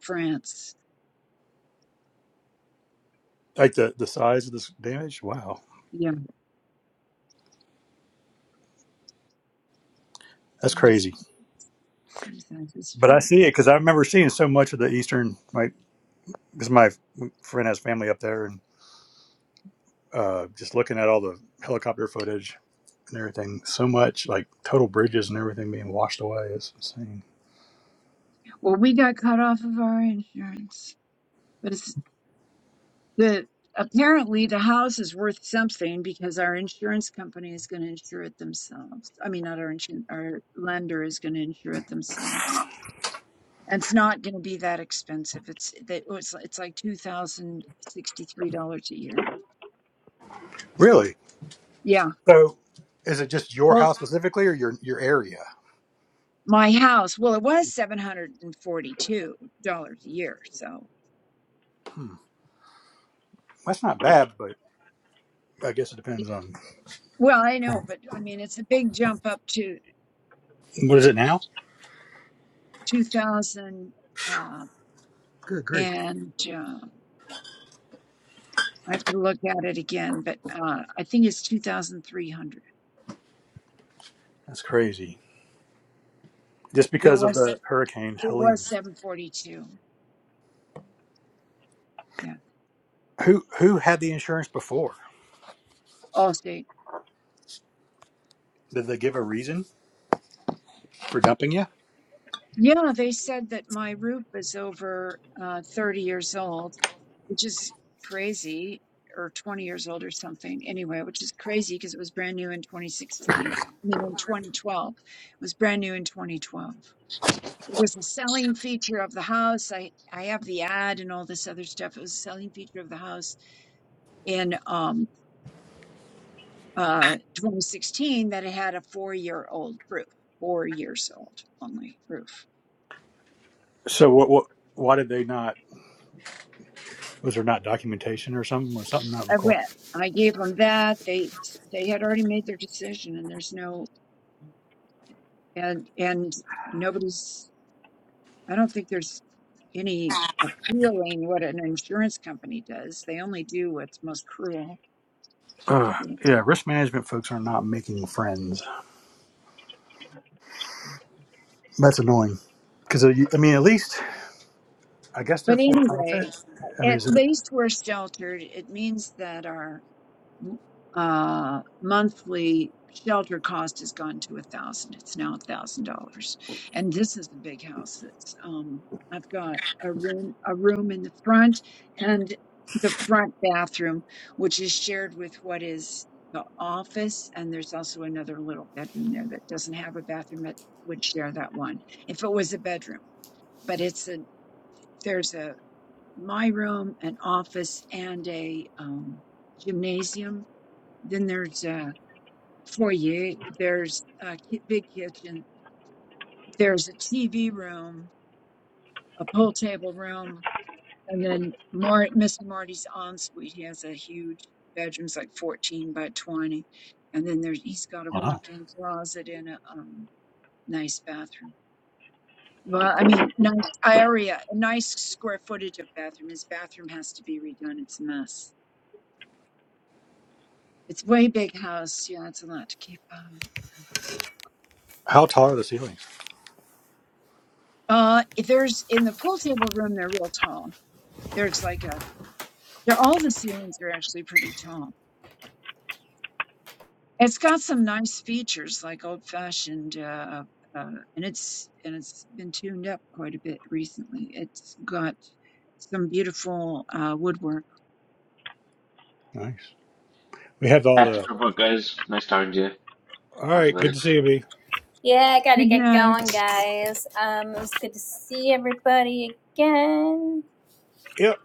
S4: France.
S1: Like the the size of this damage. Wow,
S4: Yeah,
S1: that's
S4: same, si-
S1: crazy.
S4: same size as
S1: But I see it
S4: France.
S1: because I remember seeing so much of the eastern. My because my friend has family up there, and uh, just looking at all the helicopter footage and everything so much, like total bridges and everything being washed away. is insane.
S4: Well, we got cut off of our insurance, but it's the apparently the house is worth something because our insurance company is going to insure it themselves. I mean, not our insurance, our lender is going to insure it themselves. And it's not going to be that expensive. It's that it's it's like two thousand sixty three dollars a year.
S1: Really?
S4: Yeah.
S1: So, is it just your
S4: Well,
S1: house specifically, or your your area?
S4: my house, well, it was $742 a year. So,
S1: Hmm. That's not bad, but I guess it depends on
S4: well, I know, but I mean, it's a big jump up to
S1: what is it now.
S4: 2000. Uh,
S1: Good grief,
S4: and uh, I have to look at it again, but uh, I think it's 2,300.
S1: that's crazy. Just
S4: It
S1: because of
S4: was,
S1: the hurricane
S4: it
S1: Helene.
S4: was 742. Yeah.
S1: Who who had the insurance before?
S4: Allstate.
S1: Did they give a reason for dumping you?
S4: Yeah, they said that my roof is over uh, 30 years old, which is crazy, or 20 years old or something. Anyway, which is crazy because it was brand new in 2016. I mean, in 2012, it was brand new in 2012. It was a selling feature of the house. I I have the ad and all this other stuff. It was a selling feature of the house in um uh 2016 that it had a four year old roof, four years old only roof.
S1: So what what? Why did they not? Was there not documentation or something? Was something not
S4: I
S1: recorded?
S4: went. I gave them that. They they had already made their decision, and there's no and and nobody's. I don't think there's any appealing what an insurance company does. They only do what's most cruel.
S1: Uh,
S4: But
S1: yeah, risk management folks are not making friends. That's annoying. Because I mean, at least I guess they're for profit.
S4: anyway,
S1: I mean,
S4: at
S1: is it?
S4: least we're sheltered. It means that our uh, monthly shelter cost has gone to a thousand. It's now a thousand dollars, and this is the big house. That's um, I've got a room, a room in the front, and the front bathroom, which is shared with what is the office, and there's also another little bedroom there that doesn't have a bathroom. It would share that one if it was a bedroom, but it's a there's a my room, an office, and a um, gymnasium then there's a foyer. There's a ki- big kitchen. There's a TV room, a pool table room, and then Mar- Miss Marty's ensuite. He has a huge bedroom's like 14 by 20, and then there's he's got a
S1: Wow.
S4: walk-in closet and a um, nice bathroom. Well, I mean, nice area, a nice square footage of bathroom. His bathroom has to be redone. It's a mess. It's way big house. Yeah, it's a lot to keep up.
S1: How tall are the ceilings?
S4: Uh, if there's in the pool table room, they're real tall There's like a, they're, all the ceilings are actually pretty tall. It's got some nice features like old fashioned, uh, uh, and it's and it's been tuned up quite a bit recently. It's got some beautiful uh, woodwork.
S1: Nice. We have all
S7: Have to
S1: the.
S7: go, guys. Nice talking to you.
S1: All
S7: Talk to
S1: right.
S7: you later.
S1: Good to see you, B.
S5: Yeah, I gotta
S4: Good
S5: get
S4: night.
S5: going, guys. Um, it was good to see everybody again.
S1: Yep.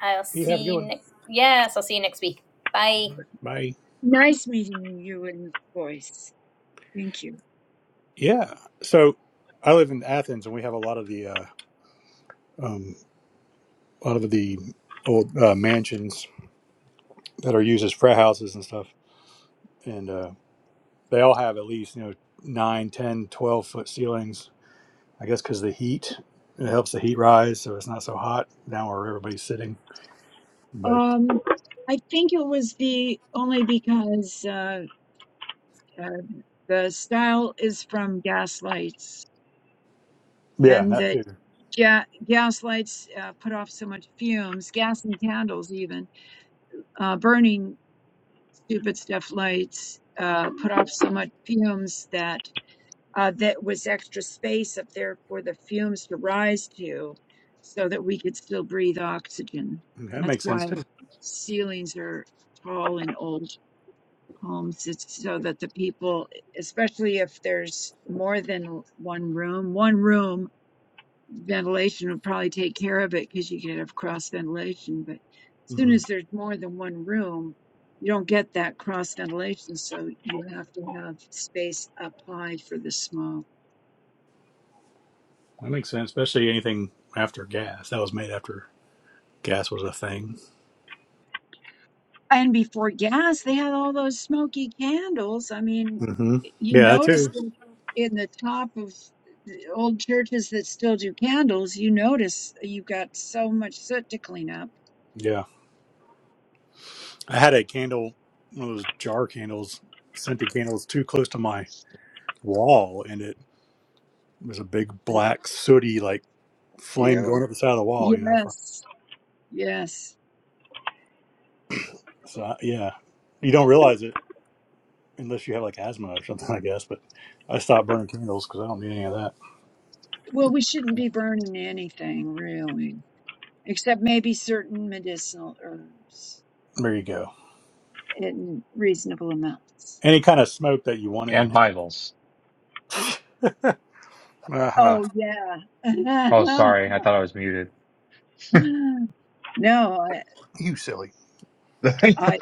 S5: I'll
S1: You have a good
S5: see you.
S1: one.
S5: Ne- yes, I'll see you next week. Bye.
S1: Bye.
S4: Nice meeting you in voice. Thank you.
S1: Yeah. So I live in Athens, and we have a lot of the uh, um, a lot of the old uh, mansions that are used as frat houses and stuff, and uh, they all have at least you know nine, ten, twelve foot ceilings. I guess because the heat it helps the heat rise, so it's not so hot down where everybody's sitting. but
S4: Um, I think it was the only because uh, uh, the style is from Gaslights,
S1: Yeah,
S4: and
S1: that
S4: the
S1: too.
S4: Ga- gas lights uh, put off so much fumes, gas and candles, even uh, burning stupid stuff lights uh, put off so much fumes that uh, that was extra space up there for the fumes to rise to so that we could still breathe oxygen.
S1: That
S4: That's
S1: makes sense
S4: why
S1: too.
S4: ceilings are tall in old homes. It's so that the people, especially if there's more than one room, one room ventilation would probably take care of it because you could have cross ventilation. But as soon
S1: hmm
S4: as there's more than one room, you don't get that cross ventilation. So you have to have space up high for the smoke.
S1: That makes sense, especially anything after gas. That was made after gas was a thing.
S4: And before gas, they had all those smoky candles. I mean,
S1: hmm
S4: you
S1: Yeah, that
S4: notice
S1: too.
S4: them in the top of the old churches that still do candles, you notice you've got so much soot to clean up.
S1: Yeah, I had a candle, one of those jar candles, scented candles, too close to my wall, and it was a big black sooty like flame going
S4: Ew.
S1: up the side of the wall. You know, from-
S4: Yes. Yes.
S1: so I, yeah, you don't realize it unless you have like asthma or something, I guess. But I stopped burning candles because I don't need any of that.
S4: Well, we shouldn't be burning anything really, except maybe certain medicinal herbs
S1: There you go.
S4: in reasonable amounts.
S1: Any kind of smoke that you want to
S2: And Bibles.
S1: inhale.
S4: Oh yeah.
S2: Oh sorry, I thought I was muted.
S4: no, I,
S1: You silly.
S2: Bye,
S4: I, I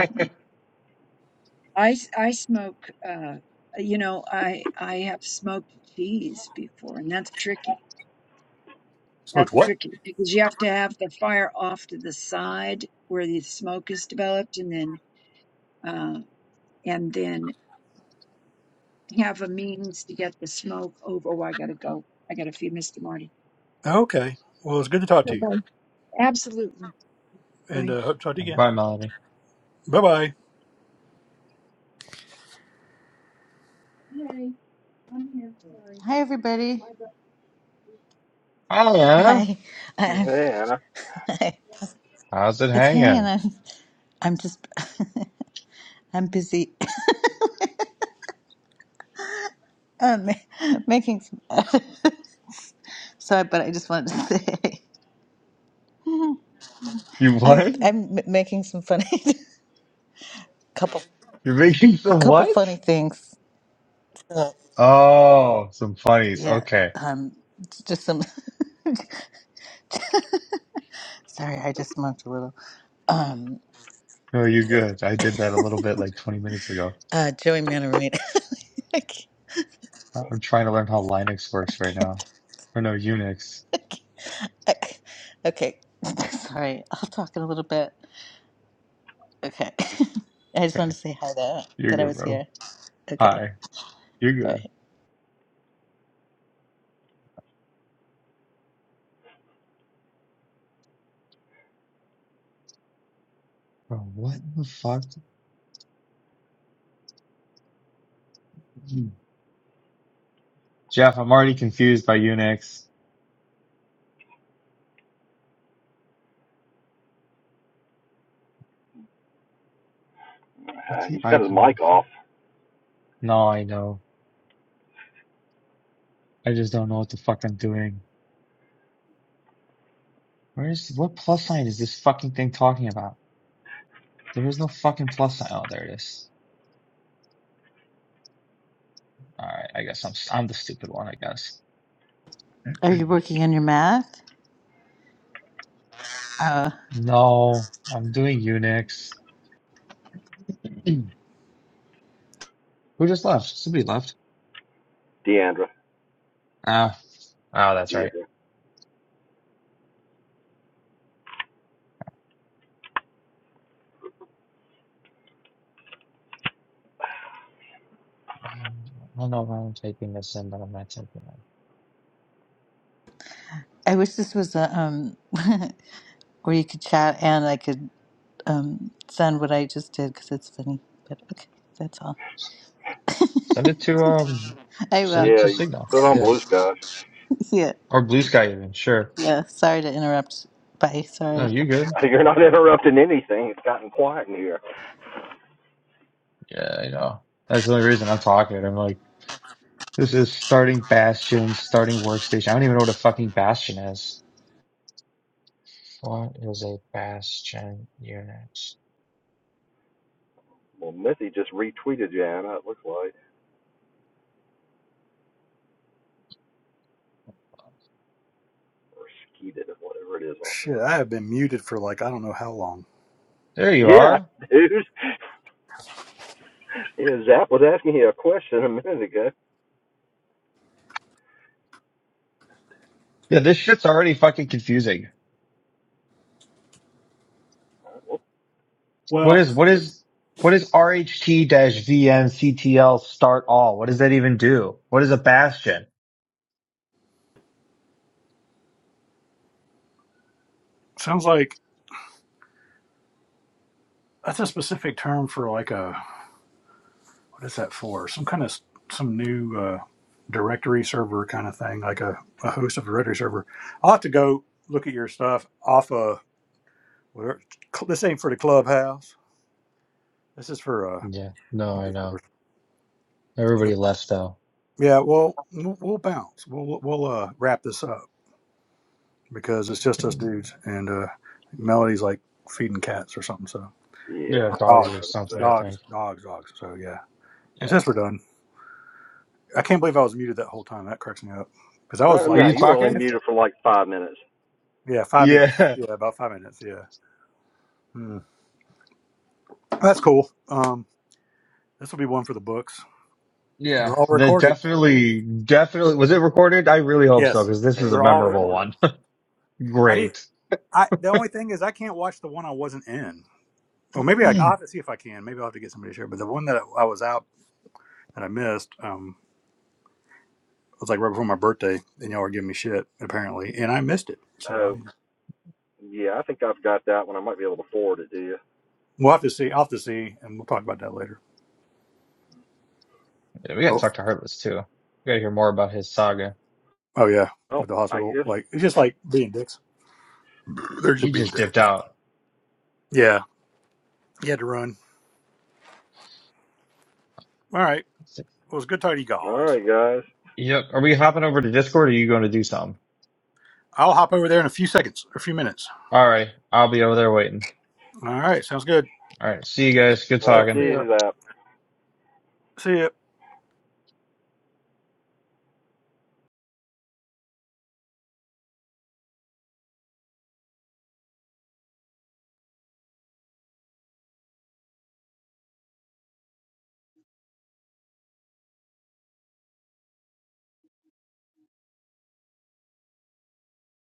S4: I smoke, uh, you know, I, I have smoked cheese before and that's tricky.
S1: Smoked
S4: That's
S1: what?
S4: tricky because you have to have the fire off to the side where the smoke is developed and then, uh, and then have a means to get the smoke over. Oh, I gotta go. I gotta feed Mr. Marty.
S1: Okay. Well, it's good to talk to
S4: So
S1: you,
S4: bye. Absolutely.
S1: and
S4: Bye.
S1: uh, hope to talk to you again.
S2: Melody.
S1: Bye bye.
S4: Yay, I'm here. Sorry.
S8: Hi, everybody.
S2: Hiya.
S8: Hi. I,
S3: Yeah,
S8: I,
S2: How's it
S8: it's Hay, and
S2: hanging?
S8: I'm I'm just I'm busy um, making some. sorry, but I just wanted to say
S2: You
S8: I'm
S2: what?
S8: I'm m- making some funny couple
S2: You're making
S8: a
S2: some
S8: couple funny
S2: what?
S8: things.
S2: Oh, some funnies.
S8: Yeah.
S2: Okay.
S8: Um. Just some. sorry, I just smoked a little. Um.
S2: No, you're good. I did that a little bit like 20 minutes ago.
S8: Uh. Joey Manorita. I can't.
S2: Uh, I'm trying to learn how Linux
S8: I
S2: works right now.
S8: can't
S2: Or no, Unix.
S8: I, can't I, okay. Sorry, I'll talk in a little bit. Okay. I just
S2: Okay,
S8: wanted to say hi though,
S2: you're
S8: that I
S2: good,
S8: was
S2: bro.
S8: here. Okay.
S2: Hi, you're
S8: All
S2: good.
S8: right.
S2: Bro, what the fuck? Jeff, I'm already confused by Unix. What's
S3: uh,
S2: the
S3: he's got his
S2: icon?
S3: mic off.
S2: No, I know. I just don't know what the fuck I'm doing. Where's, what plus sign is this fucking thing talking about? There is no fucking plus sign. Oh, there it is. Alright, I guess I'm, I'm the stupid one, I guess.
S8: Are you working on your math? Uh,
S2: No, I'm doing Unix. Who just left? Somebody left.
S3: Deandra
S2: Ah. Oh,
S3: or
S2: that's right.
S3: Deidre.
S2: Um, I don't know why I'm typing this in, but I'm not typing it.
S8: I wish this was a um where you could chat and I could um send what I just did because it's funny. But okay, that's all.
S2: Send it to um,
S8: I
S2: send
S8: will.
S2: it
S3: Yeah,
S2: to
S3: you
S2: Signal.
S3: put on
S2: Yeah,
S3: blue sky.
S8: Yeah.
S2: or Blue Sky even. Sure.
S8: Yeah. Sorry to interrupt. Bye.
S2: No,
S8: Sorry.
S2: you good?
S3: You're not interrupting anything. It's gotten quiet in here.
S2: Yeah, I know. That's the only reason I'm talking. I'm like, this is starting Bastion, starting Workstation. I don't even know what a fucking Bastion is. What is a Bastion unit?
S3: Well, Mithy just retweeted you, Anna. It looks like, or skeeted it, whatever it is on
S1: Shit, I have been muted for like I don't know how long.
S2: There you
S3: here. Yeah,
S2: are.
S3: dude. Yeah, Zap was asking you a question a minute ago.
S2: Yeah, this shit's already fucking confusing. What
S1: Well,
S2: is what is what is RHT-VM CTL start all? What does that even do? What is a Bastion?
S1: sounds like that's a specific term for like a what is that for? Some kind of some new uh, directory server kind of thing, like a, a host of a directory server. I'll have to go look at your stuff off of whatever. cl- This ain't for the clubhouse. This is for uh.
S2: Yeah. No, I
S1: Discord.
S2: know. Everybody left though.
S1: Yeah, well, we'll we'll bounce. We'll we'll uh, wrap this up. because it's just us dudes. And uh, Melody's like feeding cats or something. So
S2: Yeah,
S1: or
S3: Yeah,
S2: dogs
S1: dogs,
S2: or
S3: yeah,
S2: something, I
S3: Zap.
S1: dogs,
S2: think.
S1: dogs, dogs. So yeah. And
S2: Yeah.
S1: since we're done, I can't believe I was muted that whole time. That cracks me up because I was
S3: Uh,
S2: Were
S1: like,
S3: no,
S2: you
S3: you were only
S1: talking.
S2: talking?
S3: muted for like five minutes.
S1: yeah, five minutes.
S2: Yeah.
S1: Yeah, about five minutes. Yeah, Hmm. that's cool. Um, this will be one for the books. They're
S2: Yeah.
S1: all
S2: That
S1: recorded.
S2: definitely, definitely. Was it recorded? I really hope so
S1: Yes,
S2: because this is a
S1: they're
S3: And you
S1: all
S3: know,
S2: memorable
S1: recorded.
S2: one.
S1: I did.
S2: Great.
S1: I the only thing is I can't watch the one I wasn't in. Well, maybe I, I'll have to see if I can. Maybe I'll have to get somebody to share. But the one that I was out that I missed, um, was like right before my birthday, and y'all were giving me shit apparently, and I missed it. So
S3: oh,
S1: I'll need to-
S3: Yeah, I think I've got that one. I might be able to forward it to you.
S1: we'll have to see. I'll have to see, and we'll talk about that later.
S2: Yeah, we gotta
S1: Oh,
S2: talk to Heartless too. We gotta hear more about his saga.
S1: oh yeah,
S3: Oh,
S1: with the
S3: I
S1: hospital,
S3: guess.
S1: like it's just like being dicks. They're
S2: He
S1: just being
S2: just dipped
S1: dicks.
S2: out.
S1: Yeah, you had to run. All right. Well, it's good talking to you
S3: All
S1: guys.
S3: right, guys.
S2: Yep. Are we hopping over to Discord or are you going to do something?
S1: I'll hop over there in a few seconds, or a few minutes.
S2: All right. I'll be over there waiting.
S1: All right, sounds good.
S2: All right. See you guys. Good
S3: All
S1: Yeah,
S3: right, see
S1: see
S2: talking.
S1: ya.
S3: you, out.
S1: See ya.